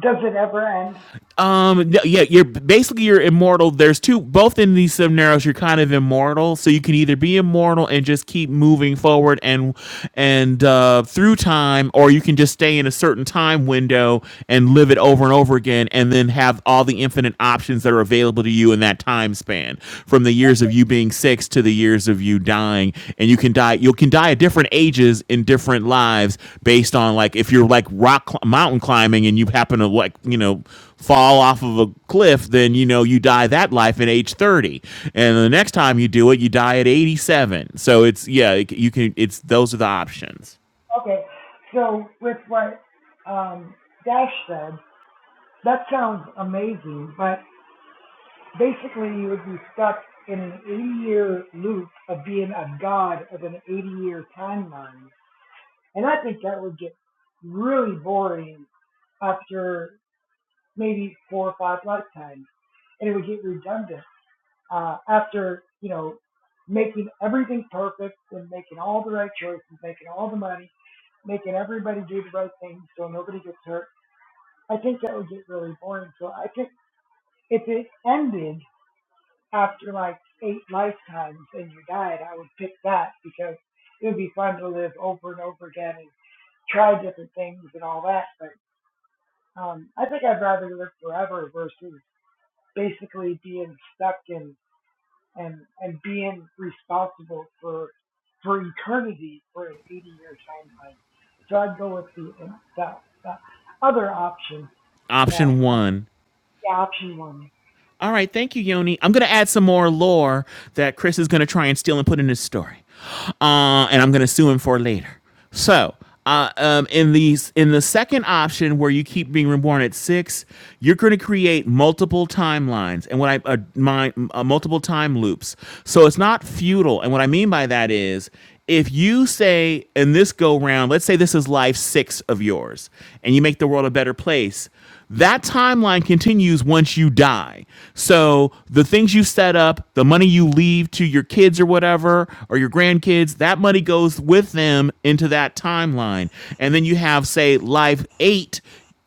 does it ever end? Um. no, Yeah. You're basically you're immortal. There's two. Both in these scenarios, you're kind of immortal. So you can either be immortal and just keep moving forward and and uh, through time, or you can just stay in a certain time window and live it over and over again, and then have all the infinite options that are available to you in that time span from the years of you being being six to the years of you dying and you can die you can die at different ages in different lives based on like if you're like rock cl- mountain climbing and you happen to like you know fall off of a cliff then you know you die that life at age 30 and the next time you do it you die at 87 so it's yeah you can it's those are the options Okay. So with what um Dash said, that sounds amazing, but basically you would be stuck in an eighty year loop of being a god of an eighty year timeline. And I think that would get really boring after maybe four or five lifetimes, and it would get redundant uh, after you know making everything perfect and making all the right choices, making all the money, making everybody do the right thing so nobody gets hurt. I think that would get really boring. So I think if it ended after like eight lifetimes and you died, I would pick that because it would be fun to live over and over again and try different things and all that. But um, I think I'd rather live forever versus basically being stuck in and and being responsible for for eternity for an 80 year timeline. So I'd go with the uh, the, the other option that option uh, 1 the option one. All right, thank you, Yoni. I'm gonna add some more lore that Chris is gonna try and steal and put in his story, uh, and I'm gonna sue him for later. So, uh, um, in these, in the second option where you keep being reborn at six, you're gonna create multiple timelines and what I uh, my uh, multiple time loops. So it's not feudal, and what I mean by that is if you say in this go round, let's say this is life six of yours, and you make the world a better place, that timeline continues once you die. So the things you set up, the money you leave to your kids or whatever, or your grandkids, that money goes with them into that timeline. And then you have, say, life eight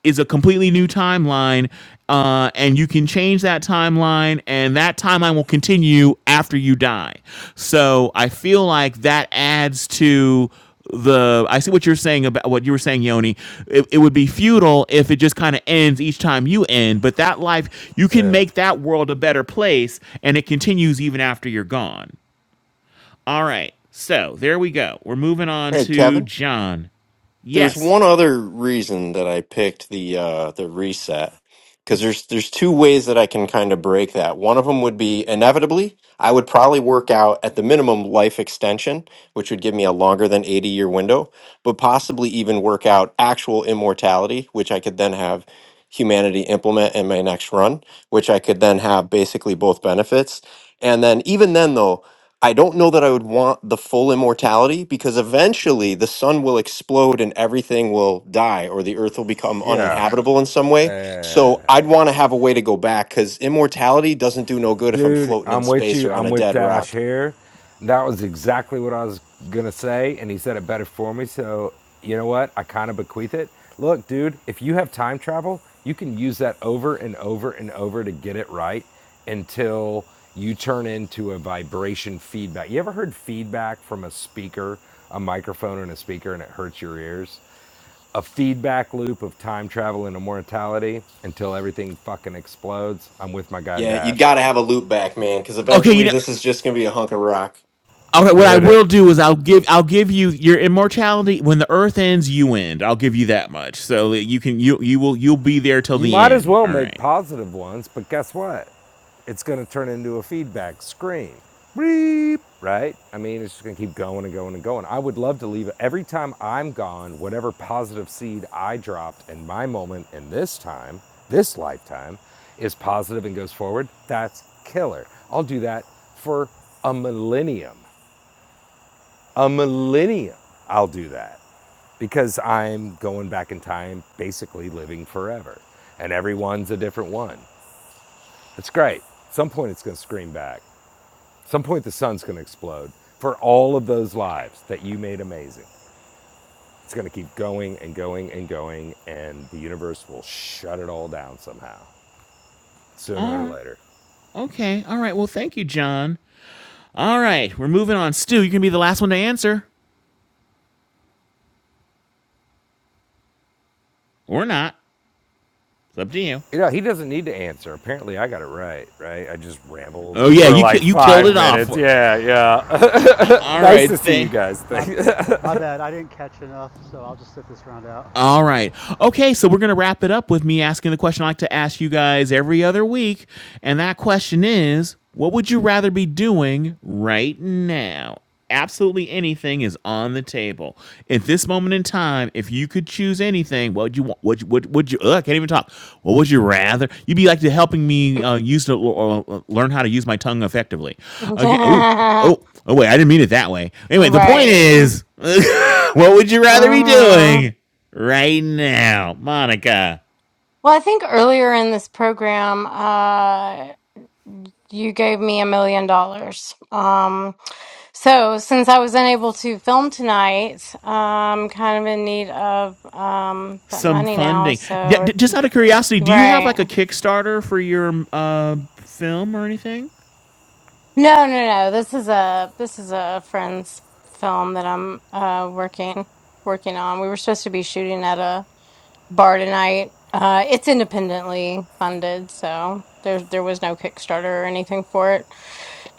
is a completely new timeline. Uh, and you can change that timeline, and that timeline will continue after you die. So I feel like that adds to the I see what you're saying about what you were saying, Yoni. It, it would be futile if it just kind of ends each time you end, but that life you can Uh, make that world a better place and it continues even after you're gone. All right. So there we go. We're moving on Hey, to Kevin. John. There's Yes. one other reason that I picked the uh, the reset because there's there's two ways that I can kind of break that. One of them would be inevitably I would probably work out at the minimum life extension, which would give me a longer than 80 year window, but possibly even work out actual immortality, which I could then have humanity implement in my next run, which I could then have basically both benefits. And then even then though I don't know that I would want the full immortality because eventually the sun will explode and everything will die or the earth will become yeah. uninhabitable in some way. Uh, So I'd want to have a way to go back because immortality doesn't do no good if I'm Dude, floating in I'm with space you. or on a I'm with dead Dash rock. here. That was exactly what I was going to say, and he said it better for me. So, you know what? I kind of bequeath it. Look, dude, if you have time travel, you can use that over and over and over to get it right until you turn into a vibration feedback. You ever heard feedback from a speaker, a microphone, and a speaker, and it hurts your ears? a feedback loop of time travel and immortality until everything fucking explodes. I'm with my guy Yeah, you Dash. got to have a loop back, man, because Okay, you eventually know this is just going to be a hunk of rock. all right, what I with it. will do is I'll give I'll give you your immortality when the earth ends, you end. I'll give you that much. So that you can you you will you'll be there till You the might as end. well All make right. positive ones, but guess what? It's going to turn into a feedback screen. Beep, right? I mean, it's just going to keep going and going and going. I would love to leave it. every time I'm gone, whatever positive seed I dropped in my moment in this time, this lifetime, is positive and goes forward. That's killer. I'll do that for a millennium. a millennia I'll do that because I'm going back in time, basically living forever. And everyone's a different one. It's great. At Some point it's going to scream back. At Some point the sun's going to explode for all of those lives that you made amazing. It's going to keep going and going and going, and the universe will shut it all down somehow, sooner or later. Okay. All right. Well, thank you, John. All right, we're moving on. Stu, you can be the last one to answer or not. It's up to you. You know, he doesn't need to answer. Apparently, I got it right, right? I just rambled Oh yeah, for you like ki- you killed five Uh, it off. minutes. Yeah, yeah. (laughs) All nice to right, see you th- guys. (laughs) my, Thank- my bad. I didn't catch enough, so I'll just sit this round out. All right. Okay, so we're going to wrap it up with me asking the question I like to ask you guys every other week. And that question is what would you rather be doing right now? Absolutely anything is on the table. At this moment in time, if you could choose anything, what would you want? Would you, would, would you, ugh, I can't even talk. What would you rather? You'd be like to helping me uh, use to or, or learn how to use my tongue effectively. (laughs) Okay. Oh, right. oh, oh, wait, I didn't mean it that way. Anyway, the point is (laughs) what would you hmm rather be Well, doing? right now, Monica. I think earlier in this program, uh, you gave me a million dollars. Um, so since I was unable to film tonight, I'm kind of in need of um that Some money now. funding. D- So d- just out of curiosity, do you have like a right. Kickstarter for your uh, film or anything? No, no, no. This is a this is a friend's film that I'm uh working working on. We were supposed to be shooting at a Bardenite. Uh, it's independently funded, so there there was no Kickstarter or anything for it.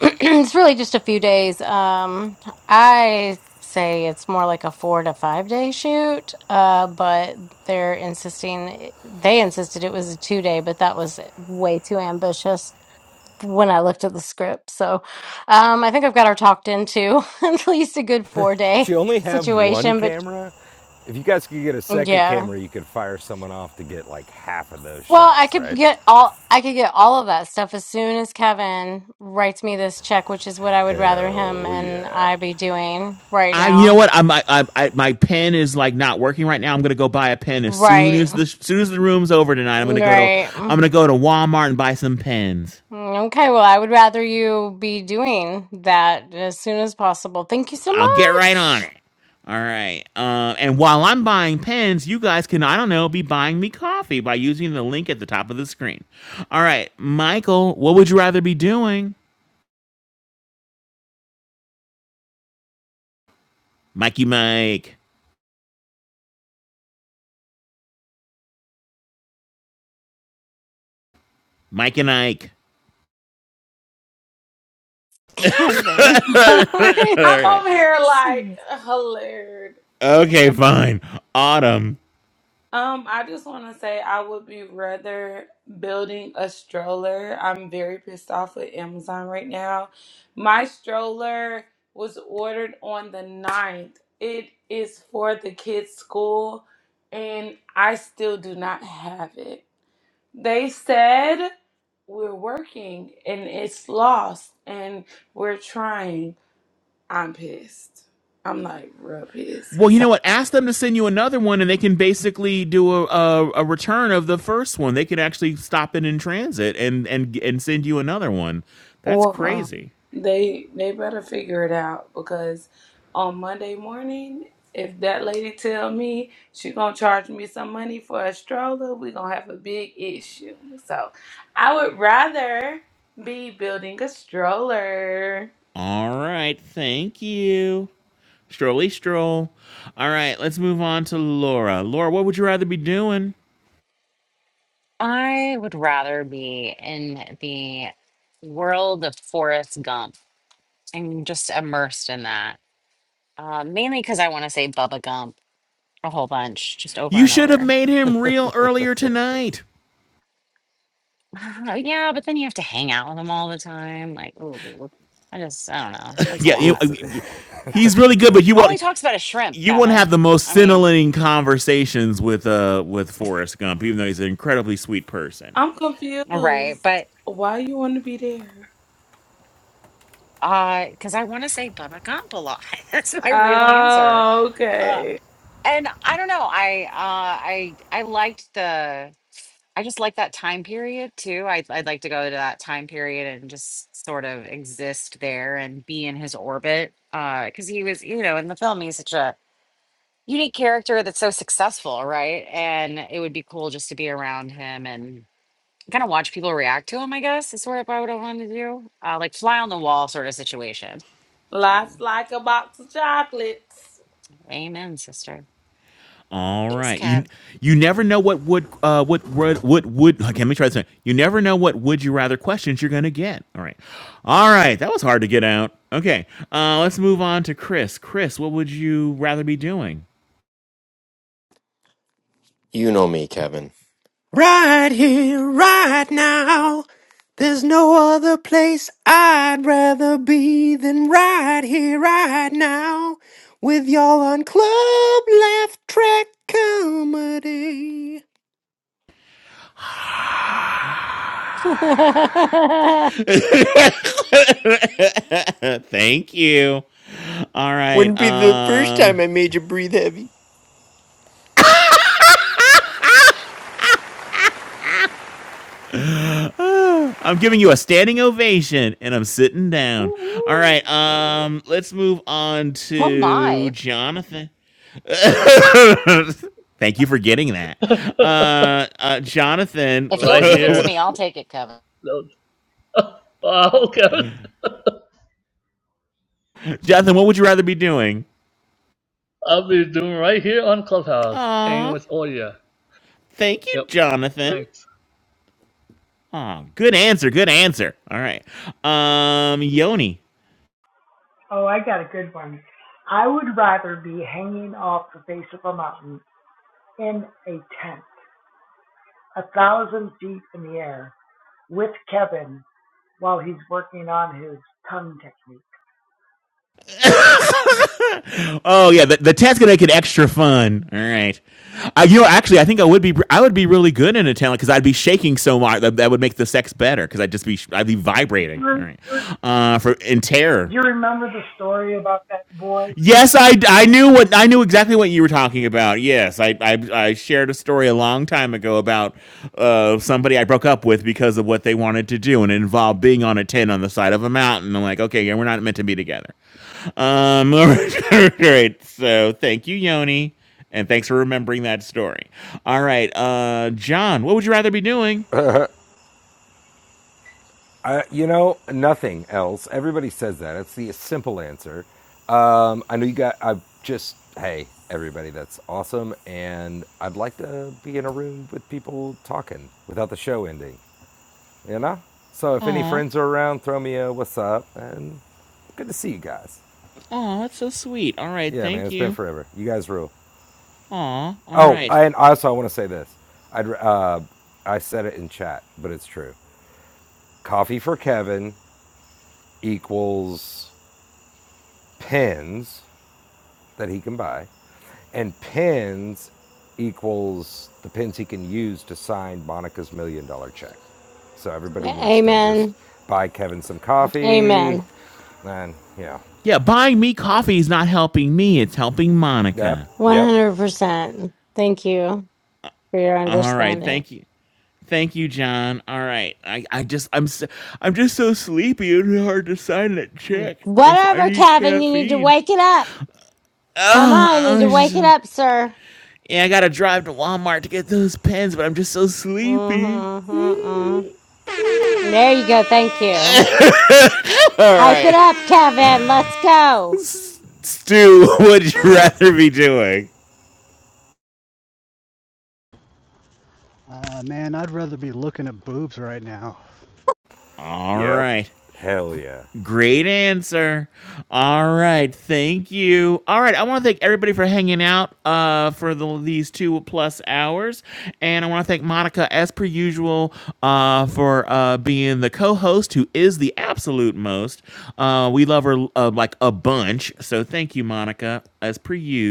(clears throat) it's really just a few days. Um, I say it's more like a four to five day shoot. Uh, but they're insisting they insisted it was a two day, but that was way too ambitious when I looked at the script. So, um, I think I've got her talked into (laughs) at least a good four she day only have one situation. But camera. If you guys could get a second yeah. camera, you could fire someone off to get like half of those Well, I shots, could right? get all I could get all of that stuff as soon as Kevin writes me this check, which is what I would rather him Hell and yeah. I be doing right I, you know now. what? I'm, I, I, I, my pen is like not working right now. I'm gonna go buy a pen as soon Right. as the as soon as the room's over tonight. I'm gonna go to Right. I'm gonna go to Walmart and buy some pens. Okay, well, I would rather you be doing that as soon as possible. Thank you so I'll get right on much, it. All right. Uh, and while I'm buying pens, you guys can I don't know be buying me coffee by using the link at the top of the screen. All right, Michael, what would you rather be doing? Mikey Mike, Mike and Ike. Kevin. (laughs) (laughs) (laughs) I'm okay. over here like hilarious. okay, fine. Autumn. Um, I just want to say I would be rather building a stroller. I'm very pissed off with Amazon right now. My stroller was ordered on the ninth. It is for the kids' school, and I still do not have it. They said we're working and it's lost and we're trying. I'm pissed. I'm like real pissed. Well, So, you know what? Ask them to send you another one, and they can basically do a, a, a return of the first one. They can actually stop it in transit and and and send you another one. That's Or um, crazy. they they better figure it out because on Monday morning, if that lady tell me she gonna charge me some money for a stroller, we gonna have a big issue. So I would rather be building a stroller. All right, thank you, Strolly Stroll. All right, let's move on to Laura. Laura, what would you rather be doing? I would rather be in the world of Forrest Gump. I'm just immersed in that, uh, mainly because I want to say Bubba Gump a whole bunch, just over You and should have over. made him real earlier tonight. (laughs) Uh, yeah, but then you have to hang out with him all the time. Like, ooh, I just, I don't know. That's a yeah, you, lot. It's (laughs) he's really good, but you All he won't talks about is shrimp, you won't have Kevin. the most I mean, scintillating conversations with uh with Forrest Gump, even though he's an incredibly sweet person. I'm confused. right. But Why you wanna be there? uh, because I want to say Bubba Gump a lot. (laughs) That's my real answer. Oh, Uh, okay. and I don't know. I, uh, I, I liked the. I just like that time period too. I'd, I'd like to go to that time period and just sort of exist there and be in his orbit. Because he was, you know, in the film, he's such a unique character that's so successful, right? And it would be cool just to be around him and kind of watch people react to him. I guess is sort of what I would want to do, uh, like fly on the wall sort of situation. Life's Um, like a box of chocolates. amen, sister. All Thanks, right, you Kev. you never know what would uh what would what would okay, let me try this. Again. You never know what would you rather questions you're gonna get. All right, all right, that was hard to get out. Okay, uh, let's move on to Chris. Chris, what would you rather be doing? You know me, Kevin. Right here, right now. There's no other place I'd rather be than right here, right now. With y'all on Club Laugh Track Comedy. (laughs) Thank you. All right. Wouldn't be the first Um, time I made you breathe heavy. I'm giving you a standing ovation and I'm sitting down. All right, um let's move on Oh to my! Jonathan. (coughs) (laughs) Thank you for getting that. (laughs) Uh, uh Jonathan, If you'll right give it to here, me, I'll take it, Kevin. no, (laughs) wow, Kevin, (laughs) Jonathan, what would you rather be doing? I'll be doing right here on Clubhouse, hanging Aw, with Oya. thank you, Yep, Jonathan. thanks. Aw, good answer, good answer. All right. Um Yoni. Oh, I got a good one. I would rather be hanging off the face of a mountain in a tent, a thousand feet in the air, with Kevin while he's working on his tongue technique. Oh yeah, the that that's gonna make it extra fun. All right, I, you know, actually, I think I would be I would be really good in a tent because I'd be shaking so much that, that would make the sex better because I'd just be I'd be vibrating. All Do right, uh, for in terror. you remember the story about that boy Yes, I, I knew what I knew exactly what you were talking about. Yes, I I, I shared a story a long time ago about uh, somebody I broke up with because of what they wanted to do, and it involved being on a tent on the side of a mountain. I'm like, okay, yeah, we're not meant to be together. Um, (laughs) all right. So thank you, Yoni. And thanks for remembering that story. All right. Uh, John, what would you rather be doing? Uh, you know, nothing else. Everybody says that. It's the simple answer. Um, I know you got. I just hey, everybody, that's awesome, and I'd like to be in a room with people talking without the show ending. You know. So if any Aw. friends are around, throw me a what's up, and good to see you guys. Aw, that's so sweet. All right. Yeah, man, Thank it's been you. forever. You guys rule. Aw. All Oh, right. and also I want to say this. I'd uh, I said it in chat, but it's true. Coffee for Kevin equals pins that he can buy, and pins equals the pins he can use to sign Monica's million dollar check. So everybody needs to just Amen. buy Kevin some coffee, Amen. and you know, Yeah, buying me coffee is not helping me. It's helping yep, Monica. yep, 100%. Thank you for your All right. understanding. Thank you. Thank you, John. All right. I, I just, I'm, so, I'm just so sleepy. It's hard to sign that check if I Whatever, need Kevin, you need to caffeine. wake it up. Come on, you need to I wake just. it up, sir. Yeah, I gotta drive to Walmart to get those pens, but I'm just so sleepy. Mm-hmm, mm-hmm. There you go. Thank you. All Hype it right. up, Kevin. Let's go. Stu, (laughs) what would you rather be doing? Uh, man, I'd rather be looking at boobs right now. All yep, right. hell yeah, Great answer. All right, thank you. All right, I want to thank everybody for hanging out uh, for the, these two plus hours, and I want to thank Monica, as per usual, uh, for uh, being the co-host who is the absolute most. Uh, we love her uh, like a bunch, so thank you, Monica, as per usual.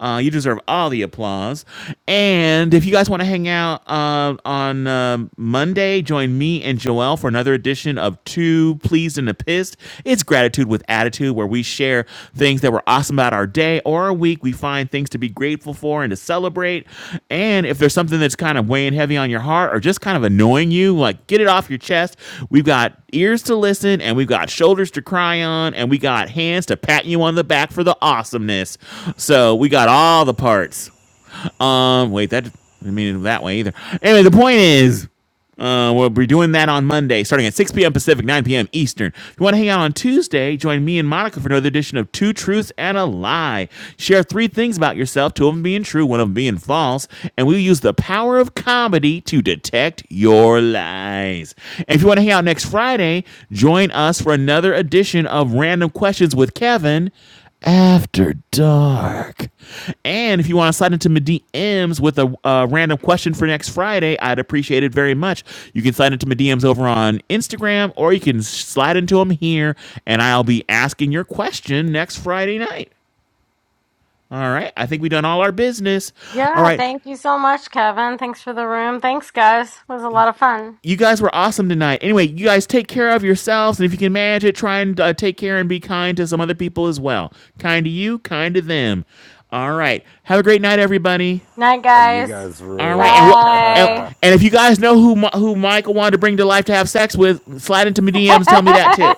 Uh, you deserve all the applause. And if you guys want to hang out uh, on um, um, Monday. Join me and Joelle for another edition of Two Pleased and a Pissed. It's Gratitude with Attitude, where we share things that were awesome about our day or our week. We find things to be grateful for and to celebrate. And if there's something that's kind of weighing heavy on your heart or just kind of annoying you, like get it off your chest. We've got ears to listen and we've got shoulders to cry on and we got hands to pat you on the back for the awesomeness. So we got all the parts. Um, wait, that I mean it that way either. Anyway, the point is, uh, we'll be doing that on Monday, starting at 6 p.m. Pacific, 9 p.m. Eastern. If you want to hang out on Tuesday, join me and Monica for another edition of Two Truths and a Lie. Share three things about yourself, two of them being true, one of them being false, and we use the power of comedy to detect your lies. And if you want to hang out next Friday, join us for another edition of Random Questions with Kevin after dark. And if you want to slide into my DMs with a uh, random question for next Friday, I'd appreciate it very much. You can slide into my DMs over on Instagram or you can slide into them here, and I'll be asking your question next Friday night. All right. I think we have done all our business. All Yeah, right. thank you so much, Kevin. Thanks for the room. Thanks, guys. It was a lot of fun. You guys were awesome tonight. Anyway, you guys take care of yourselves, and if you can manage it, try and uh, take care and be kind to some other people as well. Kind to you, kind to them. All right. Have a great night, everybody. Night, oh, you guys. guys All right, rule. and what? And, Bye. and if you guys know who Mi- who Michael wanted to bring to life to have sex with, slide into my DMs. Tell me that too.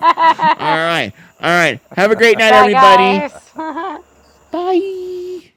All right, all right. Have a great night, Bye, everybody. guys. (laughs) Bye.